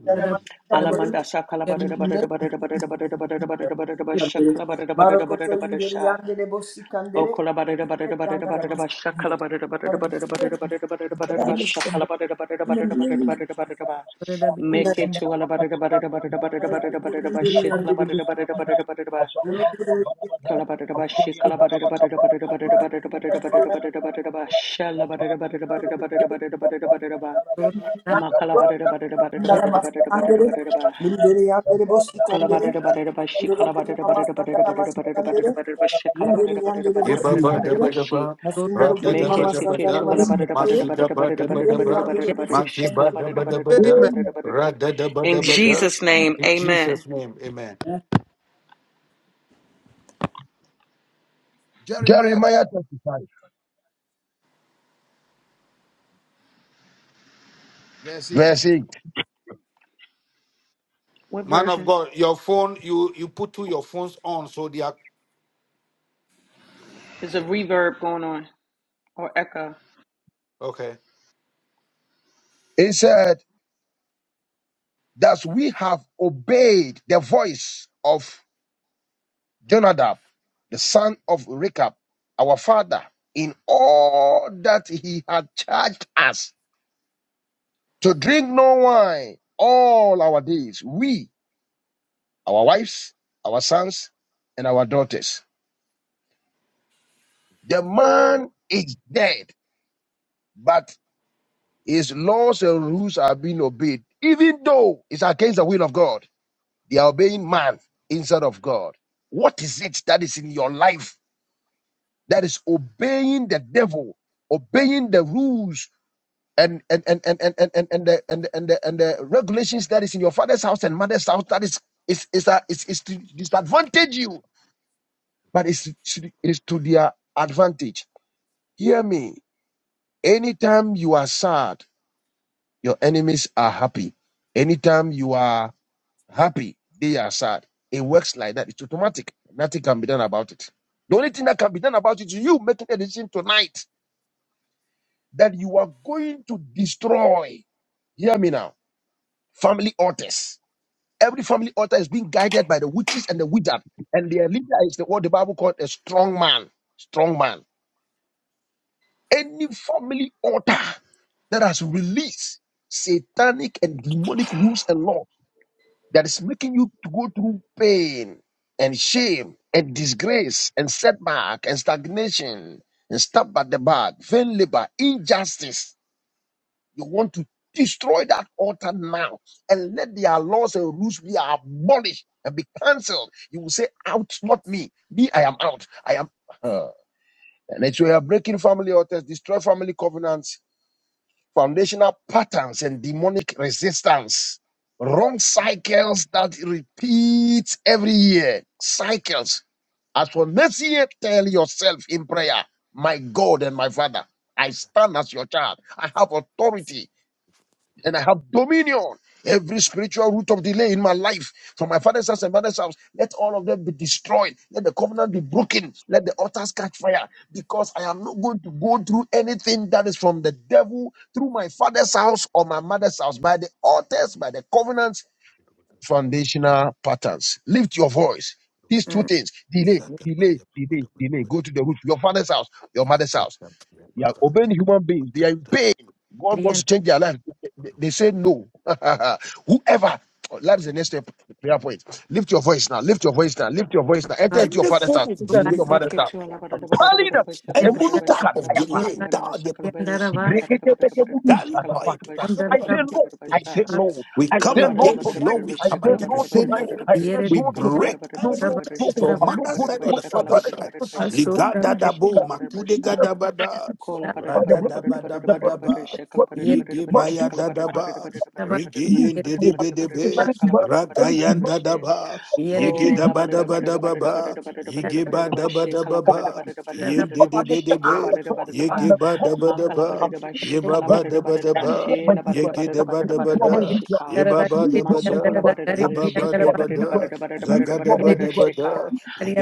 S2: Alamanda sa collaborate about it about it about it about it about it about it about it about it about shit, collaborate about it about it about it shit. O kola bara bara bara bara bara bara bara shakala bara bara bara bara bara bara bara bara bara bara shakala bara bara bara bara bara bara bara bara bara make it to ala bara bara bara bara bara bara bara bara bara shakala bara bara bara bara bara bara bara kala bara bara shakala bara bara bara bara bara bara bara bara bara bara bara bara bara shala bara bara bara bara bara bara bara bara bara bara makala bara bara bara bara
S5: Sandara
S2: bara bara bara bara
S5: Masikandere,
S2: bara bara
S5: Lindere Yandere
S2: kola
S5: Bosikandere,
S2: bara bara bara bara
S5: Lindoro
S2: shakala bara bara
S5: Burima
S2: bara bara bara
S5: Sandara
S2: bara bara bara
S5: Masikandere,
S2: bara bara shakala
S5: Lindere
S2: bara bara bara
S5: Yandere
S2: bara
S4: Ye ba
S2: bara
S4: ba
S2: bara
S6: Hallelujah.
S4: da
S2: bara
S5: Bosikandere,
S4: ba da
S2: bara
S4: ba,
S3: Zorra
S4: ra
S5: Masundoro
S4: da da
S2: Make
S4: ba
S2: it
S5: Burima
S4: da ba
S2: sick it
S5: Sandara
S2: to
S4: da,
S2: a la bada
S6: Amen.
S2: da
S4: ma
S2: bada
S5: Masikandere,
S2: da
S4: su
S2: bada
S4: da
S2: da
S4: ba
S2: bada da
S4: da ba
S2: bada da
S4: da
S5: Lindere
S2: bada da
S4: ba,
S2: bada
S5: Yandere
S2: da
S3: bageti,
S4: ma ti
S2: shake a
S4: ba
S2: la
S4: da
S2: bada da
S4: ba da
S5: Bosikandere,
S2: bada da
S4: ba
S2: bada da
S1: Amen.
S4: da,
S2: bada da
S6: Amen.
S2: bada da
S4: ra
S2: bada.
S4: da da ba da
S2: In
S4: ba da.
S2: Jesus' name,
S4: In
S2: amen.
S4: Jesus' name, Amen.
S1: Jeremiah
S6: Jeremiah 25,
S1: verse 8.
S6: verse 8.
S2: What
S4: Man of
S2: version?
S4: God, your phone, you you put two your phones on so they are
S2: Is a reverb going on or echo?
S4: okay.
S6: It said, that we have obeyed the voice of Jonadab, the son of Rechab, our father, in all that he had charged us to drink no wine all our days, we, our wives, our sons, and our daughters. The man is dead, but his laws and rules are being obeyed, even though it's against the will of God. They are obeying man instead of God. What is it that is in your life that is obeying the devil, obeying the rules and and and and and and and, and the and and the, and the regulations that is in your father's house and mother's house that is is is a, is, is to disadvantage you, but it's should- it's to their advantage. Hear me. Anytime you are sad, your enemies are happy. Anytime you are happy, they are sad. It works like that. It's automatic. Nothing can be done about it. The only thing that can be done about it is you making the decision tonight that you are going to destroy. Hear me now. Family altars. Every family altar is being guided by the witches and the wizard, and their leader is the, what the Bible called a strong man. Strong man. Any family altar that has released satanic and demonic rules and law that is making you to go through pain and shame and disgrace and setback and stagnation and stop at the back, vain labor, injustice You want to destroy that altar now and let their laws and rules be abolished and be cancelled. You will say, Out, not me. Me, I am out. I am. Uh, and it's where you are breaking family altars, destroy family covenants, foundational patterns, and demonic resistance. Wrong cycles that repeat every year. Cycles. As for next year, tell yourself in prayer, My God and my Father, I stand as your child. I have authority and I have dominion. Every spiritual root of delay in my life, from my father's house and mother's house, let all of them be destroyed. Let the covenant be broken. Let the altars catch fire. Because I am not going to go through anything that is from the devil through my father's house or my mother's house by the altars, by the covenants, foundational patterns. Lift your voice. These two
S3: mm,
S6: things delay, delay, delay, delay. Go to the root, your father's house, your mother's house. They are obeying human beings. They are in
S3: zorro
S6: pain. God wants to
S3: brianda
S6: change their life. They, they they say no. Whoever. Oh, That is the next step, prayer point. Lift your voice now. Lift your voice now. Lift your voice now. Enter
S3: raba,
S6: into your
S4: Any
S6: father's
S4: form
S6: house.
S4: of
S6: Enter into
S4: delay,
S3: zokate
S6: your
S2: Sick
S6: mother's
S2: it
S6: house.
S2: to a la bada da bada da bada da
S6: Palina.
S2: bada shake a la
S4: any
S2: bada da
S3: brianda,
S2: bada
S4: type
S2: shake a la
S4: of
S2: bada shake a la
S4: delay,
S3: zorra
S2: bada shake a la
S3: brianda
S2: bada shake
S3: raba,
S2: a la bada da bada da bada da
S3: yere
S6: Igreketepekebudu,
S2: bada
S4: That
S2: shake a la
S4: law,
S2: bada da
S4: it
S2: bada
S4: will
S6: azapakata.
S3: onda
S2: shake a la
S6: I
S2: bada
S4: happen
S6: say
S3: raba,
S2: da
S6: no.
S2: bada da bada
S4: to
S6: I
S2: shake.
S6: say
S4: Jesus.
S3: bakate
S6: no.
S4: We
S6: I
S2: Call
S4: come
S2: a
S6: say
S2: bada
S6: no
S2: da
S3: brianda
S2: bada
S4: against
S2: da
S4: law,
S6: tonight.
S2: bada da
S4: we
S2: bada
S6: I
S2: shake
S4: come
S2: a
S6: say
S2: la
S3: baya,
S4: against. We
S2: bada
S6: no
S2: da
S4: say
S2: bada da
S6: tonight.
S2: bada da
S4: no.
S2: bada
S6: I
S2: da bada
S6: say
S3: yere
S4: We
S6: no
S2: shake a la bada
S6: tonight.
S4: break
S2: da bada da
S6: No,
S2: bada
S4: every
S2: da
S6: no,
S3: raba,
S2: bada
S4: curse
S6: no.
S3: raba,
S4: from
S6: I will not
S4: mother's
S6: go
S4: side
S6: through
S4: or
S3: yere
S4: the
S6: what my
S4: father's
S6: brothers
S3: brianda,
S6: and
S4: side.
S6: sisters are going
S3: zorra
S4: Ligada
S6: through
S3: baya, yere
S6: in
S4: dabo,
S6: the name of
S4: makude
S6: Jesus. I will
S4: gadabada,
S6: be taught
S2: Kola butter
S6: By the
S2: butter
S6: blood of
S2: butter
S6: Jesus,
S2: butter
S6: the
S2: butter
S6: blood of
S2: butter
S6: Jesus,
S4: radadabadabadaba,
S6: the
S2: shakala
S6: blood of
S2: butter
S6: Jesus,
S2: butter
S6: the
S2: butter
S6: blood of
S4: yigibaya
S2: shakala
S6: Jesus.
S2: butter
S6: I have to
S2: butter butter
S4: dadaba,
S2: butter butter
S3: raba,
S2: butter
S6: lose.
S4: rigiyin
S3: yere
S6: I
S2: butter
S6: will have
S2: butter butter
S6: to
S4: dedebedebe,
S3: raba,
S2: shakala
S6: lose.
S2: butter butter
S6: Any
S2: butter
S4: ragayan
S6: demonic
S2: butter
S4: dadaba,
S3: yere
S2: Oh, la ba da da
S6: thing
S2: ba da da ba da da ba da
S4: yigidabadabadababa,
S2: da ba da da
S3: raba,
S2: ba da da ba da da ba she kala ba da da
S4: yigibadabadababa,
S2: ba da da ba da da ba
S4: yin
S2: da
S6: because
S2: da ba
S6: I'm a
S2: she kala
S6: child
S2: ba
S6: of
S4: dedebedebe,
S2: da da ba
S6: God.
S2: da da
S6: I'm
S2: ba
S6: a born of
S2: ma
S6: God.
S2: kala
S4: yigibadabadaba,
S2: ba da
S6: I'm a
S2: da ba
S4: Ye
S2: she
S6: citizen of
S4: ba
S2: kala ba
S4: ba
S2: da
S6: heaven.
S2: da
S4: da
S2: ba
S4: ba
S2: da
S4: da
S2: da ba
S6: Thank you,
S4: ba.
S2: she la ba
S6: Almighty
S2: da
S4: Ye
S2: da
S6: God.
S2: ba
S4: ge
S2: da
S4: da
S2: da ba
S4: ba
S2: da
S6: Thank
S2: da
S4: da
S2: ba
S6: you,
S4: ba
S2: da
S3: yere
S2: da ba
S4: da.
S6: Almighty
S2: she
S6: God.
S2: ka
S3: brianda
S4: Ye
S3: raba,
S4: ba
S6: Thank
S4: ba
S6: you,
S4: da
S3: yere
S2: Ma
S4: ba
S2: so
S6: Almighty
S2: kola
S4: da.
S6: God.
S2: ba da da
S4: Ye
S2: ba
S6: Thank
S2: da
S4: ba
S6: you,
S2: she
S4: ba da
S2: kala ba
S4: ba
S2: da da
S6: Almighty
S2: ba
S4: da.
S6: God.
S2: da da ba da da ba
S6: Thank
S2: da da
S4: Zaga
S2: ba
S4: da
S2: da da
S4: ba
S2: ba da
S4: da ba
S2: she ka
S4: da.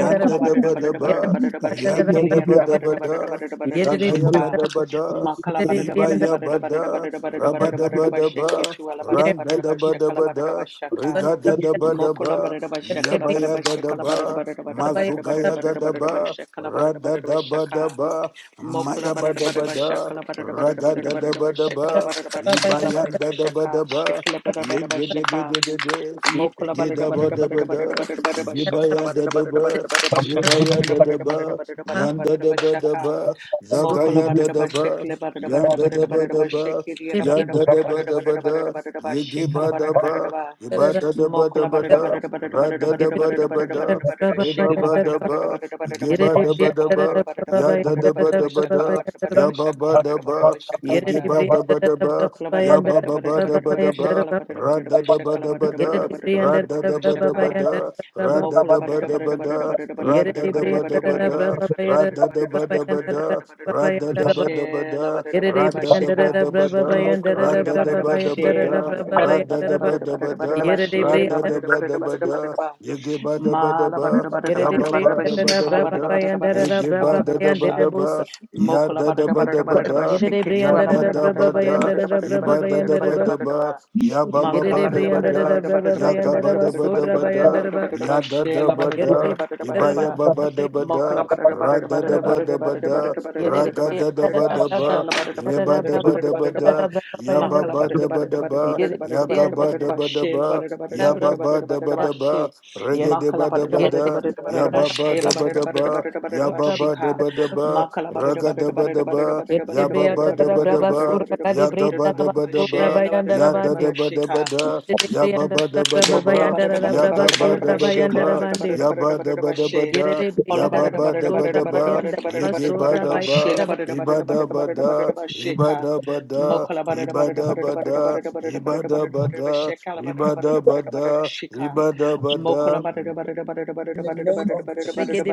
S2: o
S3: raba,
S2: kola ba
S4: da
S2: da da
S4: ba
S2: ba da
S4: da
S2: da ba
S3: yere
S2: da da
S4: ba.
S2: ba da da ba
S3: brianda
S2: she
S4: Yanda
S2: kili
S4: da
S2: ya
S3: raba,
S2: da
S4: ba
S2: da
S4: da
S2: ba da
S4: ba
S2: da ba da da ba
S4: da.
S2: da da ba da da
S3: yere brianda raba, yere brianda raba, yere
S2: ba
S4: Zaga
S3: brianda raba, yere brianda
S2: she
S4: ya ga
S2: ka
S4: da
S3: raba,
S4: ba da.
S2: ma kala ba
S3: yere
S2: da
S4: Ye
S2: da
S3: brianda
S2: ba
S4: ba
S2: da da
S3: raba, yere brianda raba, yere brianda
S4: ya
S2: ba da da
S4: ba
S2: ba da da ba
S4: da.
S2: da da ba da da ba da
S3: raba,
S4: Raba
S2: da
S4: da
S2: ba da da
S4: ba
S2: ba
S4: da
S2: she ke
S4: ba.
S2: tu ala ba da da
S4: Ran
S2: ba
S4: da
S2: da da
S4: da
S2: ba
S4: ba
S2: she
S4: da
S2: kala
S4: ba
S2: ba da da
S4: da.
S2: ba she
S3: Yere de brianda da braba
S2: ka
S4: Riga da da ba da
S2: Mokola
S4: ba.
S2: barada
S4: Ya
S2: bashakala
S4: ba
S2: barada
S4: ya da da
S2: bashakala barada
S4: ba.
S2: barada barada barada
S4: Mazuga
S2: barada
S4: ya ga
S2: barada
S4: da
S2: barada
S4: ba.
S2: bashakala
S4: Ra
S2: barada
S4: da
S2: barada
S4: da ba da
S2: bashaka.
S4: ba.
S2: Mokola
S4: Maya ba
S2: barada
S4: da
S2: barada
S4: ba da.
S2: bashakala barada barada barada
S4: Ragada da
S2: barada
S4: ba da
S2: bashakala
S4: ba,
S2: barada
S3: bayara
S2: bashakala barada
S4: Ibayanda da da ba
S2: bashaka.
S4: da ba,
S2: Shakala barada barada
S4: Yende de de be
S2: bashaka.
S4: de be de,
S2: Mokola
S4: Ge
S2: barada
S4: da ba
S2: barada
S4: da ba
S2: barada barada
S4: da,
S2: barada barada bashakala
S4: Gibaya da
S2: barada
S4: da
S2: barada
S4: ba,
S2: barada barada bashakala
S4: Zibaya
S2: barada
S4: da da
S2: barada barada
S4: ba,
S2: barada barada
S4: Yanda da
S2: barada
S4: da ba da
S2: bashaka.
S4: ba,
S2: Mokola
S4: Zagaya
S6: you, Almighty
S4: da
S2: barada
S4: da ba,
S2: bashakala barada barada
S4: Yanda da da
S2: barada
S4: ba
S2: barada
S4: da ba,
S2: bashakiri barada
S4: Yanda da da
S2: barada
S4: ba
S2: barada
S4: da ba
S2: barada barada
S4: da,
S2: barada
S4: Yegi
S2: bashakala
S4: ba da
S2: barada barada
S4: ba,
S2: ba.
S4: Iba da da ba da
S2: Mokola
S4: ba
S2: barada
S4: da,
S2: barada barada barada
S4: Rada da da
S2: barada
S4: ba
S2: barada
S4: da ba
S2: barada
S4: da,
S2: barada barada
S4: Reba
S2: shekala
S4: ba da
S2: barada barada
S4: ba,
S2: barada barada
S4: Ige ba
S2: barada ba
S4: da ba da
S2: shekala
S4: ba,
S2: barada barada
S4: Ya
S2: barada
S4: da da
S2: barada
S4: ba
S2: barada ba
S4: da ba
S2: shekala
S4: da,
S2: barada barada ba
S4: Yaba
S2: shekala
S4: ba da
S2: barada barada
S4: ba,
S2: ba shekala
S4: yigi
S2: barada
S4: ba da ba da ba,
S2: kola barada
S4: yaba
S2: barada
S4: ba
S2: barada
S4: ba da
S3: braba
S2: barada
S4: ba da
S2: barada
S3: bayanda
S4: ba,
S2: shekala barada
S4: ra
S2: barada ba
S4: da da ba
S2: shekala
S4: da ba
S2: barada barada
S4: da,
S2: barada
S4: ra
S2: barada
S4: da da
S2: barada
S4: ba da
S2: sheka
S4: ba da, ra da
S2: Mokola
S4: da
S2: butter
S4: ba
S2: butter
S4: da ba
S2: butter butter butter
S4: da,
S2: butter butter
S4: ra da da
S2: butter
S4: ba da ba da,
S2: butter
S4: ra da da
S2: butter
S4: ba da ba da,
S3: da
S2: butter
S3: braba
S4: ra da
S3: bayanda
S2: butter
S4: da
S3: da
S4: ba da ba
S2: she la
S4: da,
S2: butter butter
S3: Yerede
S4: ra da da ba
S3: briyandara
S2: bashika
S4: da
S3: da
S4: ba
S3: braba
S4: da,
S2: Mokola
S3: bayandara
S4: ra
S3: da
S4: da
S2: butter
S4: da
S3: braba
S2: butter
S4: ba da ba
S3: bayandara
S2: bashi la
S3: da
S4: da,
S2: butter
S3: braba
S2: butter
S4: ra da da
S3: bayandara
S4: ba
S3: ba.
S2: butter
S4: da
S2: butter
S4: ba
S2: butter
S4: da,
S3: Yerede
S4: ra
S2: bashi la
S4: da
S3: briyanda.
S4: da
S2: butter
S4: ba da
S2: butter
S4: ba
S2: butter butter
S4: da,
S2: ba
S4: yigi ba da ba
S2: ma
S4: da
S2: la
S4: ba,
S2: butter butter
S3: Yerede
S2: butter
S4: yaba
S2: butter
S4: ba da
S3: briyandara
S4: ba
S3: da
S4: da
S2: bashika la
S4: ba
S3: braba
S2: butter
S4: da,
S2: butter butter
S3: bayandara da
S4: Yege
S2: shakala
S4: ba
S3: braba
S4: da
S2: butter
S4: da ba
S2: basha
S3: bayandara
S4: da
S3: bosa.
S4: ba, ya
S2: Mokola
S4: da da
S2: barada
S4: ba da
S2: barada
S4: ba
S2: barada ba
S4: da,
S3: Yerede
S2: shake to
S4: ya
S2: ala
S3: briyandara
S4: da
S3: da
S2: barada
S4: da
S2: barada
S3: braba
S4: ba
S2: barada
S4: da,
S2: barada
S3: bayandara da
S2: barada
S3: braba
S4: iba da
S2: barada
S4: da
S3: bayandara
S4: ba
S2: barada barada
S3: ba.
S4: da
S2: barada
S4: ba,
S2: ba
S4: ya ba ba
S2: makala
S4: ba
S3: Yerede
S4: da
S2: barada
S4: ba
S2: barada
S3: briyandara
S4: da,
S3: da
S2: barada
S3: braba
S2: barada
S4: ya ga ba
S3: bayandara
S2: barada
S3: ba.
S4: da
S2: barada
S4: ba da
S2: barada
S3: Sorra
S4: ba
S2: barada barada
S4: da,
S3: bayandara
S2: barada
S3: ba.
S2: barada ba
S4: ya da da
S2: shela
S4: ba
S2: barada
S4: da,
S3: Yerede
S2: barada
S3: briyandara
S4: iba
S2: barada barada
S3: da
S2: ba
S4: ya ba ba da
S3: braba
S4: ba
S2: mokola
S4: da,
S2: barada
S4: ra
S2: barada
S4: da da
S3: bayandara
S2: barada
S3: ba.
S4: ba da ba
S2: barada barada
S4: da, ra
S3: Yerede
S2: barada barada
S4: ga da
S2: barada barada
S4: da
S3: briyandara
S2: barada
S4: ba
S2: ba
S3: da
S4: da
S3: braba
S4: ba,
S2: shala barada
S4: ye
S3: bayandara
S2: barada
S4: ba
S3: da braba
S4: da
S2: barada
S4: ba
S2: barada
S4: da ba
S2: barada
S3: bayandara
S2: ba
S4: da,
S3: da braba
S4: ya ba
S3: bayandara.
S2: makala
S4: ba
S2: barada
S4: da ba
S2: barada
S4: da
S2: barada
S4: ba,
S2: barada
S3: Yerede
S2: barada
S4: ya ga
S2: barada
S4: ba
S3: briyandara
S2: barada
S4: da
S2: ba
S4: ba da
S2: shela
S4: ba,
S2: barada barada
S3: da
S4: ya ba
S3: braba
S2: barada
S4: ba
S2: barada
S4: da ba
S2: barada ba
S4: da ba,
S2: she
S3: bayandara.
S4: rege de
S2: makala
S4: ba da
S2: barada
S4: ba
S3: Yere
S2: barada
S4: da,
S2: barada
S4: ya
S2: barada ba
S4: ba ba
S2: shela
S4: da ba
S2: barada
S4: da
S2: barada
S4: ba.
S2: barada barada ba
S4: Yababa
S2: shika
S4: daba daba,
S2: Makala barada
S4: raga
S2: barada
S4: daba
S2: barada barada barada
S4: daba,
S2: barada barada
S4: yababa
S2: barada
S4: daba
S2: barada barada
S4: daba,
S2: barada barada barada
S4: yagaba
S2: barada
S4: daba daba,
S2: bashela barada barada
S4: yada
S2: barada
S4: daba daba
S2: Shika.
S4: da, yababa daba
S2: mokola
S4: daba,
S2: barada barada barada
S4: yagaba
S2: barada
S4: daba
S2: bashikala
S4: daba,
S2: barada barada barada
S4: yaba
S2: barada
S4: daba daba
S2: bashe
S4: da,
S2: ola barada
S4: yababa
S2: barada
S4: daba
S2: barada barada
S4: daba,
S2: barada barada barada
S4: yegeba
S2: barada
S4: daba,
S2: bashela barada
S4: iba
S2: barada barada
S4: daba
S2: barada barada
S4: da, iba
S2: bashika
S4: daba da,
S2: mokola barada
S4: iba
S2: barada barada
S4: daba
S2: barada
S4: da,
S2: barada
S4: iba
S2: barada barada
S4: daba
S2: barada
S4: da,
S2: bashikala barada
S4: iba
S2: barada
S4: daba
S2: barada barada
S4: da,
S2: shika
S4: iba daba
S2: basha
S4: da,
S5: in the name of Jesus.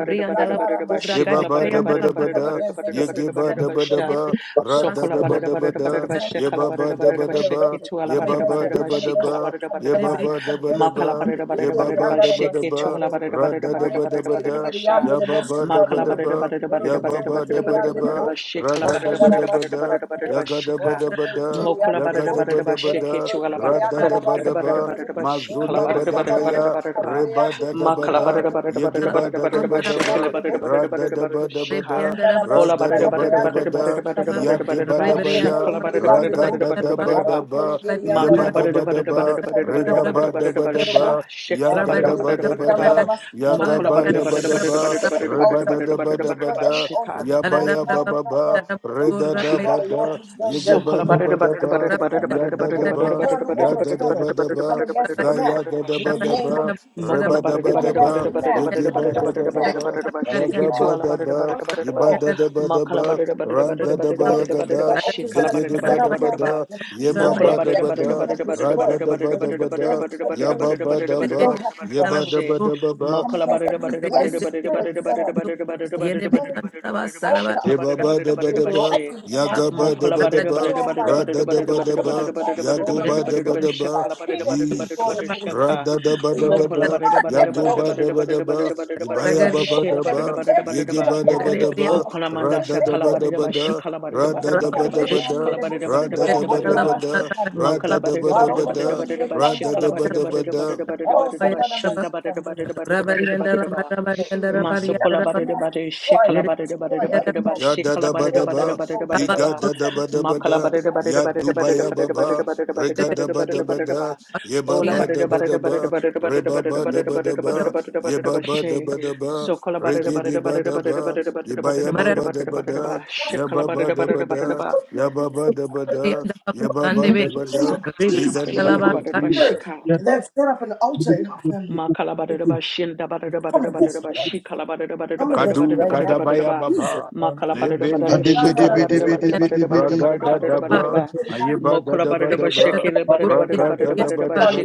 S4: Yeba
S5: Sandaramashikandu.
S4: ba da ba da
S5: We
S4: ba
S5: come
S4: da,
S5: against any
S4: yege ba
S5: satanic
S4: da ba da
S5: familiar
S4: ba, ra
S5: spirit
S4: da
S2: sokola
S4: da
S5: or
S4: ba
S2: butter
S5: any
S4: da
S2: butter
S4: ba
S2: butter
S4: da,
S5: satanic
S2: bashikola
S4: yeba ba
S5: altars
S2: butter
S4: da
S5: that
S2: butter
S4: ba
S5: have been
S4: da ba,
S5: erected.
S2: bashikitu ala
S5: We come
S4: yeba
S2: butter
S5: against
S4: ba
S5: them,
S2: butter
S5: we
S4: da ba
S5: come
S4: da
S5: against
S2: bashikola
S5: them,
S4: ba,
S5: we
S2: butter
S5: come
S2: butter
S4: yeba
S5: against
S2: ba
S5: them, we
S4: ba
S5: come
S4: da ba da
S5: against them.
S2: makala
S4: ba,
S2: butter butter
S4: yeba
S5: Yindiri
S2: butter
S4: ba da ba da
S2: bashikitu
S4: ba,
S5: andaramasikandu.
S4: ra da da ba da
S5: Arekete
S4: ba da,
S5: yindiri
S4: ya
S5: yandere
S4: ba ba da ba
S5: boshikandu.
S4: da ba, ya
S5: Borokoto
S4: ba ba da
S5: imbere
S4: ba da
S5: yanderebo,
S4: ba, ra
S2: ala
S4: ga da ba
S5: bakandara
S4: da ba da,
S5: masikandere,
S4: ya ga da ba
S2: Shika.
S4: da ba
S5: borokoto
S4: da,
S5: imbere
S2: Mokola
S4: ya ga
S5: yanderebo,
S2: barada
S4: da ba
S2: barada ba
S4: da ba
S2: sheke
S4: da,
S5: borokoto
S2: chuala
S5: imbere
S4: ra
S2: barada
S4: da
S5: yandara
S2: barada
S4: da ba da
S2: barada barada
S4: ba,
S5: masikandere,
S2: barada ba
S4: ma
S5: e
S4: zo
S2: shikala
S4: da
S3: Rabari
S5: mama
S4: ba
S2: barada
S4: da ba
S2: barada
S5: sandara
S2: barada
S4: ya,
S2: barada
S4: re
S5: masikandere
S2: ba
S4: ba da
S5: yanderebo
S4: da ba
S2: makala
S4: da,
S2: barada
S5: sikandoro,
S2: barada
S4: yege
S2: barada
S4: ba
S2: barada
S4: da
S5: borokoto
S4: da
S2: barada ba
S4: ba da
S5: imbere
S4: ba.
S2: shekele
S5: yanderebo,
S2: barada barada
S4: Rada
S2: barada
S4: da
S2: barada
S4: ba da ba
S2: shika
S4: da,
S5: Sandara
S2: ola
S4: rada
S2: barada
S4: da
S5: Mashikandir
S4: ba
S2: barada
S4: da ba
S5: Yandir
S2: barada
S4: da,
S5: Bosi
S2: barada barada
S5: Kanduru,
S4: ya
S2: barada
S4: de
S2: barada
S4: ba
S2: ba
S4: da ba
S5: Bereketel
S4: ya,
S2: shakala
S5: Indir
S2: barada barada
S4: raga
S5: Yandiribu,
S2: barada
S4: da
S2: barada
S4: da ba
S2: barada ba
S4: da
S5: Marakutel
S4: ba,
S5: Indir
S4: ya ba
S2: makala
S5: Yandarama,
S4: da
S2: barada
S4: ba da
S2: barada
S4: ba,
S2: barada barada
S5: Askandir
S2: barada
S4: riba
S5: Yandir
S2: barada
S4: ba da
S5: Bosi
S2: barada
S4: ba
S2: ba
S4: da
S5: Yorubu,
S2: sha
S4: ba, ya
S2: shekala
S4: da
S2: barada
S4: da
S5: Marakutel
S4: ba
S2: barada
S4: da
S5: Indir
S4: ba
S2: barada ba
S4: da,
S5: Yandarama,
S4: ya ga
S5: Sikandir
S2: mokola
S4: ba
S2: barada
S4: da
S5: Yandiribu,
S4: ba
S2: barada
S5: we
S4: da
S2: barada
S4: ba,
S5: destroy
S2: barada
S5: every
S2: barada
S4: riba
S2: barada
S5: altar,
S4: da
S2: barada
S4: da
S5: we
S4: ba
S2: barada
S4: da ba
S5: destroy
S2: barada ba
S5: every
S4: da,
S2: shika
S5: altar,
S4: ya ba
S5: those
S4: ya ba
S5: known
S4: ba
S5: and not
S4: ba,
S5: known,
S4: re
S5: those
S4: da
S5: seen,
S4: da ba
S5: Lord, Lord,
S4: da,
S5: we done
S4: ye ge
S2: So
S5: them.
S4: ba da
S2: collaborated
S4: ba
S2: about
S4: da
S2: it about
S4: ba,
S2: it about it about it
S4: ya
S2: about
S4: da
S2: it
S4: da
S5: Whether
S2: about it about
S4: ba,
S2: it
S5: paternal
S2: about it about it about it
S5: or
S4: ya da da
S5: maternal,
S2: about
S4: ba da
S5: we
S4: ba,
S5: come against
S2: it about it about it
S5: it
S4: za
S2: about it
S5: now,
S4: ya
S2: about it
S4: da
S2: about
S4: da
S5: in
S4: ba
S5: the
S4: da
S2: shakala
S5: name of
S4: ba,
S5: Jesus.
S4: re ba
S2: mokola
S4: da
S5: We
S4: ba
S5: come
S4: da
S5: against
S4: ba,
S5: it
S4: ye
S5: now. We
S4: ge
S5: come
S4: ba da
S5: against
S4: ba
S5: it
S4: da
S5: now.
S4: ba.
S5: We come against it
S4: Yaga ba
S5: now.
S2: shikituala
S4: da ba,
S5: Once and for
S4: iba
S5: all.
S4: da da ba da
S2: makala about
S4: ba,
S2: it about it
S5: The
S3: Rabarianda
S2: about
S4: ran da da
S2: it
S4: ba
S2: about it about
S5: spiritual
S2: it
S4: yaga
S2: about it
S5: entities, the
S4: da,
S2: about
S5: altars
S2: shikala
S5: that have
S2: about
S4: zege
S2: it
S5: been
S2: about
S4: ba
S5: set
S2: it
S4: da
S5: up,
S2: about
S4: ba
S2: it
S5: Lord,
S2: about
S4: da,
S5: that we
S4: ye
S5: use to
S4: ba
S5: certain
S2: mokola
S4: ba
S2: about
S4: da
S5: areas
S2: it
S4: ba
S5: and
S2: about it
S5: things
S4: da,
S2: about it
S5: get
S4: ra
S2: about
S4: da
S2: it
S5: destroyed.
S4: da
S2: about it
S4: ba
S5: That
S4: da
S5: we
S2: about it
S4: ba
S5: use
S2: about
S5: to
S2: it
S4: da,
S5: end
S2: about it about it about
S5: certain
S4: ya
S5: areas,
S4: ba
S2: it
S4: ba
S2: about it about it
S4: da
S2: about it about
S5: things
S2: it
S4: ba,
S5: don't happen
S2: about it
S4: ye
S5: for
S2: about
S5: us.
S4: ba da
S2: she
S4: da ba
S5: We
S4: ba,
S5: come
S2: mokola about
S5: against
S2: it
S5: every,
S2: about it about it
S5: every
S2: about it about
S5: spirit
S2: it about
S5: set
S2: it
S5: up,
S2: about
S5: every
S2: it about it about it about it
S5: satanic
S2: about it about it about
S4: da da da da da da ba ba, ba
S5: altar
S2: shikala about it
S5: that
S2: about
S5: has
S2: it
S4: ba
S2: about
S4: ba,
S2: it
S4: da
S5: been
S2: about
S4: ba
S2: she
S5: erected in my
S4: Yagoba
S5: family.
S2: Mokola barada
S5: Whether
S2: barada
S5: on my
S2: barada barada
S5: equipment,
S2: barada
S5: on my
S2: barada
S5: own
S2: barada
S5: side,
S2: barada
S5: or
S2: barada
S5: on my
S2: barada
S4: da
S2: barada
S5: message
S4: ba
S2: barada
S4: da ba,
S2: shakala
S5: side, King
S2: barada
S5: of
S2: barada
S5: Kings,
S2: barada
S5: Lord of
S2: barada
S4: Jesus.
S5: Lords,
S4: da
S2: shaka
S4: da da, da da da
S5: Lord,
S2: mokola barada
S4: da da
S2: barada
S5: every
S2: barada
S4: da da,
S5: altar,
S2: barada
S5: God.
S4: da da da, da da da,
S2: barada barada barada
S5: destroy
S2: barada
S4: da ba
S2: ba
S4: ba ba ba, ba
S5: them, Lord.
S2: shela
S5: Let them
S2: barada
S4: ba,
S5: lose
S2: barada
S5: every
S2: barada
S5: bit
S2: ba
S5: of
S4: ba ba
S5: power they
S2: o
S5: have.
S2: kola
S5: In
S2: manda
S5: the name
S2: shakala
S5: of
S2: barada ba
S5: Jesus.
S4: da ba,
S2: shikala barada
S4: Rada
S2: barada
S4: da ba
S2: barada ba
S4: da ba
S5: Masikandere
S4: da,
S2: shikala
S5: andere
S2: barada barada
S4: Rada
S5: bosindoro
S4: da
S2: barada
S4: ba
S5: bori
S4: da
S2: barada ba
S4: ba
S5: mama
S4: da,
S5: sikandere.
S2: mokola
S4: Rada da
S2: barada
S4: ba da
S2: barada
S4: ba
S5: Maroko to
S2: barada
S4: da,
S2: barada ba
S5: inderi
S4: Rada
S5: andara
S2: shikala
S4: da ba ibaya
S2: barada
S4: da ba da, Yegibadabadaba, da ba
S5: masindoro.
S2: barada
S4: da
S2: barada barada
S5: Oh,
S2: barada ba
S5: sandara
S2: shenda barada barada barada barada barada
S5: masikandere.
S2: ba shaka mokola mokola shela
S4: ba da.
S5: That
S2: Masokola
S5: is enough.
S2: barere barere
S5: destroy
S2: shekala
S5: them.
S2: barere
S5: Destroy
S2: barere
S5: every
S2: barere barere
S4: Ya
S5: altar.
S4: da
S2: shekala
S4: da ba
S2: barere
S5: Destroy
S4: da
S2: barere
S4: ba,
S5: every
S2: barere
S5: altar,
S2: barere
S5: Lord,
S4: liga
S2: ba
S4: da
S5: against
S4: da
S5: your name.
S4: ba da ba
S2: makala
S4: da,
S2: barere
S5: Every
S2: barere
S4: ya
S2: barere
S5: altar,
S4: duba
S2: barere
S4: ya ba
S2: barere
S4: ba,
S2: barere barere
S4: rega
S2: barere
S4: da
S2: barere
S4: ba da
S2: barere
S4: ba
S2: barere
S4: da,
S2: ba
S4: ye ba
S2: ola
S4: ba da
S2: barere
S4: ba da
S2: barere barere
S4: ba,
S2: barere
S4: re
S2: barere
S4: ba ba da
S2: barere barere
S4: ba da
S2: barere
S4: ba,
S2: barere barere
S4: ye
S2: barere
S4: ba
S2: ba
S4: ba da
S2: she
S4: ba da ba,
S2: sokola barere
S4: regi di
S2: barere
S4: ba
S2: barere
S4: da
S2: barere
S4: ba,
S2: barere barere
S4: ye
S2: barere
S4: ba ya ba
S3: Mara
S2: barere
S4: ba da
S2: barere
S4: ba
S2: barere ba
S4: da, ya
S2: shekala
S4: ba ba
S2: barere
S4: da ba
S2: barere barere
S4: da,
S2: ba
S4: ya ba ba da ba da, ye ba
S3: and
S4: ba
S3: the
S4: da ba da.
S5: altar,
S2: sakala
S3: Rebellion,
S4: In
S2: barere
S4: the
S2: barere
S4: name
S2: barere
S4: of
S2: barere ba
S4: Jesus.
S5: Spirit
S2: shika
S6: God.
S5: set up an altar in our family.
S2: Ma kala ba da ba shinda ba da ba
S5: Come
S2: da ba da
S5: against it
S2: ba
S5: right
S2: shi
S5: now.
S2: kala ba da ba da
S5: Come
S2: ba da ba da
S5: against
S2: ba
S5: it
S2: da
S4: Kadu
S5: right
S2: ba
S5: now.
S2: da
S4: Kadabaya
S2: ba
S5: in Jesus'
S4: Baba
S2: ma kala ba da ba da
S4: Lebende
S2: ru shi
S4: Beliba
S2: kala ba da
S5: name.
S2: ba
S4: Dabe
S2: da ba da ba da ba
S4: Raga
S2: da ba da
S4: Dadaba
S2: ba
S4: Ayeba
S2: ma kala ba da
S4: Dadaba
S2: ba da ru shi
S4: Daba
S2: kala ba da ba da
S4: Raga
S2: ba da ba da ba
S4: Dadaba Daba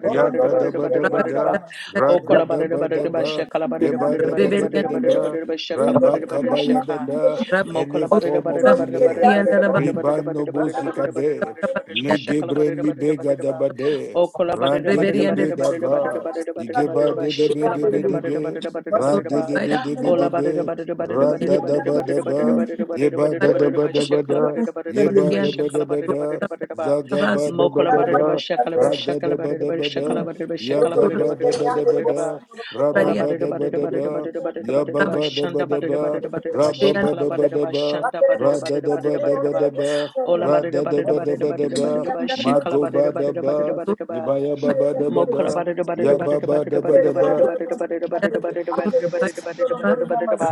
S4: Ya Dadaba
S2: da ba
S4: Daba
S2: da
S4: Da
S2: ba ma
S4: Rada
S2: kala ba da ba
S4: Daba
S2: da ru shi
S4: Daba
S2: kala ba da ba
S4: Yeba
S2: da ba
S4: Daba
S2: da ba
S4: Daba
S2: da ba da ba
S4: Daba
S2: da ba shi kala ba da ba da ba da ba da ba da ba da ba shi kala ba
S4: Rabba
S2: da ba da ba da ba da ba da ba
S4: Kabaya
S2: da ba
S4: Dada Any
S2: Mokola barada
S4: form
S2: barada
S4: of
S2: barada barada
S4: delay
S2: barada barada barada
S4: Ribano
S2: barada barada barada barada
S4: Bosikade
S2: barada barada ba shakala
S4: Legebre
S2: barada barada
S4: Bega
S2: barada ba
S4: Daba
S2: okola barada
S4: Rande
S2: barada
S4: Debe
S2: barada barada
S4: Daba
S2: barada barada barada
S4: Igeba
S2: barada ba
S4: Debe
S2: shikala
S4: Debe
S2: barada barada
S4: Debe
S2: barada barada
S4: ra
S2: barada
S4: de
S2: ba
S4: de bi de bi
S2: ola barada
S4: de,
S2: barada barada barada barada barada barada
S4: Ra-da-da-ba-da-ba.
S2: barada barada barada barada ba shakala
S4: Yeba-da-da-ba-da-ba-da.
S2: barada barada
S5: Thank
S2: barada
S4: da da ba da ba. ye ba
S2: ba
S5: you.
S4: da da ba da ba da Ye ba da ba da
S2: shakala
S4: ba
S2: barada
S4: da.
S2: barada barada ba
S4: za ga ba da ba
S2: mokola
S4: da
S5: Andere
S4: ba
S2: barada ba
S4: ra
S2: shakala ba shakala barada ba shakala
S4: Ra-da-da-ba-da-ba-da.
S2: barada ba
S4: ya
S2: shakala
S4: ga
S2: barada
S4: ba da
S2: barada
S4: ba
S2: barada
S4: da ba
S2: barada ba
S4: da
S2: Ola badada badada badada
S4: Ra-ba-ba-da-ba-da-ba.
S2: badada badada
S4: ya
S2: badada
S4: ba
S2: ba
S4: ba da ba
S2: shanda
S4: da
S2: badada
S4: ba
S2: badada badada ba shikala badada ba
S4: Ra-ba-ba-da-ba-da-ba.
S2: shanda badada badada badada badada ba
S4: Ra-da-da-ba-da-ba-da-ba.
S2: Ola badada badada badada badada
S4: Ra-da-da-ba-da-ba-da-ba.
S2: badada ba shikala badada badada badada
S4: Mago-ba-da-ba.
S2: badada
S4: ye
S2: ba
S4: ba ya ba ba da ba
S2: Mokora
S4: da
S2: ba da da ba da da
S4: ya
S2: ba da
S4: ba
S2: da ba
S4: ba
S2: da
S4: da
S2: da
S4: ba da
S2: ba da
S4: ba
S2: da ba da da ba da da ba da da ba da da ba da da ba da da ba da da ba da da ba da da ba da da ba.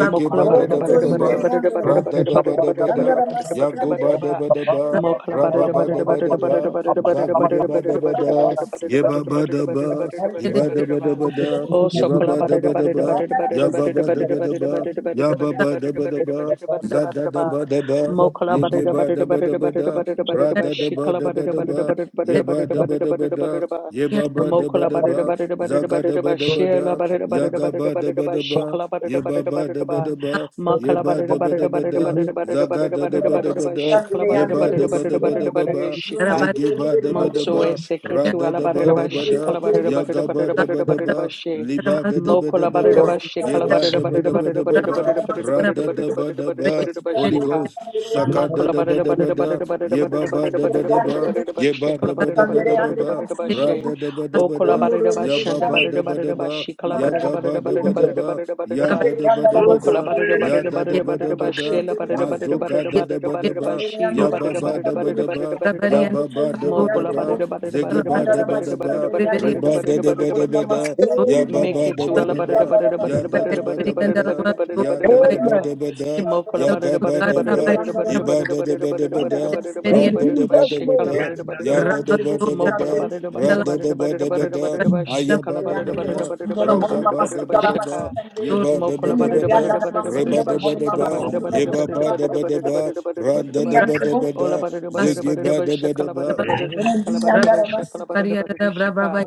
S2: Mokora ba da
S4: da
S2: da
S4: da
S2: ba da
S4: ba
S2: da
S4: da
S2: ba da da
S4: ba,
S2: ba da da ba da da
S4: ra
S2: ba
S4: da
S2: da da ba
S4: da
S2: da
S4: ba
S2: da ba
S4: da
S2: da da
S4: ba
S2: ba da
S4: da,
S5: Andara
S2: da ba da da ba da da ba da
S4: yagoba
S2: da
S5: masikandere,
S2: ba.
S4: da ba da ba,
S5: indere
S2: Mokora ba da
S4: raba
S2: da
S5: kandere,
S2: ba
S4: ba ba
S2: da da
S4: da
S2: ba
S4: ba da
S2: da da
S4: ba,
S5: indere
S2: ba da da ba da da ba
S4: zagu
S2: da
S4: da ba da
S2: da ba
S4: ba
S2: da da ba da
S5: kandere,
S4: da,
S2: da ba da da ba da da ba da da ba
S4: yeba ba ba
S2: da da ba da da ba da da
S4: da
S2: ba
S4: ba,
S2: da da ba da da
S4: yeba
S2: ba
S4: da
S2: da da
S4: ba
S2: ba.
S4: da ba da,
S5: hareketi,
S2: Oh,
S4: yeba
S2: sokola
S4: ba ba
S2: ba
S4: da
S2: da da
S4: ba
S2: ba
S4: da
S2: da da
S4: ba,
S2: ba da da ba da da ba
S4: yaba ba
S2: da da
S4: ba
S2: ba
S5: Thank
S2: da
S4: da
S2: da
S4: ba
S2: ba
S4: da
S2: da da ba
S4: ba,
S2: da da ba da da ba da
S4: yaba ba
S2: da ba
S4: ba
S2: da
S4: da ba
S2: da ba
S4: da
S2: da da ba da
S4: ba,
S2: da ba da da
S4: za
S2: ba da
S4: da
S2: da
S4: da
S2: ba.
S4: ba da ba,
S2: Mokala barada
S4: yegeba da
S2: barada
S4: ba da
S2: barada
S4: ba
S2: barada
S4: da,
S2: barada
S4: ra
S2: barada ba
S4: da da ba
S2: shikala
S4: da ba
S2: barada
S4: da
S2: barada
S4: ba,
S2: barada barada
S4: yeba
S2: barada
S4: da ba
S2: barada
S4: da ba
S2: barada
S4: da,
S2: barada ba
S4: yeba ba ba da ba
S2: mokala
S4: da
S2: barada
S4: ba,
S2: barada barada
S4: zaga da
S2: barada
S4: ba
S2: ba
S4: da ba
S2: shela
S4: da,
S2: barada barada
S4: yaga
S2: barada
S4: ba da
S2: barada
S4: ba
S2: ba
S4: da ba.
S2: shikala barada
S4: Ye ba
S2: barada
S4: ba da
S2: barada
S4: ba
S2: ba
S4: da ba, ye
S2: makala
S4: ba
S2: barada
S4: da ba da
S2: barada
S4: ba
S2: barada
S4: da,
S2: barada barada
S4: zaga
S2: barada
S4: da da
S2: barada
S4: ba da
S2: barada
S4: ba
S2: ba
S4: da,
S2: shikala
S4: ye
S2: barada
S4: ba da
S2: barada
S4: ba da
S2: barada
S4: ba da
S2: barada
S4: ba
S2: barada
S4: ba,
S2: shika
S4: zege ba da ba da
S2: manso
S4: ba,
S2: ese
S4: ra
S2: ketu
S4: da
S2: ala
S4: da ba
S2: barada
S4: da
S2: ba
S4: ba da,
S2: shikala barada
S4: ya
S2: barada
S4: ga ba
S2: barada
S4: da ba
S2: barada
S4: da
S2: barada ba
S4: ba,
S2: she
S4: liba da da ba da
S2: mokola
S4: ba
S2: barada
S4: da,
S2: ba
S4: ye
S2: shikala
S3: Rabba
S4: ba
S2: barada
S4: da ba
S2: barada
S4: da ba da
S2: barada
S4: ba
S2: barada
S4: ba,
S2: barada barada
S4: ra
S2: barada
S4: da da ba
S2: barada
S4: da
S2: barada
S4: ba,
S2: barada ba
S4: Holy
S2: shika
S4: Ghost, saka da
S2: Makala
S4: da ba
S2: barada
S4: da ba
S2: barada
S4: da,
S2: barada barada
S4: ye ba
S2: barada
S4: ba da
S2: barada
S4: ba
S2: barada
S4: da
S2: barada
S4: ba,
S2: barada barada
S4: ye
S2: she
S4: ba
S2: kala
S4: da ba
S2: barada
S4: da ba
S2: barada
S4: da ba
S2: barada
S4: ba,
S2: barada ba
S4: ra
S2: she
S4: da da ba da
S2: o
S4: ba
S2: kala
S4: da,
S2: barada ba
S4: ya ba
S2: shanda
S4: ba da
S2: barada
S4: ba da
S2: barada ba
S4: ba,
S2: she kala
S4: ya
S2: barada
S4: ga ba
S2: barada
S4: da
S2: barada
S4: ba da
S2: barada
S4: ba.
S2: barada barada
S4: Ya
S2: ba
S4: da da ba da
S2: mo
S4: ba
S7: Who
S2: kala
S4: da,
S7: would
S2: barada
S4: ya
S2: barada
S4: da da
S2: barada
S4: ba da
S2: barada ba
S4: ba
S2: she
S4: da,
S2: la barada barada
S5: you.
S4: mazoka
S2: barada
S4: da da
S2: barada
S4: ba da
S2: barada ba
S4: ba,
S5: Sandere
S2: she la
S4: ya
S5: yandere bu
S4: ba
S2: barada
S4: ba
S2: barada
S4: da ba
S5: sandere.
S2: barada
S4: da
S2: barada
S4: ba,
S2: barada ba
S4: ya ba ba da
S2: mo
S4: ba da
S2: kala
S5: yandere bu.
S4: ba,
S2: barada barada
S4: zege
S2: barada
S4: ba
S2: barada
S4: da
S5: Sandara
S4: ba
S5: maşı
S4: da
S2: barada barada
S4: ba,
S2: barada
S5: yandere bu
S4: reba da
S2: barada
S4: da
S5: sunduru
S4: ba
S2: barada
S4: da
S5: burma
S4: ba
S2: barada ba
S5: maşı
S4: da, ya ba
S6: Amen.
S2: Make
S4: ba
S2: it
S4: da
S2: to
S4: ba
S2: Ella
S4: da
S2: butter the
S4: ba,
S2: butter
S5: yandara
S2: the
S5: maşı
S2: butter
S4: ya
S2: the
S4: da
S2: butter
S4: da
S2: the
S5: sandere.
S4: ba
S2: butter the
S4: da ba
S2: butter the
S4: da,
S2: butter the butter the butter the
S4: ya
S2: butter the
S4: da
S5: Orekete indere
S4: da
S2: butter
S4: ba
S6: Amen.
S5: yandere
S4: da ba
S5: bu
S4: da,
S5: sandere.
S2: Mokola
S4: ya
S2: butter
S4: ga
S2: the
S4: ba
S2: butter the
S4: da
S2: butter
S5: İndere
S4: ba,
S2: the
S5: yandara
S2: butter the
S5: maşı.
S4: iba
S2: butter
S4: da da ba da
S2: the
S4: ba
S2: butter
S5: Sandara
S2: the
S4: da,
S5: maşı
S2: butter the butter
S4: ra
S6: In
S2: the
S4: da
S2: butter the butter the
S4: da
S2: butter the butter the
S4: ba
S2: butter
S6: Jesus'
S4: da ba
S6: name.
S2: Shikala
S4: da,
S2: butter the butter the
S4: ya da
S2: bar
S4: da
S5: yandere bu
S4: ba da ba
S2: Mokola
S4: da,
S2: butter the butter
S4: ra da da
S2: the
S4: ba
S2: butter the butter the
S4: da ba
S2: butter the
S4: da,
S2: butter the bar
S4: aya
S2: Shikala
S4: ba
S2: butter
S4: da
S2: the
S4: ba
S2: butter the
S4: da,
S2: butter the butter
S4: ra
S2: the
S4: ga
S2: butter the
S4: ba
S2: butter
S4: da
S2: the bar
S4: ba da ba.
S2: Shaka
S4: Yeba deba
S2: Mokola butter
S4: deba
S2: the butter
S4: da,
S2: the butter the butter
S4: reba
S2: the bar
S4: deba
S2: Shikala
S4: deba,
S2: butter the butter the
S4: yeba
S2: butter the
S4: ba deba
S2: butter the
S4: deba,
S2: butter the butter the butter the butter the
S4: randa
S2: bar
S4: deba deba
S2: Ola
S4: da,
S2: butter the butter the
S4: zigi
S2: butter the
S4: ba
S2: bar
S4: deba
S2: Shikala butter
S4: deba,
S2: the butter
S5: To
S2: the
S5: continue
S2: Shikala
S5: fulfilling
S2: butter the bar Shikala
S3: In
S2: butter the butter the Shika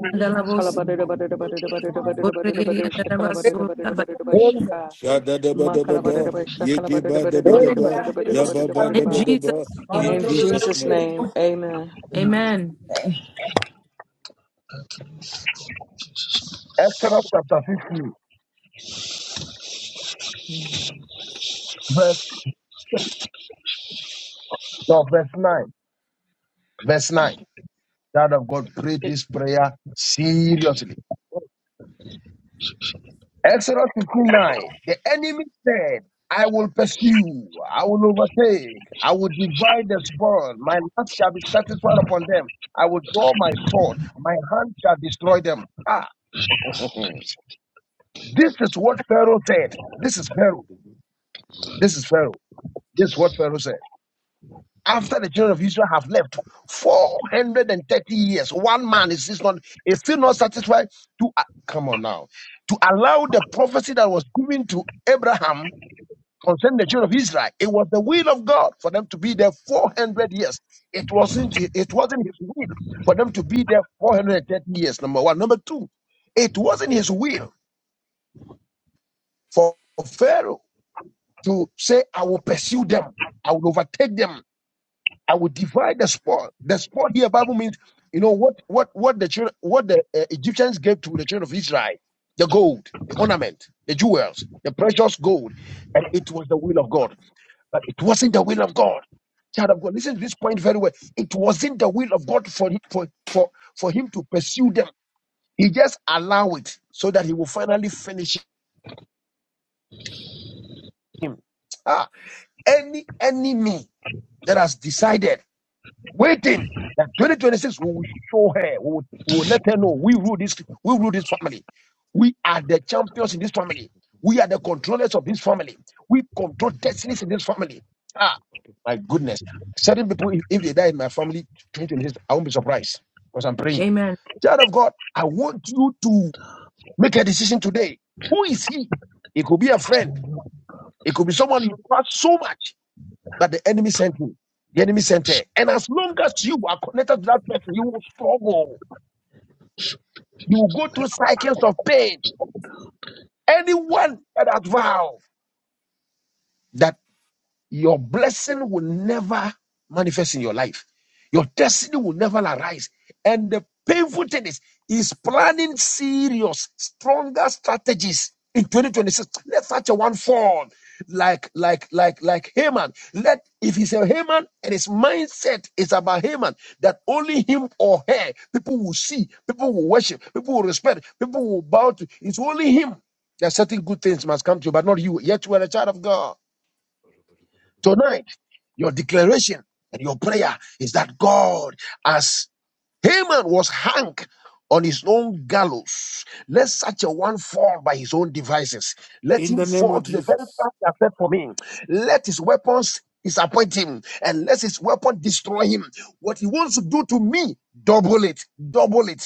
S2: Kalabada bada bada bada bada bada bada shakala bada bada bada bada
S6: Amen.
S2: shika
S4: shada deba deba
S2: makala bada
S4: da,
S2: bada shakala
S4: yegi
S2: bada
S4: ba
S2: bada
S4: deba
S2: bada
S6: Amen.
S4: deba,
S2: bada bada
S4: yaba
S2: bada
S4: ba
S2: bada
S4: deba
S2: bada.
S3: Jesus'
S4: deba. In
S3: name,
S2: In
S4: Jesus'
S2: Jesus'
S4: name,
S2: name, amen.
S3: amen.
S6: Exodus chapter 50, verse, no, verse 9. Verse 9. Child of God, pray this prayer seriously. Exodus 59. The enemy said, I will pursue, I will overtake, I will divide the spoil, my wrath shall be satisfied upon them. I will draw my sword, my hand shall destroy them. Ah, this is what Pharaoh said. This is Pharaoh. This is Pharaoh. This is what Pharaoh said. after the children of Israel have left 430 years, one man is, is not is still not satisfied to uh, come on now to allow the prophecy that was given to Abraham concerning the children of Israel. It was the will of God for them to be there 400 years. It wasn't it wasn't His will for them to be there 430 years. Number one, number two, it wasn't His will for Pharaoh to say, "I will pursue them, I will overtake them." I will divide the spoil. The spoil here, Bible means, you know, what what what the children, what the uh, Egyptians gave to the children of Israel, the gold, the ornament, the jewels, the precious gold, and it was the will of God. But it wasn't the will of God. Child of God, listen to this point very well. It wasn't the will of God for for for for him to pursue them. He just allow it so that he will finally finish him. Ah, any enemy that has decided. waiting that 2026 we will show her, we will, we will let her know we rule this, we rule this family. We are the champions in this family. We are the controllers of this family. We control destinies in this family. Ah, my goodness. Certain people, if, if they die in my family, 2026, I won't be surprised because I'm
S3: Amen.
S6: praying.
S3: Amen.
S6: Child of God, I want you to make a decision today. Who is he? It could be a friend. It could be someone you trust so much. But the enemy sent him. The enemy sent her. And as long as you are connected to that person, you will struggle. You will go through cycles of pain. Anyone that has vowed. that Your blessing will never manifest in your life. Your destiny will never arise. And the painful thing is, he's planning serious, stronger strategies in 2026. Let such a one fall. Like, like, like, like Haman. Let, if he's a Haman and his mindset is about Haman, that only him or her, people will see, people will worship, people will respect, people will bow to. It's only him. There are certain good things must come to you, but not you. Yet you are a child of God. Tonight, your declaration and your prayer is that God, as Haman was hung on his own gallows, let such a one fall by his own devices. Let
S4: in
S6: him
S4: the name of
S6: fall to the very
S4: Jesus,
S6: fact that set for me. Let his weapons disappoint him and let his weapon destroy him. What he wants to do to me, double it, double it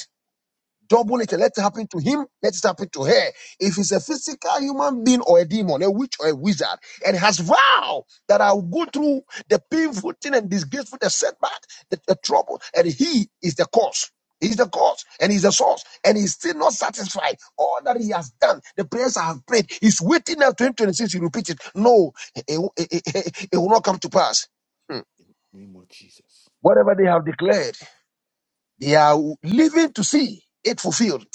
S6: double nature. Let it happen to him, let it happen to her. If it's a physical human being or a demon, a witch or a wizard, and has vowed that I will go through the painful thing and disgraceful, the setback, the, the trouble, and he is the cause. He's the cause and he's the source, and he's still not satisfied. All that he has done, the prayers I have prayed, he's waiting now 2026. He repeats it. No, it, it, it- it will not come to pass. Hmm.
S4: Name of Jesus.
S6: Whatever they have declared, they are living to see it fulfilled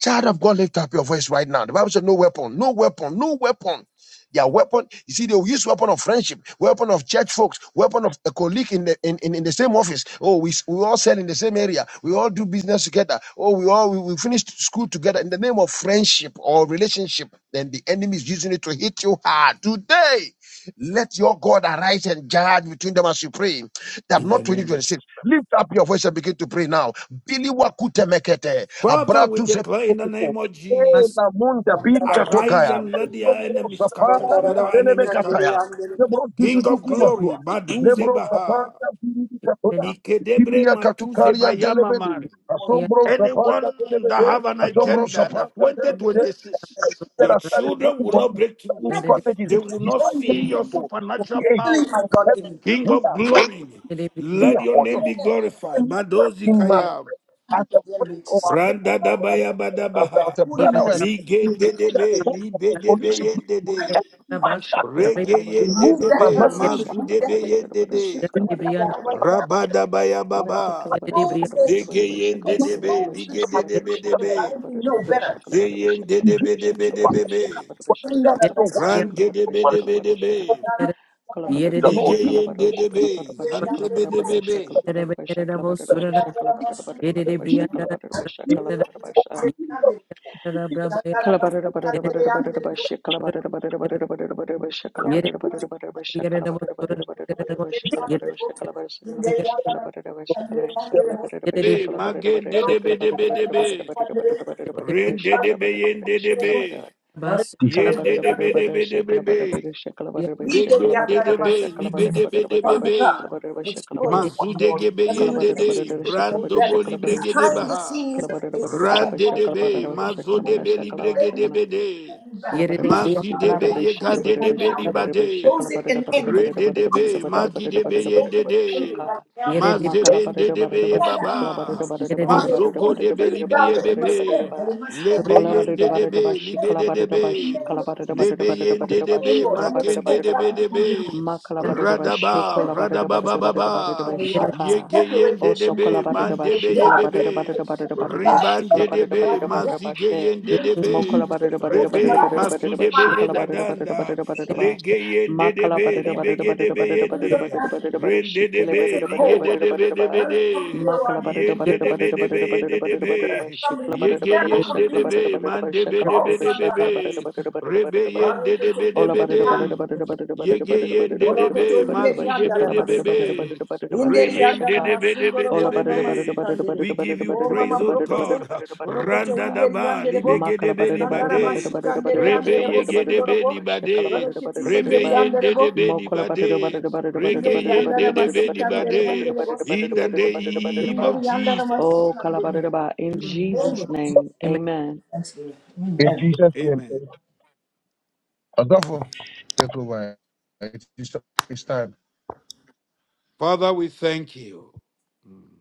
S6: Child of God, lift up your voice right now. The Bible said, No weapon, no weapon, no weapon. Their weapon, you see, they will use weapon of friendship, weapon of church folks, weapon of a colleague in the in, in, in the same office. Oh, we, we all sell in the same area, we all do business together. Oh, we all we, we finish school together in the name of friendship or relationship. Then the enemy is using it to hit you hard today. Let your God arise and judge between them as you pray that
S4: in the
S6: not
S4: name of Jesus.
S6: 2026. Lift up your voice and begin to pray now. Bili wakute mekete.
S4: Father, we
S6: Abratu se
S4: declare in the name
S6: kukukukuk.
S4: of Jesus,
S6: Ela munda birika
S4: arise
S6: tokaya.
S4: and let their
S6: Lebro
S4: enemies scatter. Let
S6: saparia
S4: our
S6: telebe
S4: enemies scatter.
S6: kataya. Lebro
S4: King of
S6: tututuku
S4: glory,
S6: matua.
S4: Maduze
S6: Lebro
S4: Baha.
S6: saparia birika toda.
S4: Ikedebre
S6: Bibria
S4: matuze
S6: katukaria
S4: bayama
S6: telebede.
S4: mari.
S6: Asombro saparia
S4: Anyone that
S6: telebede.
S4: have an
S6: Asombro
S4: agenda
S6: saparia
S4: that
S6: telebede.
S4: 2026,
S6: That
S4: your
S6: are that is
S4: children
S6: working
S4: will
S6: for
S4: not
S6: me.
S4: break
S6: That is
S4: through.
S6: strategies.
S4: They will not
S6: Divine
S4: see your
S6: people. The
S4: supernatural
S6: age
S4: power.
S5: my
S6: of
S5: God
S6: heaven.
S5: given purpose.
S4: King
S6: We
S4: of
S6: are on
S4: glory, let your
S6: for
S4: name
S6: your
S4: be glorified. Madozi
S6: in man
S4: kaya.
S6: as a
S5: The enemy
S6: friend
S5: to
S6: or as a,
S5: stay.
S4: Randa
S6: as
S4: dabaya
S6: as a,
S5: That's
S4: badabaha.
S5: pulling
S6: brother
S5: me
S6: or as
S5: is
S6: a sister.
S4: Migende debe,
S6: Talk for
S4: libe debe
S6: conviction.
S4: yendede.
S6: And why that
S2: Shakala
S4: Rege
S2: bada bada
S4: yende
S2: bada
S5: Remove that
S6: man,
S2: bada
S4: debe,
S6: but
S2: bada
S5: person,
S4: mazu
S5: remove
S2: shakala
S5: that
S4: debe
S2: bada bada bada
S5: relationship,
S4: yendede.
S2: shakala
S6: you
S5: tear it
S2: bada bada
S5: down right
S2: bada.
S5: now.
S4: Rabada baya
S5: and
S2: Let the
S4: baba.
S2: kala bada bada
S5: Expose their
S2: bada
S4: Zege
S5: truth.
S2: bada shakala
S4: yende
S2: bada bada
S5: Expose
S2: bada
S5: the
S2: shakala
S5: truth
S2: bada
S5: so
S2: shakala
S5: that
S4: debe.
S2: bada
S5: I may
S2: bada
S5: know
S2: bada
S5: better.
S2: shakala bada
S4: Zeyen
S2: shakala bada
S4: dedebede,
S2: shakala bada shakala bada shakala bada
S6: what is
S5: Send
S6: that?
S5: that
S2: shakala
S6: No
S2: bada
S6: way.
S2: shakala
S6: No
S2: bada shakala
S4: rabede,
S2: bada shakala.
S6: one can do
S2: Collaborated by
S6: that. Oh,
S2: Shakala
S4: vigeyen
S6: Jesus, oh,
S4: dedebe,
S2: Shakala Shakala Shakala
S4: zantebedebebe,
S2: Shakala by Shakala by Shakala by Shakala by
S6: oh,
S2: Shakala by
S6: oh,
S2: Shakala
S6: oh,
S2: collaborated by Shakala
S5: a
S2: by Shakala by
S5: message.
S2: Shakala
S3: Yet it was good. Yet it
S2: by Shakala by single man Shakala by Shakala
S6: oh,
S2: Shakala by
S4: be
S2: Shakala by Shakala by
S4: magen
S2: Shakala by Shakala
S4: dedebedebedebe, ren
S2: by
S4: dedebe yen dedebe,
S2: Shakala by
S5: What?
S3: bus.
S2: Makala
S4: yen
S5: is
S4: dedebedebedebe,
S3: Yet
S4: degen dedebe,
S5: Father
S4: libedebedebebe,
S5: God,
S3: it yet
S5: expose
S3: it
S5: them,
S4: mazu
S5: Lord.
S4: degebe
S5: Every
S4: yen dede,
S5: relationship, Lord,
S4: brando
S5: that
S4: boni bregede
S5: behind the
S4: baha,
S5: scenes is set
S4: ran
S5: up by the
S4: dedebe,
S5: enemy is
S4: mazo
S5: moving
S4: debe
S5: very
S4: libregedebede,
S5: very back.
S3: yet it yet
S4: Masi
S5: Father
S4: debe
S5: God,
S4: ye ka
S5: end it
S4: de
S5: right
S4: debe
S5: now.
S4: di bade.
S5: Expose it and end
S4: Re
S5: it
S4: de
S5: in
S4: debe,
S5: Jesus' name.
S4: maki debe
S5: Expose
S4: yende
S5: it and
S4: de.
S5: end it right now in Jesus' name.
S4: Mazeben de debe ye
S5: Father, I
S4: baba.
S5: Father,
S4: Mazoko
S5: expose it.
S4: debe
S5: Bring it about
S4: libriye
S5: that it
S4: bebe.
S5: must end, that it must end,
S4: Lebe
S5: it
S2: Ola ba
S5: must
S2: da
S4: yende
S2: da ba
S5: end,
S2: da da
S4: debe,
S5: it
S2: ba
S5: must
S2: shi
S4: libe
S5: end.
S2: kala
S4: de
S2: ba da da
S4: debe.
S2: ba
S5: In the
S2: shi
S5: name
S2: kala
S5: of
S2: ba da da ba
S5: Jesus.
S2: da da
S4: Nebe
S2: ba da da ba da
S4: yende
S2: da ba
S5: Oh
S4: debe,
S2: shi
S5: Lord, não
S2: kala ba
S5: me
S2: da da ba
S4: makende
S5: esqueça,
S2: da da
S4: debe
S2: ba
S5: não
S4: debe.
S2: ma kala ba
S5: me
S2: da da ba shi
S4: Radaba,
S2: kala ba da da
S4: radaba
S2: ba da da
S5: esqueça.
S4: baba
S2: ba da da
S4: baba,
S2: ba da da ba shi
S3: it
S5: Lord,
S2: ka
S4: Yege
S5: separate
S4: yende
S2: o so
S5: me
S4: debe,
S2: kala ba
S5: from
S2: da
S5: the
S2: da ba
S5: blood
S4: mandebe
S2: shi
S4: ye
S2: kala ba da
S4: bebe.
S2: da ba da da ba da da ba da
S5: of
S2: da ba
S5: God.
S2: shi kala
S4: Ribande
S2: ba
S5: Separate me
S2: da da
S4: debe,
S2: ba da da
S5: from God. Separate me from
S2: ba da
S5: God.
S2: da ba
S4: mazike
S2: she
S4: yende
S5: In the name
S2: mo
S5: of
S4: debe.
S2: kala
S5: Jesus,
S2: ba da da ba da da
S5: expose
S2: ba
S5: them,
S2: da
S5: but
S2: da ba
S4: Rebe
S2: da
S5: I
S2: da
S5: just
S2: ba da da ba
S5: my
S4: Masudebe
S2: shi
S5: eyes
S2: kala
S5: I
S2: ba da
S5: can
S2: da ba
S5: see
S2: da da ba da
S4: Yedadanda
S2: da ba da da
S5: you.
S2: ba
S4: Legeyende
S2: ma kala
S5: And
S4: debe
S2: ba
S5: you
S2: da da ba da da ba da da
S4: libegedebe
S2: ba da da ba da
S4: yende
S5: things
S2: da
S5: of
S2: ba da da ba da
S5: family.
S2: da ba
S4: rende
S2: shi kala
S5: Whether
S4: debe
S2: ba
S5: it's
S2: da
S5: a
S2: da ba da da ba
S5: cola,
S2: da da ba da
S4: ligedebe
S2: da ba
S4: debe
S5: whether
S4: de
S5: it's somebody who are
S2: Makala barada
S5: between
S4: yende
S2: barada
S4: debe
S2: barada
S5: places,
S4: debe
S2: barada barada
S4: yende
S2: barada
S4: debe
S2: barada
S5: whether
S2: ba
S5: it's somebody
S2: shikala
S5: who's
S2: barada barada
S5: now
S2: ba
S4: yegeyende
S5: coming
S2: shakala
S5: into,
S4: debe
S2: barada barada ba
S4: mandebe
S2: shakala
S5: oh,
S4: debe
S2: barada ba
S5: son,
S4: debe
S5: God,
S4: be
S2: shakala
S5: I'm not
S2: barada
S5: so
S2: barada
S5: kind.
S2: barada
S4: rebe
S2: barada
S5: I
S2: ba
S4: yende
S5: don't think it's
S4: debe
S5: a human
S2: ola
S4: debe de
S2: barada barada barada
S5: being.
S2: barada barada barada
S4: Yegeyen
S2: barada
S4: de de
S5: Borokoto
S4: be,
S2: barada barada barada
S5: inderi
S2: ba
S4: mazu de be
S5: yandara
S2: shakala
S4: de be
S2: barada barada
S5: masikandere.
S4: be,
S2: barada barada barada
S5: Inderi
S2: ba
S4: reyen de
S5: yandara
S4: de
S2: shaka
S4: be de be
S5: masundoro
S4: de
S2: ola
S5: bori
S4: be
S2: barada
S5: mama
S2: barada
S4: be.
S2: barada
S5: sikandere.
S4: We
S2: barada barada
S4: give you
S2: barada
S5: O mama
S4: praise,
S2: barada
S4: O
S2: barada
S5: borokoto.
S2: barada
S4: God.
S2: barada
S5: Borokoto
S2: barada barada
S4: Randa
S2: ba
S5: inderi
S4: daba,
S5: yandere bo.
S4: libege de
S2: makala
S4: be
S2: barada
S5: Sandara
S2: barada barada
S4: libade,
S2: barada
S5: masikandere
S2: barada
S4: rebe
S5: yandere bo
S2: barada barada
S4: yege de
S2: barada
S5: sundoro
S4: be
S5: bo.
S2: barada ba shakala
S4: libade,
S2: barada
S5: Boreketi
S2: barada
S4: rebe
S2: barada
S5: inderi
S2: ba
S4: yen
S5: yandere
S4: de
S5: bo.
S4: de be
S2: mokola barada
S4: libade,
S2: barada barada barada
S5: Inderi
S4: rege
S2: barada barada
S4: yen
S5: yandara
S4: de
S2: barada
S4: de
S2: barada
S4: be
S2: barada
S5: masikandere
S2: barada
S4: libade.
S5: yandere bo
S2: barada
S4: In
S5: sundoro
S4: the
S5: bo.
S2: barada barada barada
S4: name
S2: ba
S5: Inderi
S4: of
S5: yandara
S4: Jesus,
S2: Oh,
S5: masikandere.
S2: Kalabadadaba,
S5: In
S2: in
S5: the name
S2: Jesus'
S5: of Jesus.
S2: name,
S3: Amen.
S2: amen.
S5: Christ,
S6: In
S5: Amen.
S6: Jesus' name,
S4: Amen.
S6: Adolfo, take over. It's, it's time.
S4: Father, we thank you. Hmm.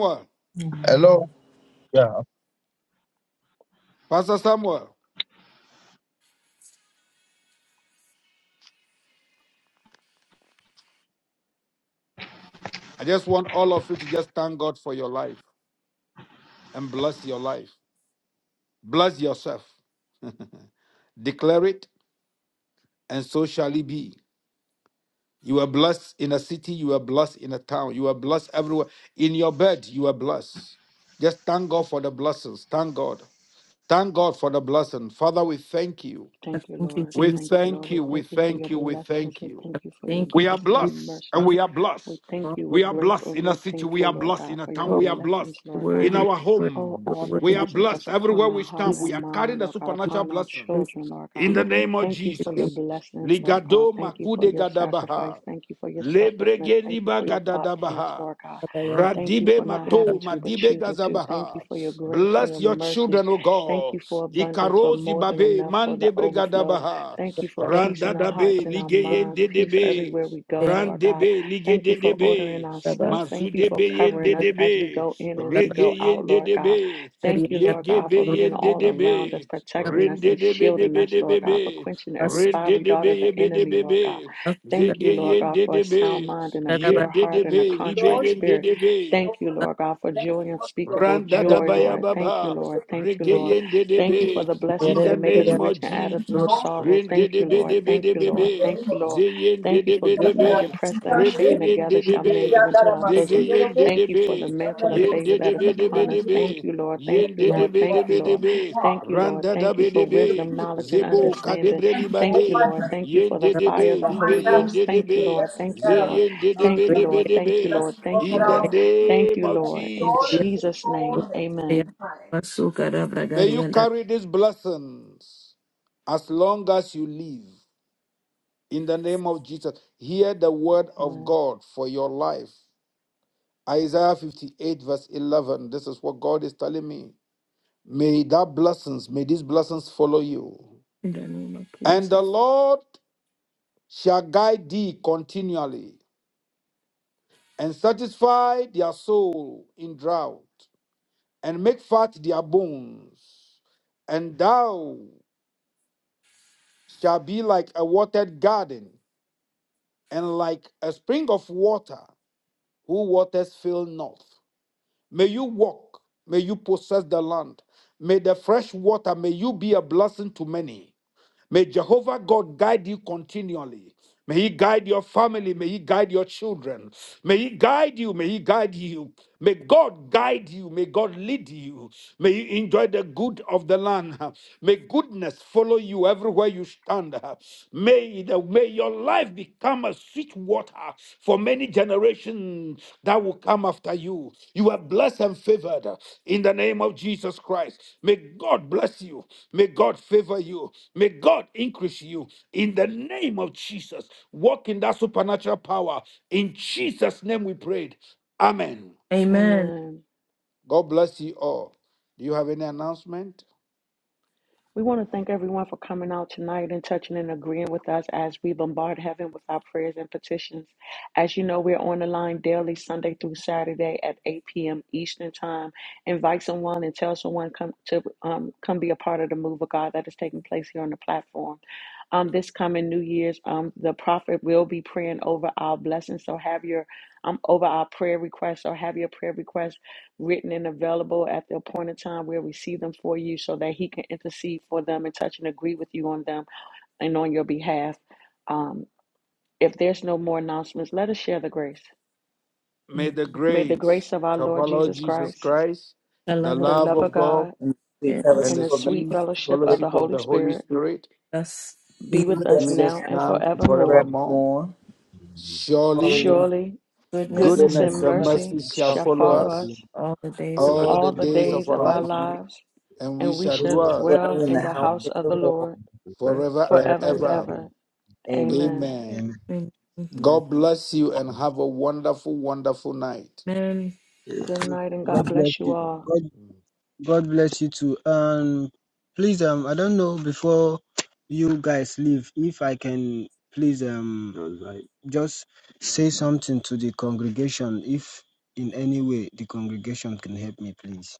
S4: Pastor,
S6: Hello? Yeah,
S4: Pastor Samuel, I just want all of you to just thank God for your life. and bless your life. Bless yourself. Declare it, and so shall it be. You are blessed in a city, you are blessed in a town, you are blessed everywhere. In your bed, you are blessed. Just thank God for the blessings. Thank God. Thank God for the blessing. Father, we thank you.
S2: Thank you,
S3: Thank you,
S2: Lord.
S4: We
S3: Jesus.
S2: Thank you, Lord.
S4: thank
S2: We
S4: you. We
S2: thank you for
S4: thank
S2: your
S4: you. We
S2: blessings.
S4: thank
S2: We
S4: you.
S2: thank you for your
S3: Thank you,
S4: We are
S2: grace and your
S3: Jesus.
S4: blessed and
S2: mercy.
S3: Father,
S4: we are
S2: We
S4: blessed.
S2: thank
S3: God,
S2: you. We're
S4: We are
S2: grateful
S4: blessed
S2: and
S4: in a
S2: we're
S4: city. We
S2: thankful,
S4: are
S2: Lord
S4: blessed in
S2: God,
S4: a
S2: for your
S4: town.
S3: you are
S4: We are
S2: blessings,
S4: blessed
S2: Lord
S4: in
S2: God.
S3: worthy,
S4: our
S3: worthy,
S2: Oh,
S4: home.
S3: you are
S2: all the
S4: We are
S3: worthy.
S2: blessings that's
S4: blessed everywhere
S2: upon
S4: we
S2: our heart
S3: We
S4: stand.
S2: and our
S4: We
S3: say,
S4: are carrying
S2: mind,
S4: the
S2: Lord God,
S3: we
S4: supernatural
S2: upon our
S4: blessing.
S3: say,
S2: children, Lord
S4: In
S2: God.
S4: the
S3: we
S4: name of
S2: Thank you for your
S4: Jesus.
S2: blessings, Lord God.
S4: Ligado
S2: Thank you for
S4: makude
S2: your sacrifice.
S4: gadabaha.
S2: Thank you for your selflessness.
S4: Lebregeni
S2: Thank you for your thoughtfulness,
S4: bagadabaha.
S2: Lord God.
S3: say, we say,
S2: Thank you
S4: Radibe
S2: for not
S4: mato,
S2: having to, but
S4: madibe
S2: choosing to. Thank you
S4: gazabaha.
S2: for your grace and
S4: Bless
S2: your
S4: your
S2: mercy.
S4: children, O
S2: Thank
S4: God.
S2: you for abundance, for
S4: Ikarozi
S2: more than
S4: babe,
S2: enough, for
S4: mande
S2: the overflow.
S4: brigadabaha.
S2: Thank
S3: In
S2: you
S3: the
S2: for
S3: name
S2: peace in our
S4: Randadabe,
S2: hearts and our
S3: of
S2: minds,
S4: ligeyende
S2: peace
S4: debe.
S2: everywhere we go, Lord God.
S4: Randebe,
S2: Thank you
S4: ligede
S2: for ordering
S4: debe.
S2: our steps. Thank you for
S4: Mazudebe
S2: covering
S4: yende
S2: us as we
S4: debe.
S2: go in, as we go out,
S4: Regeyende
S2: Lord God.
S4: debe.
S2: Thank you, Lord God, for
S4: Yegebe
S2: being
S4: yende
S2: all around us,
S4: debe.
S2: protecting us
S4: Rende
S2: and
S4: debe
S2: shielding
S4: debe
S2: us, Lord God, for
S4: debe.
S2: quenching every
S4: Rende
S2: fiery dart
S4: debe
S2: of the
S4: yebe
S2: enemy, Lord
S4: debe.
S2: God. Thank you, Lord God,
S4: Zegeyende
S2: for a sound
S4: debe.
S2: mind and a
S4: Yen
S2: pure
S4: de de
S2: heart and
S4: be,
S2: a
S4: libe
S2: contrite
S5: Lord,
S4: yen de
S2: spirit.
S4: de be.
S2: Thank you,
S5: Lord,
S2: Lord God, for
S5: let
S2: joy
S5: your
S2: unspeakable
S4: Randa da
S2: joy,
S4: baya
S2: Lord. Thank you,
S4: baba.
S2: Lord. Thank you,
S5: blessing
S2: Lord.
S4: Regeyende
S2: Thank you for
S4: debe.
S2: the blessings
S4: In the
S2: that make us
S4: name
S2: rich
S4: of
S2: and add us
S4: Jesus.
S2: no
S5: belongs to
S2: sorrow.
S4: Rende
S2: Thank you,
S4: debe
S2: Lord.
S4: debe
S2: Thank you,
S4: debe
S5: the
S2: Lord.
S4: be.
S2: Thank
S5: name
S2: you,
S5: Of
S2: Lord.
S4: Zeyende
S2: Thank you for
S4: debe
S2: good measure,
S4: debe.
S2: pressed down,
S5: Sakarakasitandere,
S2: shaken together,
S4: Rebeyende
S5: the
S2: shall men
S4: debe.
S2: give unto our bosom.
S4: Zegeyende
S5: Yandaramasindobo,
S2: Thank you for the
S4: debe.
S2: mantle of
S5: Sandarebo,
S2: favor
S4: Yende
S2: that that is
S4: debe debe
S2: upon us.
S5: Sandarebo.
S2: Thank
S4: debe.
S2: you, Lord. Thank you,
S4: Yende
S5: Thank
S2: Lord.
S5: you,
S4: debe
S2: Thank
S5: God.
S2: you,
S4: debe
S2: Lord.
S5: Thank you,
S4: debe.
S5: God.
S2: Thank you, Lord.
S4: Randa da
S2: Thank you
S4: be
S5: Thank you,
S2: for
S5: King of
S4: debe.
S2: wisdom,
S5: Kings.
S2: knowledge, and
S4: Zebo
S5: Thank you.
S2: understanding.
S4: kadebre
S5: Thank you for all
S2: Thank you,
S4: libade.
S5: my
S2: Lord.
S5: blessings.
S2: Thank you for the
S4: Yende
S2: fire
S5: Blessings
S2: of
S4: debe
S2: the
S5: of my
S4: libe
S2: Holy
S5: family,
S2: Ghost.
S4: yende
S2: Thank you,
S5: the
S4: debe.
S2: Lord.
S5: blessings
S2: Thank you,
S5: that are,
S2: Lord.
S4: Zeyende
S5: are
S2: Thank
S4: debe
S2: you,
S5: coming,
S4: debe
S2: Lord. Thank you,
S4: debe.
S2: Lord.
S5: blessings
S2: Thank
S5: of
S2: you,
S5: that
S4: In the
S2: Lord.
S5: are
S2: Thank
S4: name
S2: you,
S4: of
S5: thank
S2: Lord.
S5: you,
S2: In
S5: Lord, and
S4: Jesus.
S5: sweet
S2: Jesus'
S5: fellowship
S2: name,
S5: of it.
S2: amen.
S5: Fine.
S4: May you carry these blessings as long as you live. In the name of Jesus, hear the word of God for your life. Isaiah 58, verse 11. This is what God is telling me. May that blessings, may these blessings follow you. And the
S3: Jesus.
S4: Lord shall guide thee continually and satisfy their soul in drought and make fat their bones. And thou shalt be like a watered garden and like a spring of water whose waters fail not. May you walk, may you possess the land. May the fresh water, may you be a blessing to many. May Jehovah God guide you continually. May He guide your family. May He guide your children. May He guide you. May He guide you. May God guide you. May God lead you. May you enjoy the good of the land. May goodness follow you everywhere you stand. May, the, may your life become a sweet water for many generations that will come after you. You are blessed and favored in the name of Jesus Christ. May God bless you. May God favor you. May God increase you in the name of Jesus. Walk in that supernatural power. In Jesus' name we prayed. Amen.
S3: Amen.
S2: Amen.
S4: God bless you all. Do you have any announcement?
S2: We want to thank everyone for coming out tonight and touching and agreeing with us as we bombard heaven with our prayers and petitions. As you know, we're on the line daily, Sunday through Saturday at 8 p.m. Eastern Time. Invite someone and tell someone come to um, come be a part of the move of God that is taking place here on the platform um, this coming New Year's, um, the prophet will be praying over our blessings. So have your um, over our prayer requests. So have your prayer requests written and available at the appointed time. We'll receive them for you so that he can intercede for them and touch and agree with you on them and on your behalf. Um, if there's no more announcements, let us share the grace.
S4: May the
S2: May the grace
S4: grace
S2: of our
S4: of our
S2: Lord
S4: Lord
S2: Jesus
S4: Jesus
S2: Christ,
S4: Christ,
S3: The
S4: the
S3: love of
S2: the
S4: love
S2: love of
S4: of God,
S2: God,
S5: And we
S3: God, and
S4: and
S5: fellowship
S2: and
S4: the
S2: the
S5: with the
S2: sweet
S4: sweet
S5: Holy
S2: fellowship of
S5: Spirit
S2: the
S4: fellowship of
S2: Holy
S4: the Holy
S2: Spirit
S4: Spirit
S3: us
S5: be
S2: be with
S5: with
S4: be
S2: us
S4: with
S5: us
S4: us
S2: now
S5: now
S2: and
S4: now and
S2: forevermore.
S4: forevermore.
S5: forevermore.
S8: Amen.
S4: Surely,
S5: Holy
S2: Surely
S3: goodness
S2: goodness
S4: goodness
S5: goodness
S2: and
S8: Amen. Amen.
S5: and
S4: and
S5: mercy
S4: mercy
S2: mercy
S4: shall
S5: shall
S2: shall
S4: follow
S5: follow us
S2: follow
S4: us
S2: us
S3: all the days of
S5: all
S3: our
S4: all
S5: the
S4: the
S2: all the
S5: days
S4: days
S5: of
S4: of
S2: days
S4: our
S2: of
S5: our
S2: our
S4: life,
S5: life.
S2: lives,
S4: and we
S2: and we
S4: shall
S5: We
S2: shall
S5: shall
S4: dwell
S2: dwell
S5: dwell in
S2: in
S5: the
S2: the
S5: house
S2: house
S5: of
S2: of
S5: the
S2: the
S5: Lord
S2: Lord
S3: life.
S4: forever and
S2: forever
S5: forever.
S2: and
S4: ever.
S2: ever.
S5: Amen.
S2: Amen.
S4: Amen.
S8: Amen.
S5: Amen.
S4: God bless you and have a wonderful, wonderful night.
S3: Amen.
S2: Good night and
S8: God
S2: God
S8: bless
S2: bless you
S8: you.
S2: all.
S8: God, God bless you too. Um, please, um, I don't know before you guys leave, if I can please um just say something to the congregation, if in any way the congregation can help me, please.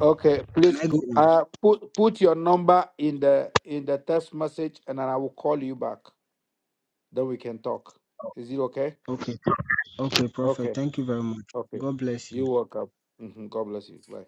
S4: Okay,
S8: Can
S4: please
S8: I go on?
S4: uh put put your number in the in the text message and then I will call you back. Then we can talk. Is it okay?
S8: Okay. Okay, Prophet.
S4: Okay,
S8: Thank you very much.
S4: okay.
S8: God bless you.
S4: You're welcome. hmm God bless you. Bye.